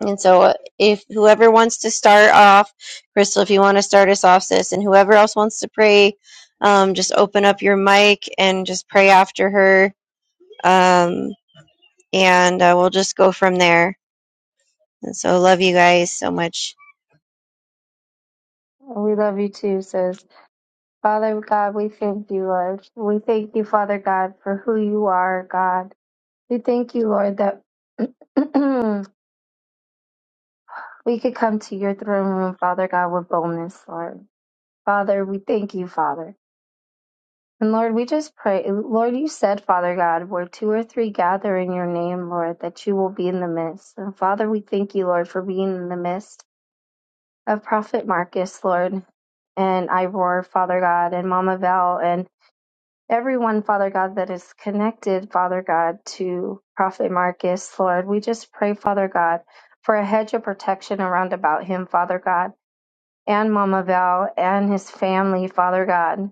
[SPEAKER 2] and so, uh, if whoever wants to start off, Crystal, if you want to start us off, sis, and whoever else wants to pray, um, just open up your mic and just pray after her. Um, and uh, we'll just go from there. And so, love you guys so much.
[SPEAKER 1] We love you too, sis. Father God, we thank you, Lord. We thank you, Father God, for who you are, God. We thank you, Lord, that [CLEARS THROAT] we could come to your throne room, Father God, with boldness, Lord. Father, we thank you, Father. And Lord, we just pray, Lord, you said, Father God, where two or three gather in your name, Lord, that you will be in the midst. And Father, we thank you, Lord, for being in the midst of Prophet Marcus, Lord, and Ivor, Father God, and Mama Val, and everyone, Father God, that is connected, Father God, to Prophet Marcus, Lord. We just pray, Father God, for a hedge of protection around about him, Father God, and Mama Val and his family, Father God.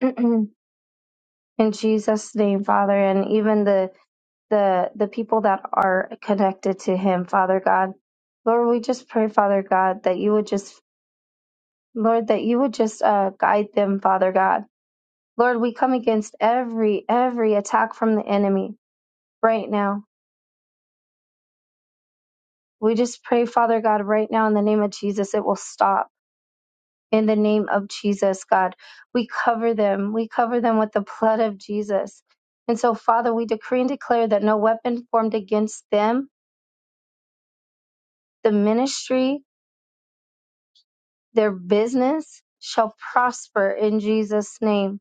[SPEAKER 1] [CLEARS THROAT] In Jesus' name, Father, and even the the the people that are connected to him, Father God. Lord, we just pray, Father God, that you would just Lord, that you would just uh, guide them, Father God. Lord, we come against every every attack from the enemy. right now. We just pray, Father God, right now in the name of Jesus, it will stop. In the name of Jesus, God, we cover them. We cover them with the blood of Jesus. And so, Father, we decree and declare that no weapon formed against them, the ministry, their business shall prosper in Jesus' name.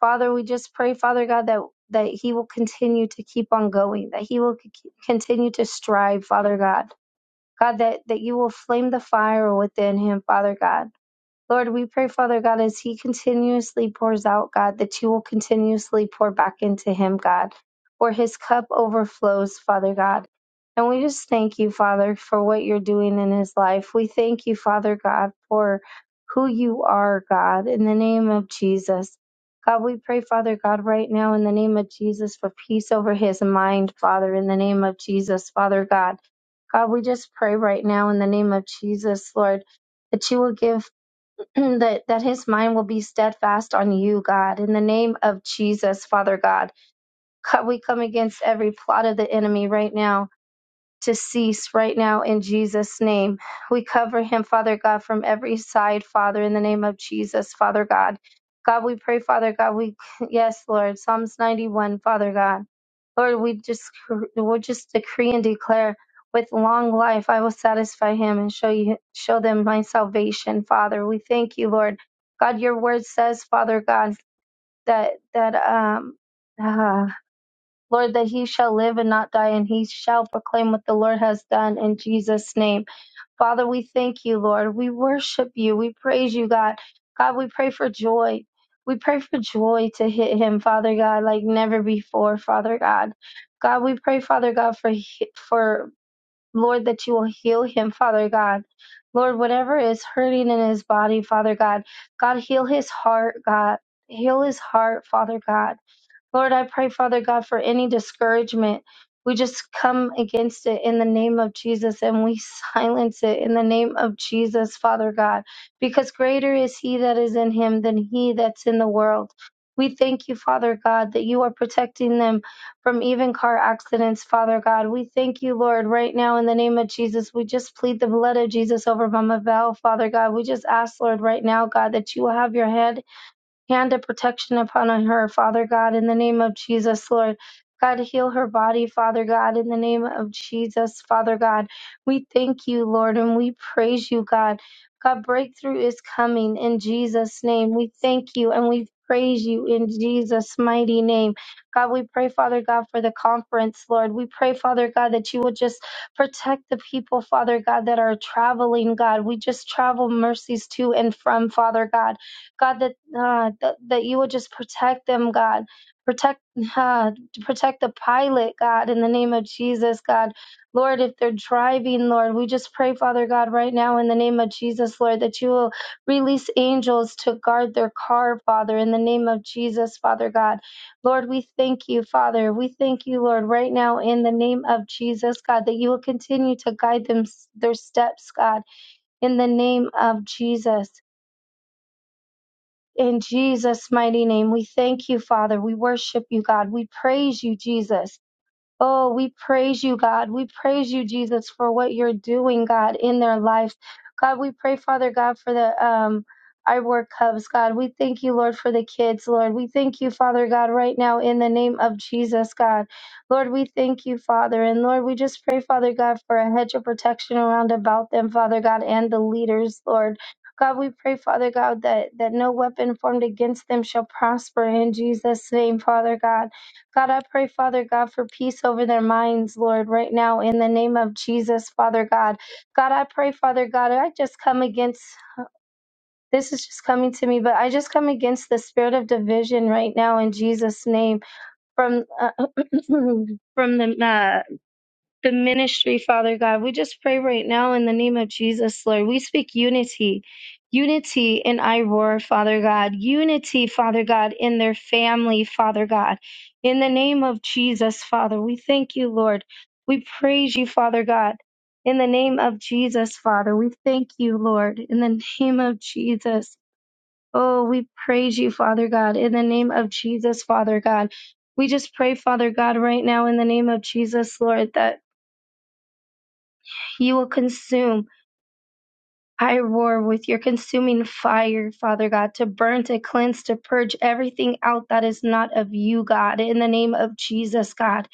[SPEAKER 1] Father, we just pray, Father God, that, that He will continue to keep on going, that He will c- continue to strive, Father God. God, that, that you will flame the fire within Him, Father God Lord, we pray, Father God, as He continuously pours out, God, that you will continuously pour back into Him, God, where His cup overflows, Father God. And we just thank you, Father, for what you're doing in His life. We thank you, Father God, for who you are, God, in the name of Jesus. God, we pray, Father God, right now in the name of Jesus for peace over His mind, Father, in the name of Jesus, Father God. God, we just pray right now in the name of Jesus, Lord that you will give [CLEARS THROAT] that, that his mind will be steadfast on you, God. In the name of Jesus, Father God, co- we come against every plot of the enemy right now to cease right now in Jesus' name. We cover him, Father God, from every side, Father, in the name of Jesus, Father God. God, we pray, Father God, we, [LAUGHS] yes, Lord, Psalms 91, Father God. Lord, we just, we'll just decree and declare with long life, I will satisfy him and show you, show them my salvation, Father. We thank you, Lord. God, your word says, Father God, that, that, um, ah, Lord, that he shall live and not die, and he shall proclaim what the Lord has done in Jesus' name. Father, we thank you, Lord. We worship you. We praise you, God. God, we pray for joy. We pray for joy to hit him, Father God, like never before, Father God. God, we pray, Father God, for for Lord that you will heal him, Father God. Lord, whatever is hurting in his body, Father God, God heal his heart, God. Heal his heart, Father God. Lord, I pray, Father God, for any discouragement. We just come against it in the name of Jesus and we [LAUGHS] silence it in the name of Jesus, Father God, because greater is He that is in Him than He that's in the world. We thank you, Father God, that you are protecting them from even car accidents, Father God. We thank you, Lord, right now in the name of Jesus. We just plead the blood of Jesus over Mama Val, Father God. We just ask, Lord, right now, God, that you will have your hand hand of protection upon her, Father God, in the name of Jesus, Lord. God, heal her body, Father God, in the name of Jesus, Father God. We thank you, Lord, and we praise you, God. God, breakthrough is coming in Jesus' name. We thank you and we praise you in Jesus' mighty name. God, we pray, Father God, for the conference, Lord. We pray, Father God, that you would just protect the people, Father God, that are traveling, God. We just travel mercies to and from, Father God. God, that uh, that that you would just protect them, God, protect uh, protect the pilot, God, in the name of Jesus, God, Lord, if they're driving, Lord, we just pray, Father God, right now in the name of Jesus, Lord, that you will release angels to guard their car, Father, in the name of Jesus, Father God, Lord, we thank you, Father, we thank you, Lord, right now in the name of Jesus, God, that you will continue to guide them their steps, God, in the name of Jesus. In Jesus' mighty name, we thank you, Father. We worship you, God. We praise you, Jesus. Oh, we praise you, God. We praise you, Jesus, for what you're doing, God, in their lives. God, we pray, Father God, for the um I work cubs, God. We thank you, Lord, for the kids, Lord. We thank you, Father God, right now in the name of Jesus, God. Lord, we thank you, Father. And Lord, we just pray, Father God, for a hedge of protection around about them, Father God, and the leaders, Lord. God, we pray, Father God, that, that no weapon formed against them shall prosper in Jesus' name, Father God. God, I pray, Father God, for peace over their minds, Lord, right now, in the name of Jesus, Father God. God, I pray, Father God, I just come against. This is just coming to me, but I just come against the spirit of division right now in Jesus' name. From uh, [CLEARS THROAT] from the uh, the ministry, Father God. We just pray right now in the name of Jesus, Lord. We speak unity. Unity in Iroar, Father God. Unity, Father God, in their family, Father God. In the name of Jesus, Father, we thank you, Lord. We praise you, Father God. In the name of Jesus, Father, we thank you, Lord. In the name of Jesus. Oh, we praise you, Father God. In the name of Jesus, Father God. We just pray, Father God, right now in the name of Jesus, Lord, that you will consume. I roar with your consuming fire, Father God, to burn, to cleanse, to purge everything out that is not of you, God, in the name of Jesus, God.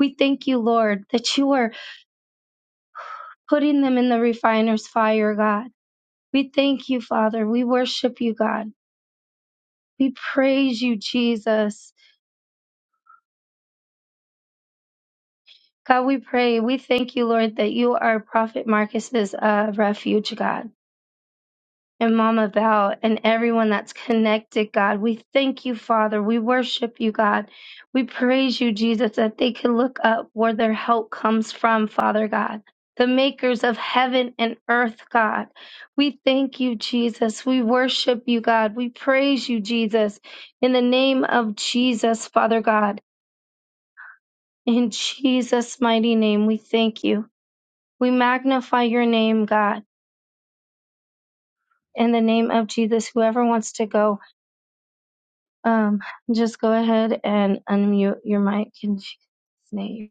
[SPEAKER 1] We thank you, Lord, that you are putting them in the refiner's fire, God. We thank you, Father. We worship you, God. We praise you, Jesus. God, we pray. We thank you, Lord, that you are Prophet Marcus's uh, refuge, God. and Mama Val and everyone that's connected, God. We thank you, Father. We worship you, God. We praise you, Jesus, that they can look up where their help comes from, Father God. The makers of heaven and earth, God. We thank you, Jesus. We worship you, God. We praise you, Jesus. In the name of Jesus, Father God. In Jesus' mighty name, we thank you. We magnify your name, God. In the name of Jesus, whoever wants to go, Um, just go ahead and unmute your mic in Jesus' name.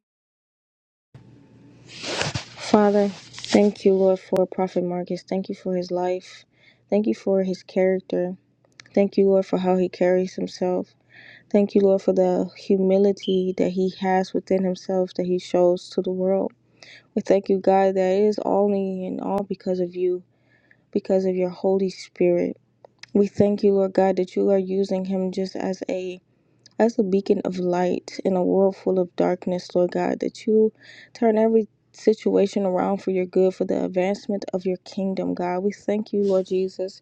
[SPEAKER 7] Father, thank you, Lord, for Prophet Marcus. Thank you for his life. Thank you for his character. Thank you, Lord, for how he carries himself. Thank you, Lord, for the humility that he has within himself that he shows to the world. We thank you, God, that it is only and all because of you, because of your Holy Spirit. We thank you, Lord God, that you are using him just as a as a beacon of light in a world full of darkness, Lord God, that you turn every situation around for your good, for the advancement of your kingdom, God. We thank you, Lord Jesus,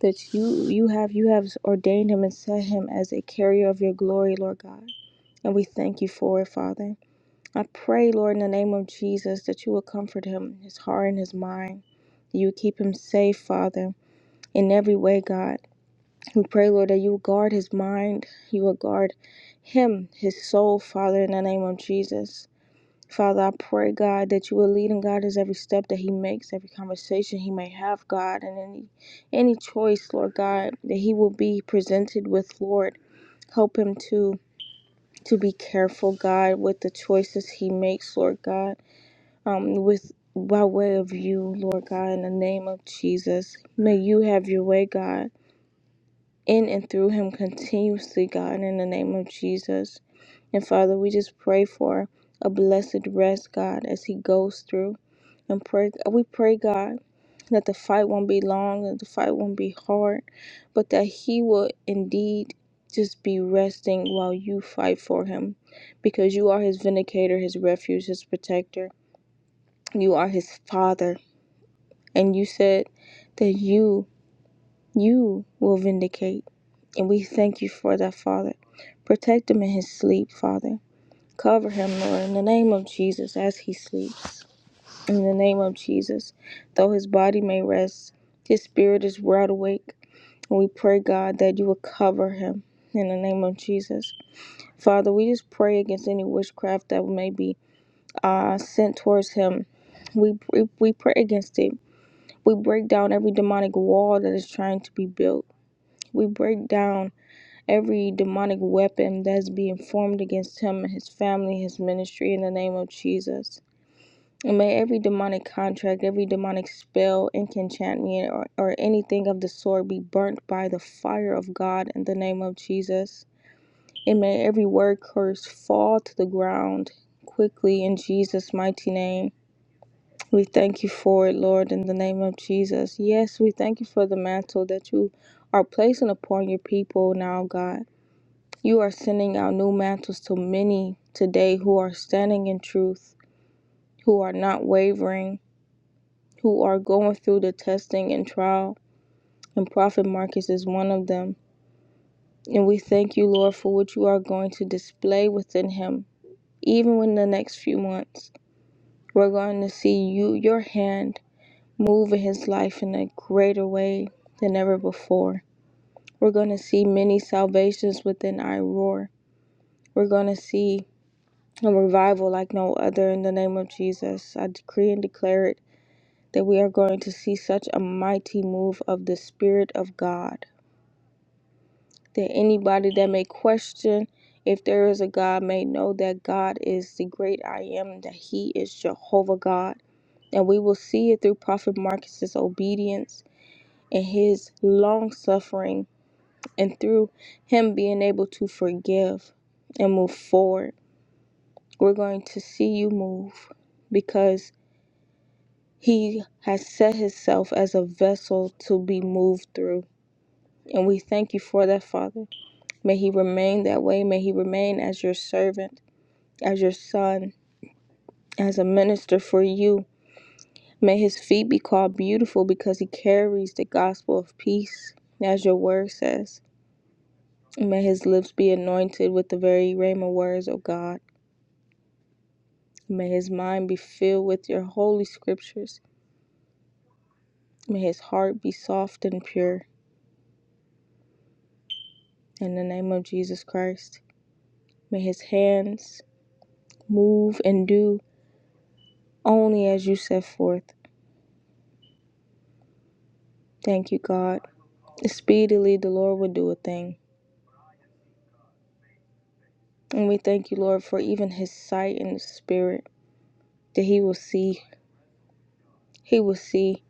[SPEAKER 7] that you you have you have ordained him and set him as a carrier of your glory, Lord God. And we thank you for it, Father. I pray, Lord, in the name of Jesus, that you will comfort him, his heart and his mind. You keep him safe, Father, in every way, God. We pray, Lord, that you will guard his mind, you will guard him, his soul, Father, in the name of Jesus. Father, I pray, God, that you will lead and guide His every step that he makes, every conversation he may have, God, and any any choice, Lord God, that he will be presented with, Lord. Help him to to be careful, God, with the choices he makes, Lord God, um, with by way of you, Lord God, in the name of Jesus. May you have your way, God in and through him continuously, God, in the name of Jesus. And Father, we just pray for a blessed rest, God, as he goes through. And pray, we pray, God, that the fight won't be long, that the fight won't be hard, but that he will indeed just be resting while you fight for him. Because you are his vindicator, his refuge, his protector. You are his father. And you said that you, you will vindicate. And we thank you for that, Father. Protect him in his sleep, Father. Cover him, Lord, in the name of Jesus as he sleeps. In the name of Jesus. Though his body may rest, his spirit is wide awake. And we pray, God, that you will cover him in the name of Jesus. Father, we just pray against any witchcraft that may be uh, sent towards him. We, we, we pray against it. We break down every demonic wall that is trying to be built. We break down every demonic weapon that's being formed against him and his family, his ministry, in the name of Jesus. And may every demonic contract, every demonic spell, enchantment, or, or anything of the sort be burnt by the fire of God in the name of Jesus. And may every word curse fall to the ground quickly in Jesus' mighty name. We thank you for it, Lord, in the name of Jesus. Yes, we thank you for the mantle that you are placing upon your people now, God. You are sending out new mantles to many today who are standing in truth, who are not wavering, who are going through the testing and trial. And Prophet Marcus is one of them. And we thank you, Lord, for what you are going to display within him, even in the next few months. We're going to see you, your hand, move in his life in a greater way than ever before. We're going to see many salvations within Iroar. We're going to see a revival like no other in the name of Jesus. I decree and declare it that we are going to see such a mighty move of the Spirit of God that anybody that may question if there is a God may know that God is the great I am, that He is Jehovah God. And we will see it through Prophet Marcus's obedience and his long suffering and through him being able to forgive and move forward. We're going to see you move because He has set himself as a vessel to be moved through. And we thank you for that, Father. May he remain that way. May he remain as your servant, as your son, as a minister for you. May his feet be called beautiful because he carries the gospel of peace, as your word says. May his lips be anointed with the very rhema words of God. May his mind be filled with your holy scriptures. May his heart be soft and pure. In the name of Jesus Christ. May his hands move and do only as you set forth. Thank you, God. Speedily the Lord will do a thing. And we thank you, Lord, for even his sight and spirit that he will see. He will see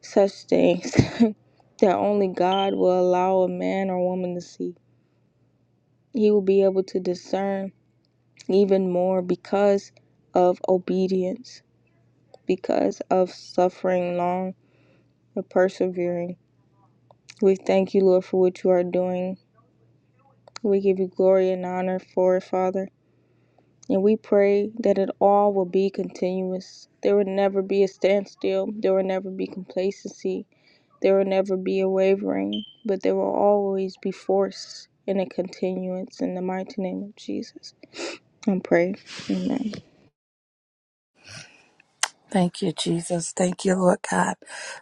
[SPEAKER 7] such things [LAUGHS] that only God will allow a man or woman to see. He will be able to discern even more because of obedience, because of suffering long and persevering. We thank you, Lord, for what you are doing We give you glory and honor for it, Father. And we pray that it all will be continuous. There will never be a standstill. There will never be complacency. There will never be a wavering, but there will always be force and a continuance in the mighty name of Jesus. And pray. Amen.
[SPEAKER 8] Thank you, Jesus. Thank you, Lord God.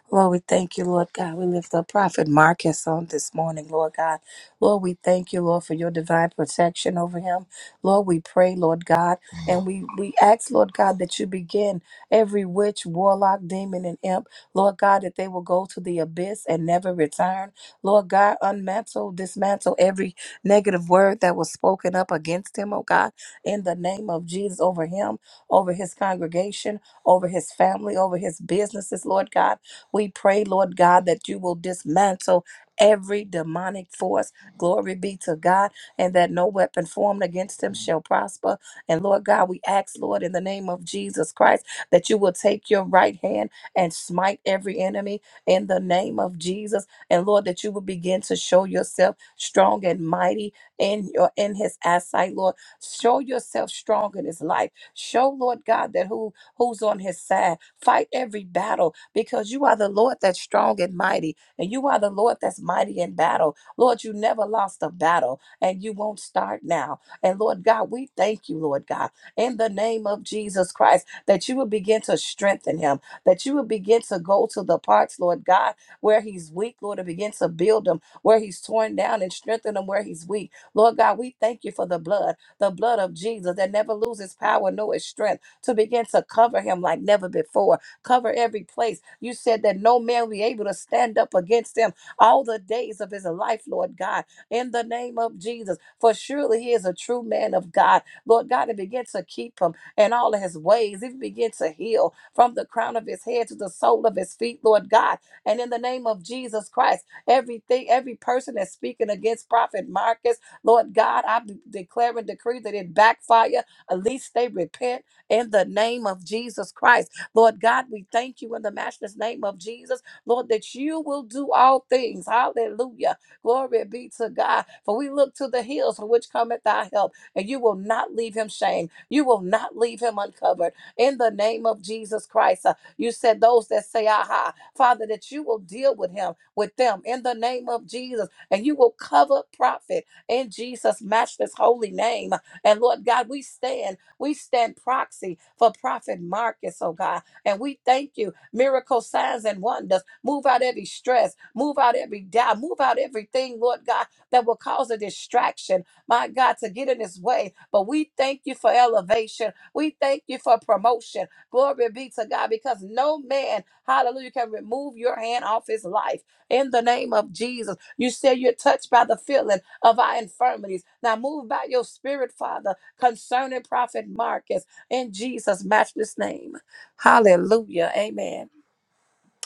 [SPEAKER 8] Lord, we thank you, Lord God. We lift up Prophet Marcus on this morning, Lord God. Lord, we thank you, Lord, for your divine protection over him. Lord, we pray, Lord God, and we, we ask, Lord God, that you begin every witch, warlock, demon, and imp, Lord God, that they will go to the abyss and never return. Lord God, unmantle, dismantle every negative word that was spoken up against him, oh God, in the name of Jesus over him, over his congregation over his family, over his businesses, Lord God. We pray, Lord God, that you will dismantle every demonic force. Glory be to God, and that no weapon formed against him shall prosper. And Lord God, we ask, Lord, in the name of Jesus Christ, that you will take your right hand and smite every enemy in the name of Jesus. And Lord, that you will begin to show yourself strong and mighty in your in his eyesight, Lord. Show yourself strong in his life. Show, Lord God, that who who's on his side. Fight every battle because you are the Lord that's strong and mighty, and you are the Lord that's mighty in battle. Lord, you never lost a battle, and you won't start now. And Lord God, we thank you, Lord God, in the name of Jesus Christ, that you will begin to strengthen him, that you will begin to go to the parts, Lord God, where he's weak, Lord, and begin to build him where he's torn down and strengthen him where he's weak. Lord God, we thank you for the blood, the blood of Jesus that never loses power nor its strength to begin to cover him like never before. Cover every place. You said that no man will be able to stand up against him all the days of his life, Lord God, in the name of Jesus. For surely he is a true man of God. Lord God, and begin to keep him in all of his ways. Even begin to heal from the crown of his head to the sole of his feet, Lord God. And in the name of Jesus Christ, everything, every person that's speaking against Prophet Marcus, Lord God, I de- declare and decree that it backfire. At least they repent in the name of Jesus Christ. Lord God, we thank you in the matchless name of Jesus, Lord, that you will do all things. Hallelujah. Glory be to God. For we look to the hills from which cometh thy help, and you will not leave him shamed. You will not leave him uncovered. In the name of Jesus Christ, uh, you said those that say, Aha, Father, that you will deal with him, with them, in the name of Jesus, and you will cover prophet in Jesus' matchless holy name. And Lord God, we stand. We stand proxy for Prophet Marcus, oh God. And we thank you. Miracle signs and wonders. Move out every stress. Move out every doubt. Move out everything, Lord God, that will cause a distraction, my God, to get in his way. But we thank you for elevation. We thank you for promotion. Glory be to God, because no man, hallelujah, can remove your hand off his life. In the name of Jesus, you say you're touched by the feeling of our infirmities. Now move by your spirit, Father concerning Prophet Marcus in Jesus' matchless name. Hallelujah. Amen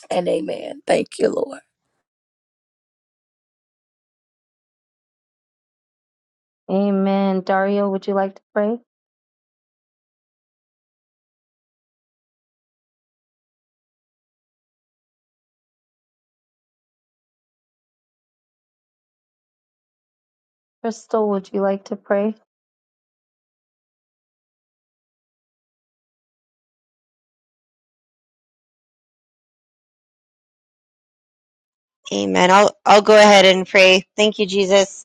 [SPEAKER 8] and amen. Thank you, Lord.
[SPEAKER 1] Amen. Dario, would you like to pray? Crystal, would you like to pray?
[SPEAKER 2] Amen. I'll I'll go ahead and pray. Thank you, Jesus.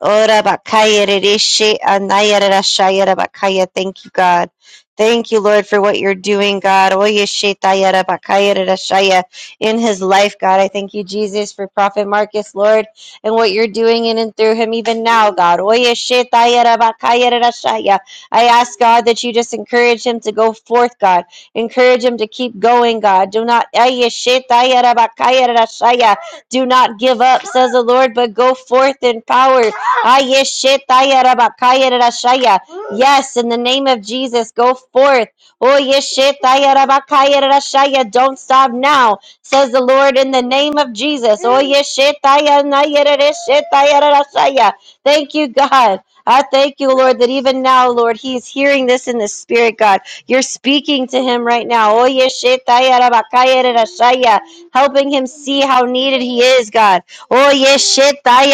[SPEAKER 2] Ora bakaya rereshe anaya rerashaya rabakaya. Thank you, God. Thank you, Lord, for what you're doing, God. Oye shetaya rabakaya rerashaya In his life, God. I thank you, Jesus, for Prophet Marcus, Lord, and what you're doing in and through him even now, God. Oye shetaya rabakaya rerashaya. I ask, God, that you just encourage him to go forth, God. Encourage him to keep going, God. Do not, aye, shetaya rabakaya rerashaya. do not give up, says the Lord, but go forth in power Ayeshetayarabakayarashaya. Yes, in the name of Jesus, go forth. Oyeshetayarabakayarashaya. Don't stop now, says the Lord, in the name of Jesus. Oyeshetayanayarashetayarashaya. Thank you, God. I thank you, Lord, that even now, Lord, He is hearing this in the Spirit, God. You're speaking to Him right now. Oyeshetayarabakayarashaya. Helping Him see how needed He is, God. Oh, yes, shit. Thank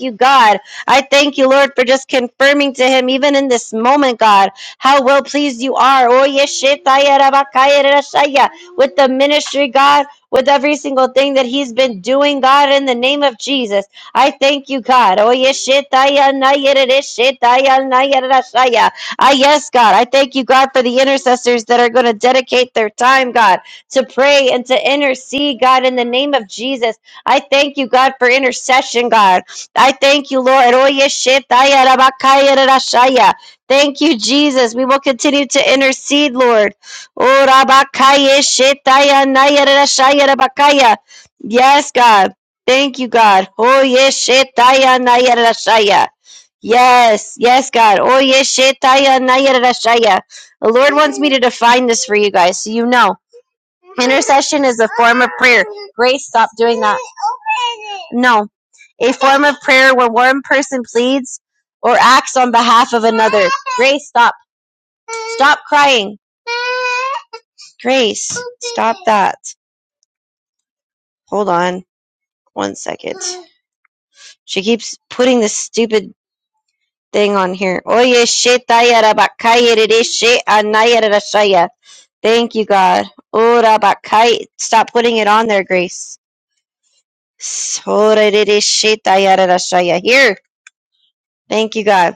[SPEAKER 2] you, God. I thank you, Lord, for just confirming to him, even in this moment, God, how well pleased you are. Oh, yes, shit. With the ministry, God, with every single thing that he's been doing, God, in the name of Jesus. I thank you, God. Oh, yes, shit. Ah, yes, God. I thank you, God, for the intercessors that are going to dedicate their time, God to pray and to intercede, God, in the name of Jesus. I thank you, God, for intercession, God. I thank you, Lord. Oye, shetaya, rabakaya, rarashaya. Thank you, Jesus. We will continue to intercede, Lord. Oh, rabakaya, shetaya, naya, rarashaya, rabakaya. Yes, God. Thank you, God. Oye, shetaya, naya, rarashaya. Yes, yes, God. Oye, shetaya, naya, rarashaya. The Lord wants me to define this for you guys so you know. Intercession is a form of prayer. Grace, stop doing that. No. A form of prayer where one person pleads or acts on behalf of another. Grace, stop. Stop crying. Grace, stop that. Hold on one second. She keeps putting this stupid thing on here. Oye, shit, dayara, bakaya, dede, shit, anaya, dada, shaya. Thank you, God. Ora, bakaya. Stop putting it on there, Grace. Sorerereshitayarashaya. Here. Thank you, God.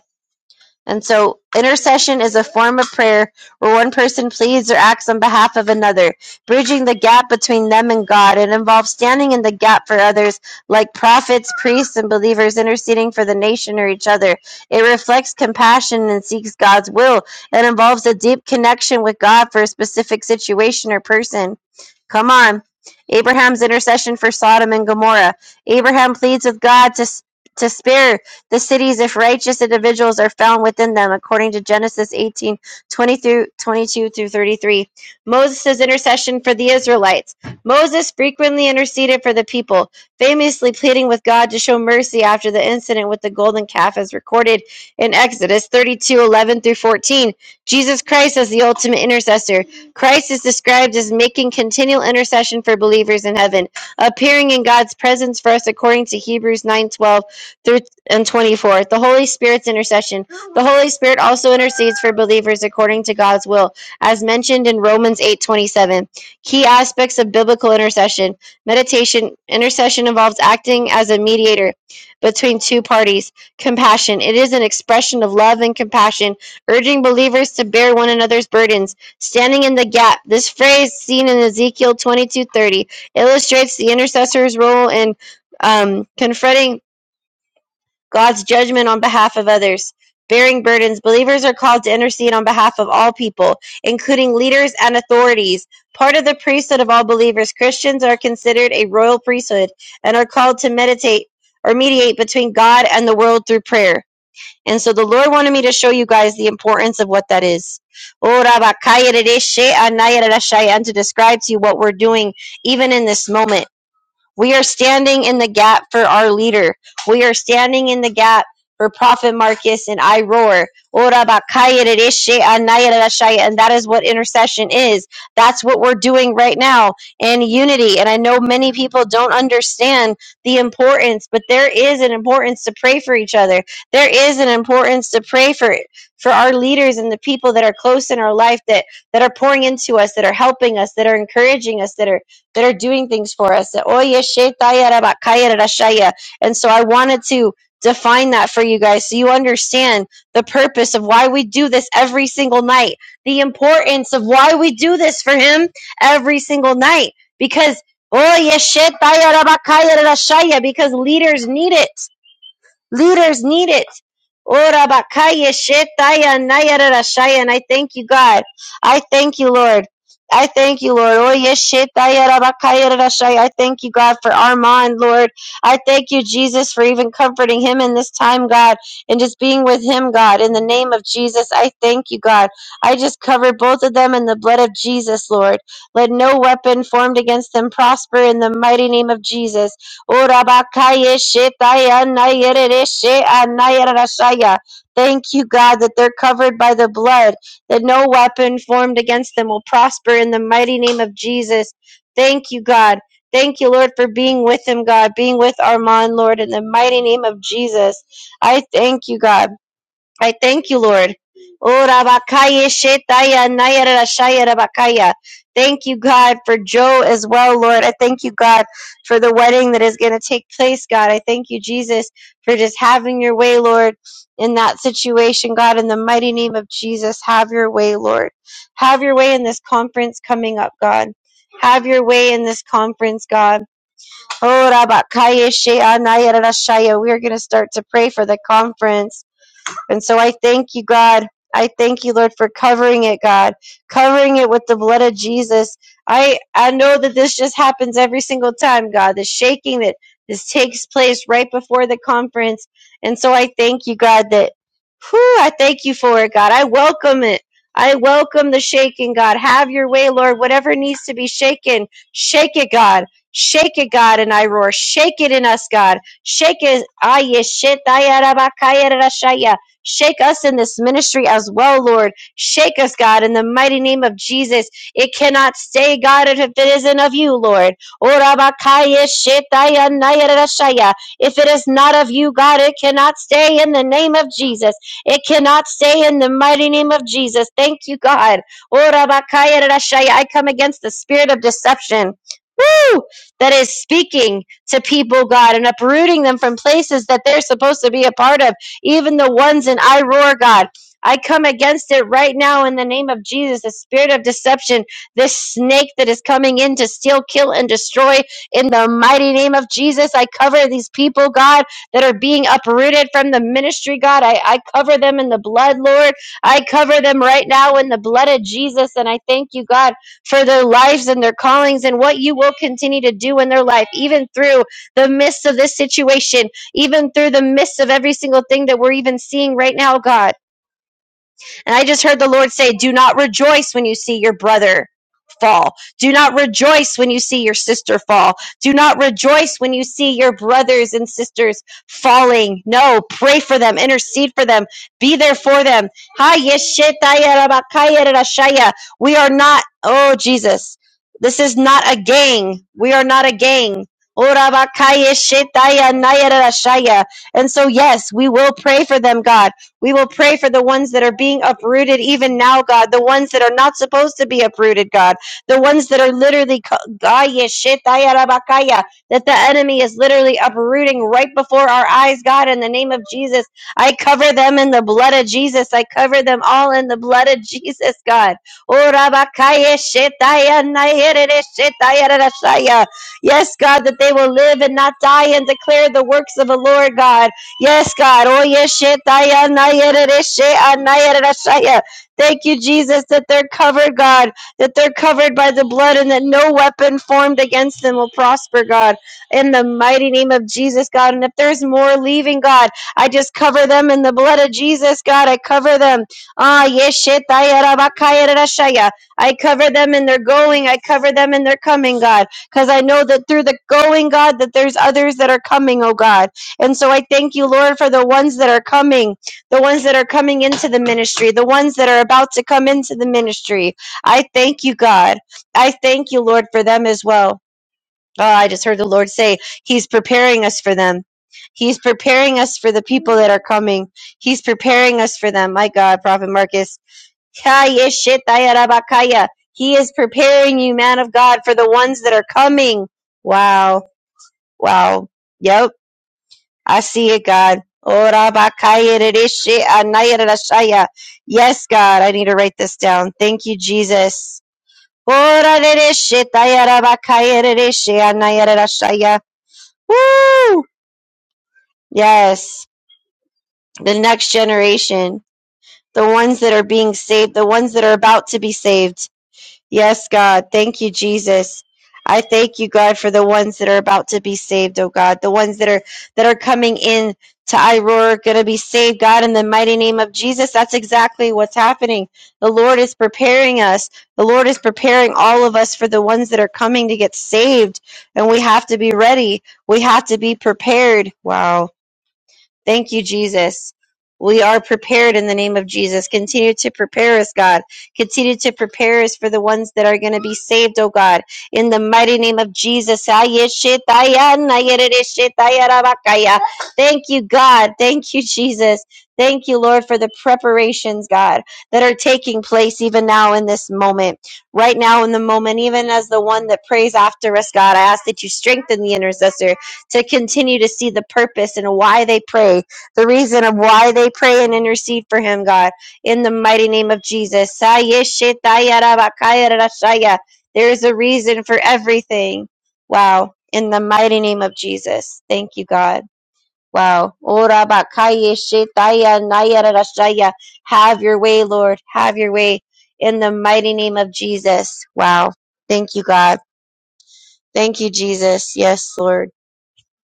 [SPEAKER 2] And so intercession is a form of prayer where one person pleads or acts on behalf of another, bridging the gap between them and God. It involves standing in the gap for others, like prophets, priests, and believers interceding for the nation or each other. It reflects compassion and seeks God's will. It involves a deep connection with God for a specific situation or person. Come on. Abraham's intercession for Sodom and Gomorrah. Abraham pleads with God to, to spare the cities if righteous individuals are found within them, according to Genesis 18 20 through 22 through 33. Moses' intercession for the Israelites. Moses frequently interceded for the people, famously pleading with God to show mercy after the incident with the golden calf, as recorded in Exodus 32 11 through 14. Jesus Christ as the ultimate intercessor. Christ is described as making continual intercession for believers in heaven, appearing in God's presence for us according to Hebrews 9:12 through and 24. The Holy Spirit's intercession. The Holy Spirit also intercedes for believers according to God's will, as mentioned in Romans 8:27. Key aspects of biblical intercession. Meditation. Intercession involves acting as a mediator between two parties. Compassion. It is an expression of love and compassion, urging believers to bear one another's burdens, standing in the gap. This phrase seen in Ezekiel 22:30 illustrates the intercessor's role in um, confronting God's judgment on behalf of others. Bearing burdens, believers are called to intercede on behalf of all people, including leaders and authorities. Part of the priesthood of all believers, Christians are considered a royal priesthood and are called to meditate or mediate between God and the world through prayer. And so the Lord wanted me to show you guys the importance of what that is. Ora bakaya de de And to describe to you what we're doing even in this moment. We are standing in the gap for our leader. We are standing in the gap for Prophet Marcus and I roar. Ora bakaya dereshe anaya derashaya. And that is what intercession is. That's what we're doing right now in unity. And I know many people don't understand the importance, but there is an importance to pray for each other. There is an importance to pray for for our leaders and the people that are close in our life that that are pouring into us, that are helping us, that are encouraging us, that are that are doing things for us. And so I wanted to define that for you guys so you understand the purpose of why we do this every single night, the importance of why we do this for Him every single night. Because, oye, shetaya rabakaya rashaya, because leaders need it. Leaders need it. Oh, Rabakaya Shetaya Naya And I thank you, God. I thank you, Lord. I thank you, Lord. Oh, yes, Shetaya Rabakaya Rarashaya. I thank you, God, for Armand, Lord. I thank you, Jesus, for even comforting him in this time, God, and just being with him, God. In the name of Jesus, I thank you, God. I just cover both of them in the blood of Jesus, Lord. Let no weapon formed against them prosper in the mighty name of Jesus. Orabakaya shetaya nayerere anayerashaya. Thank you, God, that they're covered by the blood, that no weapon formed against them will prosper in the mighty name of Jesus. Thank you, God. Thank you, Lord, for being with him, God, being with Armand, Lord, in the mighty name of Jesus. I thank you, God. I thank you, Lord. Oh, Rabakaya Shetaya Naya Rashaya Rabakaya. Thank you, God, for Joe as well, Lord. I thank you, God, for the wedding that is going to take place, God. I thank you, Jesus, for just having your way, Lord, in that situation, God. In the mighty name of Jesus, have your way, Lord. Have your way in this conference coming up, God. Have your way in this conference, God. Oh, Rabakaya Shea Naya Rashaya. We are going to start to pray for the conference. And so I thank you, God. I thank you, Lord, for covering it, God, covering it with the blood of Jesus. I I know that this just happens every single time, God, the shaking that this takes place right before the conference. And so I thank you, God, that whew, I thank you for it, God. I welcome it. I welcome the shaking, God. Have your way, Lord. Whatever needs to be shaken, shake it, God. Shake it, God, and I roar. Shake it in us, God. Shake it. Aye, shit, aye, arabakaya, rashaya. Shake us in this ministry as well, Lord. Shake us, God, in the mighty name of Jesus. It cannot stay, God, if it isn't of you, Lord. If it is not of you, God, it cannot stay in the name of Jesus. It cannot stay in the mighty name of Jesus. Thank you, God. I come against the spirit of deception. Woo! That is speaking to people, God, and uprooting them from places that they're supposed to be a part of even the ones in I roar, God. I come against it right now in the name of Jesus, the spirit of deception, this snake that is coming in to steal, kill, and destroy. In the mighty name of Jesus, I cover these people, God, that are being uprooted from the ministry, God. I, I cover them in the blood, Lord. I cover them right now in the blood of Jesus. And I thank you, God, for their lives and their callings and what you will continue to do in their life, even through the midst of this situation even through the midst of every single thing that we're even seeing right now, God. And I just heard the Lord say, Do not rejoice when you see your brother fall. Do not rejoice when you see your sister fall. Do not rejoice when you see your brothers and sisters falling. No, pray for them, intercede for them, be there for them. We are not, oh Jesus, this is not a gang. We are not a gang. Oh, And so, yes, we will pray for them, God. We will pray for the ones that are being uprooted even now, God, the ones that are not supposed to be uprooted, God, the ones that are literally, that the enemy is literally uprooting right before our eyes, God, in the name of Jesus. I cover them in the blood of Jesus. I cover them all in the blood of Jesus, God. Oh, Yes, God, that they will live and not die and declare the works of the Lord, God. Yes, God. Oh, yes, shit, I, and I, and it is shit, and yeah. Thank you, Jesus, that they're covered, God, that they're covered by the blood and that no weapon formed against them will prosper, God. In the mighty name of Jesus, God. And if there's more leaving, God, I just cover them in the blood of Jesus, God. I cover them. Ah, yes, shit, I, and I, yeah. I cover them in their going. I cover them in their coming, God. Because I know that through the going, God, that there's others that are coming, oh God. And so I thank you, Lord, for the ones that are coming, the ones that are coming into the ministry, the ones that are about to come into the ministry. I thank you, God. I thank you, Lord, for them as well. Oh, I just heard the Lord say, He's preparing us for them. He's preparing us for the people that are coming. He's preparing us for them. My God, Prophet Marcus. Kaya shitaya rabakaya. He is preparing you, man of God, for the ones that are coming. Wow. Wow. Yep. I see it, God. Ora bakaya rereshe anaya rerashaya. Yes, God, I need to write this down. Thank you, Jesus. Ora rereshe taya rabakaya rereshe anaya rerashaya. Woo! Yes, the next generation, the ones that are being saved, the ones that are about to be saved. Yes, God. Thank you, Jesus. I thank you, God, for the ones that are about to be saved, oh God. The ones that are that are coming in to Iroar are gonna be saved, God, in the mighty name of Jesus. That's exactly what's happening. The Lord is preparing us. The Lord is preparing all of us for the ones that are coming to get saved. And we have to be ready. We have to be prepared. Wow. Thank you, Jesus. We are prepared in the name of Jesus. Continue to prepare us, God. Continue to prepare us for the ones that are going to be saved, oh God. In the mighty name of Jesus. Thank you, God. Thank you, Jesus. Thank you, Lord, for the preparations, God, that are taking place even now in this moment. Right now in the moment, even as the one that prays after us, God, I ask that you strengthen the intercessor to continue to see the purpose and why they pray, the reason of why they pray and intercede for him, God, in the mighty name of Jesus. There is a reason for everything. Wow. In the mighty name of Jesus. Thank you, God. Wow. Orabakayeshetayanayarashaya. Have your way, Lord. Have your way in the mighty name of Jesus. Wow. Thank you, God. Thank you, Jesus. Yes, Lord.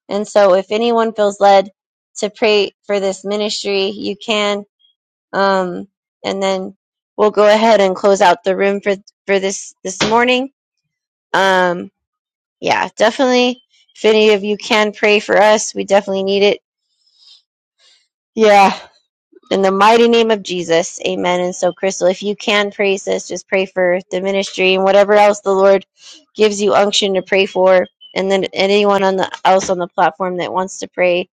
[SPEAKER 2] And so if anyone feels led to pray for this ministry, you can. Um, and then we'll go ahead and close out the room for, for this, this morning. Um, yeah, definitely. If any of you can pray for us, we definitely need it. Yeah. In the mighty name of Jesus. Amen. And so, Crystal, if you can pray, sis, just pray for the ministry and whatever else the Lord gives you unction to pray for. And then anyone on the else on the platform that wants to pray,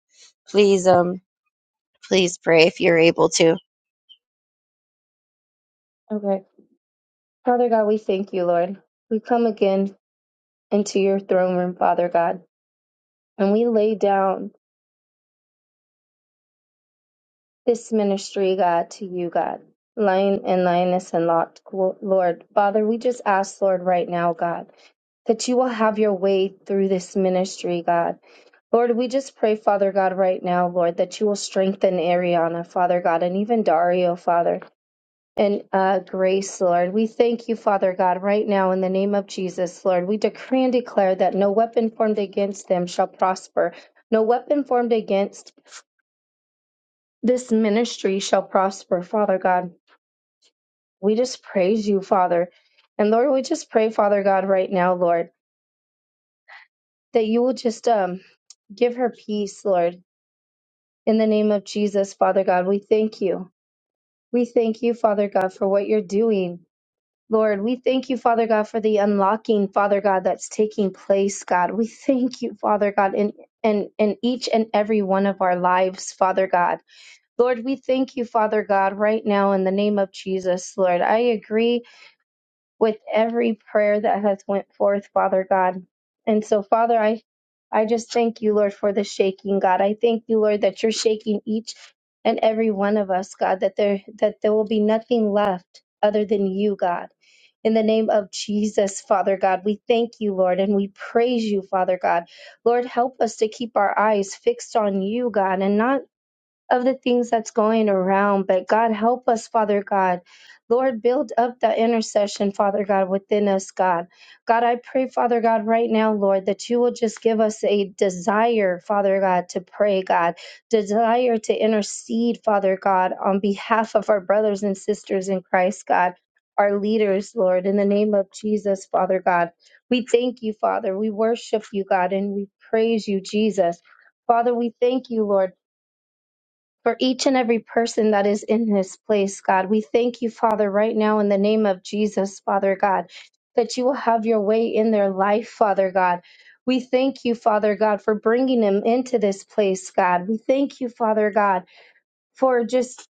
[SPEAKER 2] please um Please pray if you're able to.
[SPEAKER 1] Okay. Father God, we thank you, Lord. We come again into your throne room, Father God, and we lay down this ministry, God, to you, God. Lion and lioness and locked, Lord. Father, we just ask, Lord, right now, God. that you will have your way through this ministry, God. Lord, we just pray, Father God, right now, Lord, that you will strengthen Ariana, Father God, and even Dario, Father, and uh, Grace, Lord. We thank you, Father God, right now in the name of Jesus, Lord. We decree and declare that no weapon formed against them shall prosper. No weapon formed against this ministry shall prosper, Father God. We just praise you, Father. And Lord, we just pray, Father God, right now, Lord. that you will just um, give her peace, Lord. In the name of Jesus, Father God, we thank you. We thank you, Father God, for what you're doing. Lord, we thank you, Father God, for the unlocking, Father God, that's taking place, God. We thank you, Father God, in, in, in each and every one of our lives, Father God. Lord, we thank you, Father God, right now in the name of Jesus, Lord. I agree with every prayer that has went forth, Father God. And so, Father, I I just thank you, Lord, for the shaking, God. I thank you, Lord, that you're shaking each and every one of us, God, that there that there will be nothing left other than you, God. In the name of Jesus, Father God, we thank you, Lord, and we praise you, Father God. Lord, help us to keep our eyes fixed on you, God, and not of the things that's going around. But God, help us, Father God. Lord, build up that intercession, Father God, within us, God. God, I pray, Father God, right now, Lord, that you will just give us a desire, Father God, to pray, God, desire to intercede, Father God, on behalf of our brothers and sisters in Christ, God, our leaders, Lord, in the name of Jesus, Father God. We thank you, Father. We worship you, God, and we praise you, Jesus. Father, we thank you, Lord for each and every person that is in this place, God. We thank you, Father, right now in the name of Jesus, Father God, that you will have your way in their life, Father God. We thank you, Father God, for bringing them into this place, God. We thank you, Father God, for just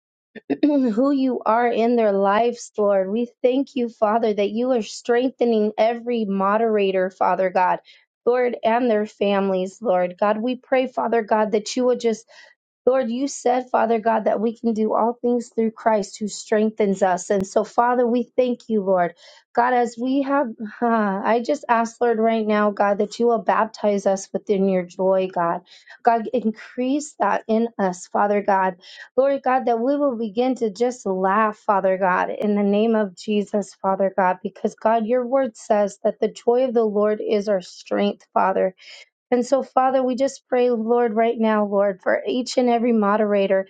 [SPEAKER 1] [CLEARS THROAT] who you are in their lives, Lord. We thank you, Father, that you are strengthening every moderator, Father God, Lord, and their families, Lord. God, we pray, Father God, that you will just Lord, you said, Father God, that we can do all things through Christ who strengthens us. And so, Father, we thank you, Lord. God, as we have, ah, I just ask, Lord, right now, God, that you will baptize us within your joy, God. God, increase that in us, Father God. Lord God, that we will begin to just laugh, Father God, in the name of Jesus, Father God, because God, your word says that the joy of the Lord is our strength, Father. And so, Father, we just pray, Lord, right now, Lord, for each and every moderator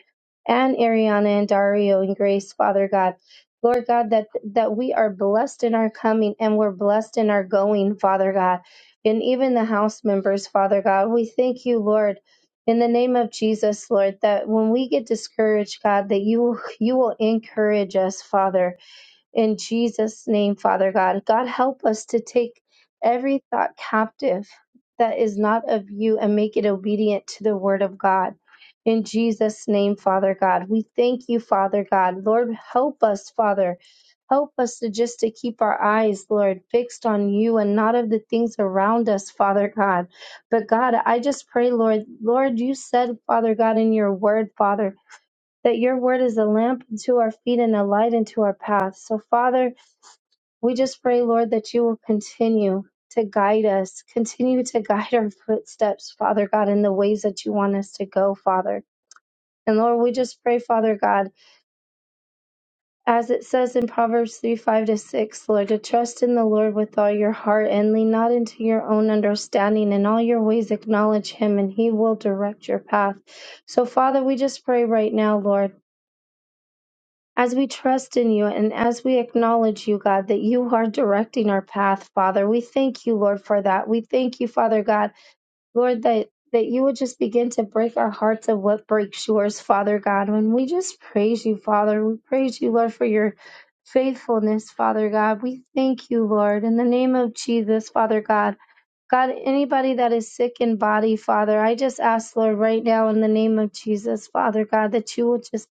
[SPEAKER 1] and Ariana and Dario and Grace, Father God. Lord God, that, that we are blessed in our coming and we're blessed in our going, Father God. And even the house members, Father God, we thank you, Lord, in the name of Jesus, Lord, that when we get discouraged, God, that you you will encourage us, Father in Jesus' name, Father God, God, help us to take every thought captive that is not of you and make it obedient to the word of God. In Jesus' name, Father God, we thank you, Father God. Lord, help us, Father. Help us to just to keep our eyes, Lord, fixed on you and not of the things around us, Father God. But God, I just pray, Lord, Lord, you said, Father God, in your word, Father, that your word is a lamp unto our feet and a light unto our path. So, Father, we just pray, Lord, that you will continue to guide us, continue to guide our footsteps, Father God, in the ways that you want us to go, Father. And Lord, we just pray, Father God, as it says in Proverbs 3 5 to 6, Lord, to trust in the Lord with all your heart and lean not into your own understanding. In all your ways, acknowledge him, and he will direct your path. So, Father, we just pray right now, Lord. As we trust in you and as we acknowledge you, God, that you are directing our path, Father, we thank you, Lord, for that. We thank you, Father God, Lord, that. That you would just begin to break our hearts of what breaks yours, Father God. And we just praise you, Father. We praise you, Lord, for your faithfulness, Father God. We thank you, Lord, in the name of Jesus, Father God. God, anybody that is sick in body, Father, I just ask, Lord, right now in the name of Jesus, Father God, that you will just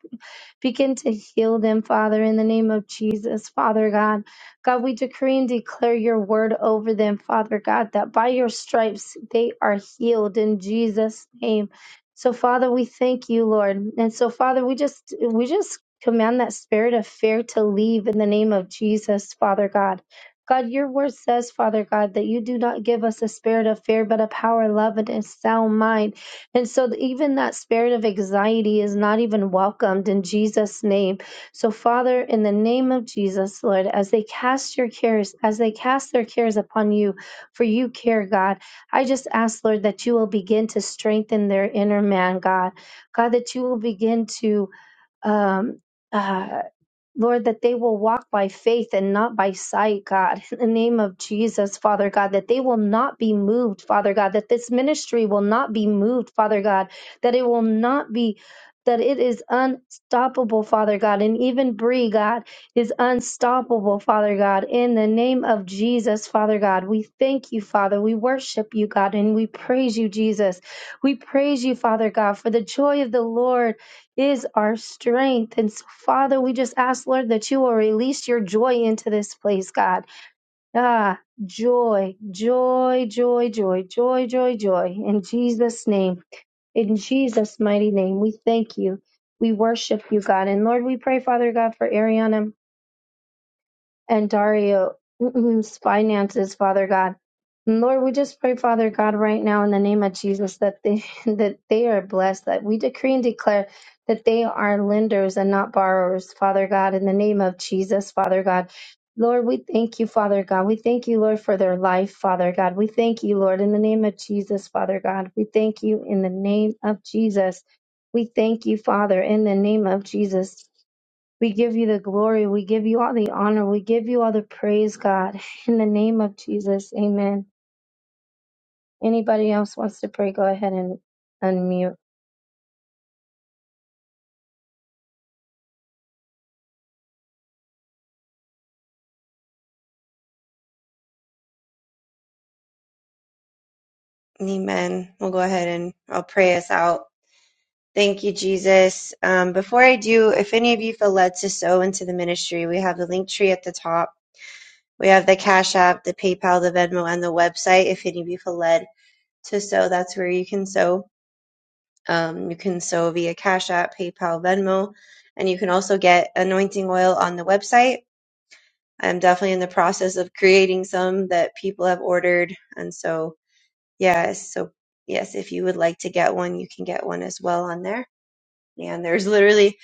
[SPEAKER 1] Begin to heal them, Father, in the name of Jesus, Father God. God, we decree and declare your word over them, Father God, that by your stripes they are healed in Jesus' name. So, Father, we thank you, Lord. And so, Father, we just we just command that spirit of fear to leave in the name of Jesus, Father God. God, your word says, Father God, that you do not give us a spirit of fear, but a power, love, and a sound mind. And so, th- even that spirit of anxiety is not even welcomed in Jesus' name. So, Father, in the name of Jesus, Lord, as they cast your cares, as they cast their cares upon you, for you care, God, I just ask, Lord, that you will begin to strengthen their inner man, God. God, that you will begin to um, uh, Lord, that they will walk by faith and not by sight, God. [LAUGHS] In the name of Jesus, Father God, that they will not be moved, Father God, that this ministry will not be moved, Father God, that it will not be. That it is unstoppable, Father God, and even Bree, God, is unstoppable, Father God. In the name of Jesus, Father God, we thank you, Father. We worship you, God, and we praise you, Jesus. We praise you, Father God, for the joy of the Lord is our strength. And so, Father, we just ask, Lord, that you will release your joy into this place, God. Ah, joy, joy, joy, joy, joy, joy, joy. In Jesus' name, in Jesus' mighty name, we thank you. We worship you, God. And Lord, we pray, Father God, for Ariana and Dario's finances, Father God. And Lord, we just pray, Father God, right now in the name of Jesus, that they [LAUGHS] that they are blessed, that we decree and declare that they are lenders and not borrowers, Father God, in the name of Jesus, Father God. Lord, we thank you, Father God. We thank you, Lord, for their life, Father God. We thank you, Lord, in the name of Jesus, Father God. We thank you in the name of Jesus. We thank you, Father, in the name of Jesus. We give you the glory. We give you all the honor. We give you all the praise, God. In the name of Jesus, amen. Anybody else wants to pray, go ahead and unmute.
[SPEAKER 2] Amen. We'll go ahead and I'll pray us out. Thank you, Jesus. Um, before I do, if any of you feel led to sow into the ministry, we have the link tree at the top. We have the Cash App, the PayPal, the Venmo, and the website. If any of you feel led to sow, that's where you can sow. Um, you can sow via Cash App, PayPal, Venmo, and you can also get anointing oil on the website. I'm definitely in the process of creating some that people have ordered, and so Yes. So, yes, if you would like to get one, you can get one as well on there. And there's literally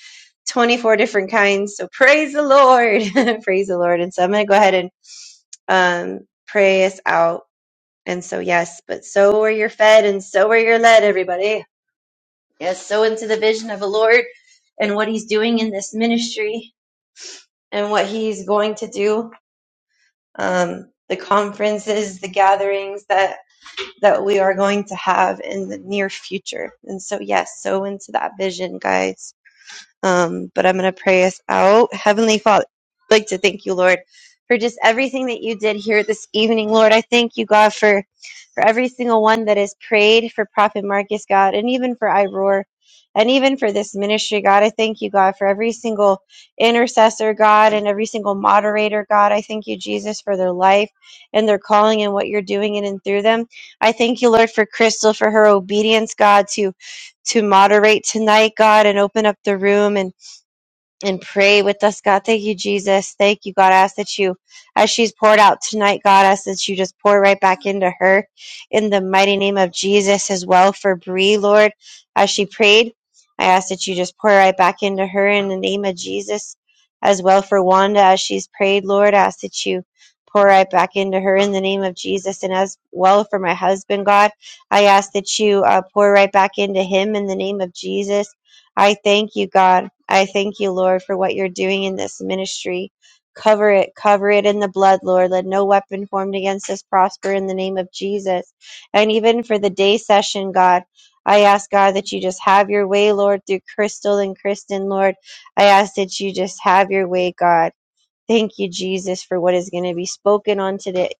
[SPEAKER 2] 24 different kinds. So, praise the Lord. [LAUGHS] praise the Lord. And so, I'm going to go ahead and um, pray us out. And so, yes, but so are you're fed and so are you're led, everybody. Yes, so into the vision of the Lord and what He's doing in this ministry and what He's going to do. Um, the conferences, the gatherings that that we are going to have in the near future. And so, yes, sow into that vision, guys. Um, but I'm going to pray us out. Heavenly Father, I'd like to thank you, Lord, for just everything that you did here this evening, Lord. I thank you, God, for for every single one that has prayed for Prophet Marcus, God, and even for Iroar, and even for this ministry, God. I thank you, God, for every single intercessor, God, and every single moderator, God. I thank you, Jesus, for their life and their calling and what you're doing in and through them. I thank you, Lord, for Crystal for her obedience, God, to to moderate tonight, God, and open up the room and and pray with us, God. Thank you, Jesus. Thank you, God. I ask that you, as she's poured out tonight, God, I ask that you just pour right back into her in the mighty name of Jesus as well for Bree, Lord. As she prayed, I ask that you just pour right back into her in the name of Jesus as well for Wanda as she's prayed, Lord. I ask that you pour right back into her in the name of Jesus and as well for my husband, God. I ask that you uh, pour right back into him in the name of Jesus. I thank you, God. I thank you, Lord, for what you're doing in this ministry. Cover it, cover it in the blood, Lord. Let no weapon formed against us prosper in the name of Jesus. And even for the day session, God, I ask God that you just have your way, Lord, through Crystal and Kristen, Lord. I ask that you just have your way, God. Thank you, Jesus, for what is going to be spoken on today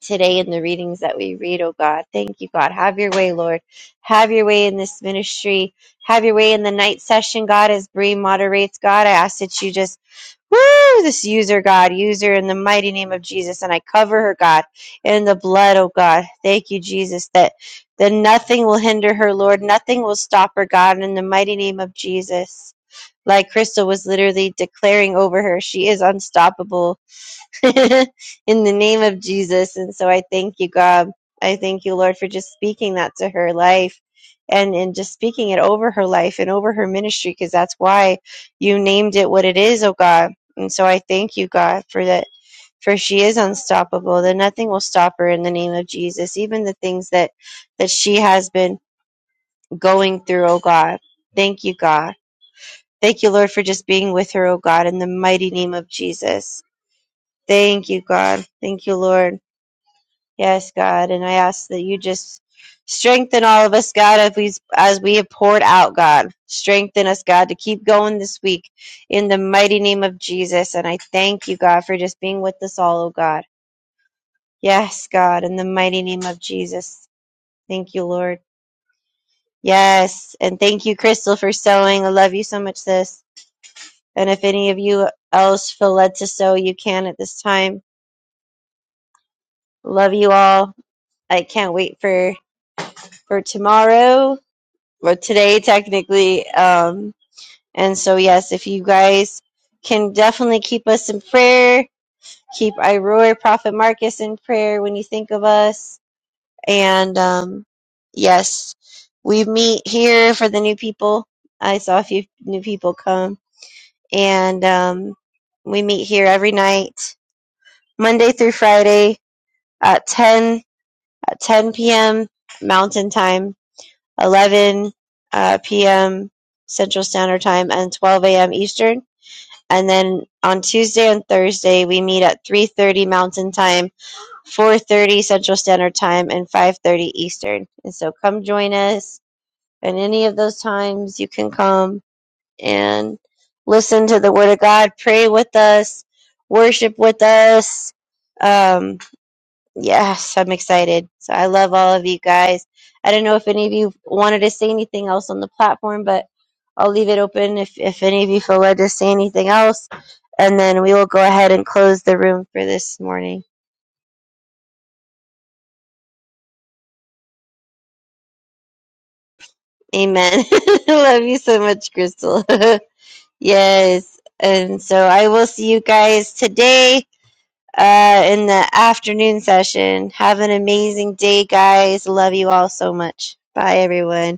[SPEAKER 2] today in the readings that we read, oh God. Thank you, God. Have your way, Lord. Have your way in this ministry. Have your way in the night session, God, as Bree moderates, God. I ask that you just Woo! This user, God, user in the mighty name of Jesus. And I cover her, God, in the blood, oh God. Thank you, Jesus, that, that nothing will hinder her, Lord. Nothing will stop her, God, in the mighty name of Jesus. Like Crystal was literally declaring over her, she is unstoppable [LAUGHS] in the name of Jesus. And so I thank you, God. I thank you, Lord, for just speaking that to her life and, and just speaking it over her life and over her ministry, because that's why you named it what it is, oh God. And so I thank you, God, for that. For she is unstoppable, that nothing will stop her in the name of Jesus, even the things that, that she has been going through, oh God. Thank you, God. Thank you, Lord, for just being with her, oh God, in the mighty name of Jesus. Thank you, God. Thank you, Lord. Yes, God, and I ask that you just strengthen all of us, God, as we as we have poured out, God. Strengthen us, God, to keep going this week in the mighty name of Jesus. And I thank you, God, for just being with us all, oh God. Yes, God, in the mighty name of Jesus. Thank you, Lord. Yes, and thank you, Crystal, for sewing. I love you so much, sis. And if any of you else feel led to sew, you can at this time. Love you all. I can't wait for for tomorrow but today technically. Um, and so yes, if you guys can definitely keep us in prayer, keep Iroy Prophet Marcus in prayer when you think of us. And um, yes, we meet here for the new people. I saw a few new people come, and um, we meet here every night, Monday through Friday at ten at ten p.m. Mountain Time 11 uh, p.m. Central Standard Time and 12 a.m. Eastern. And then on Tuesday and Thursday, we meet at 3:30 Mountain Time, 4:30 Central Standard Time, and 5:30 Eastern. And so come join us. And any of those times, you can come and listen to the Word of God, pray with us, worship with us. Um, Yes, I'm excited. So I love all of you guys. I don't know if any of you wanted to say anything else on the platform, but I'll leave it open if, if any of you feel led to say anything else. And then we will go ahead and close the room for this morning. Amen. [LAUGHS] I love you so much, Crystal. [LAUGHS] yes. And so I will see you guys today uh, in the afternoon session. Have an amazing day, guys. Love you all so much. Bye, everyone.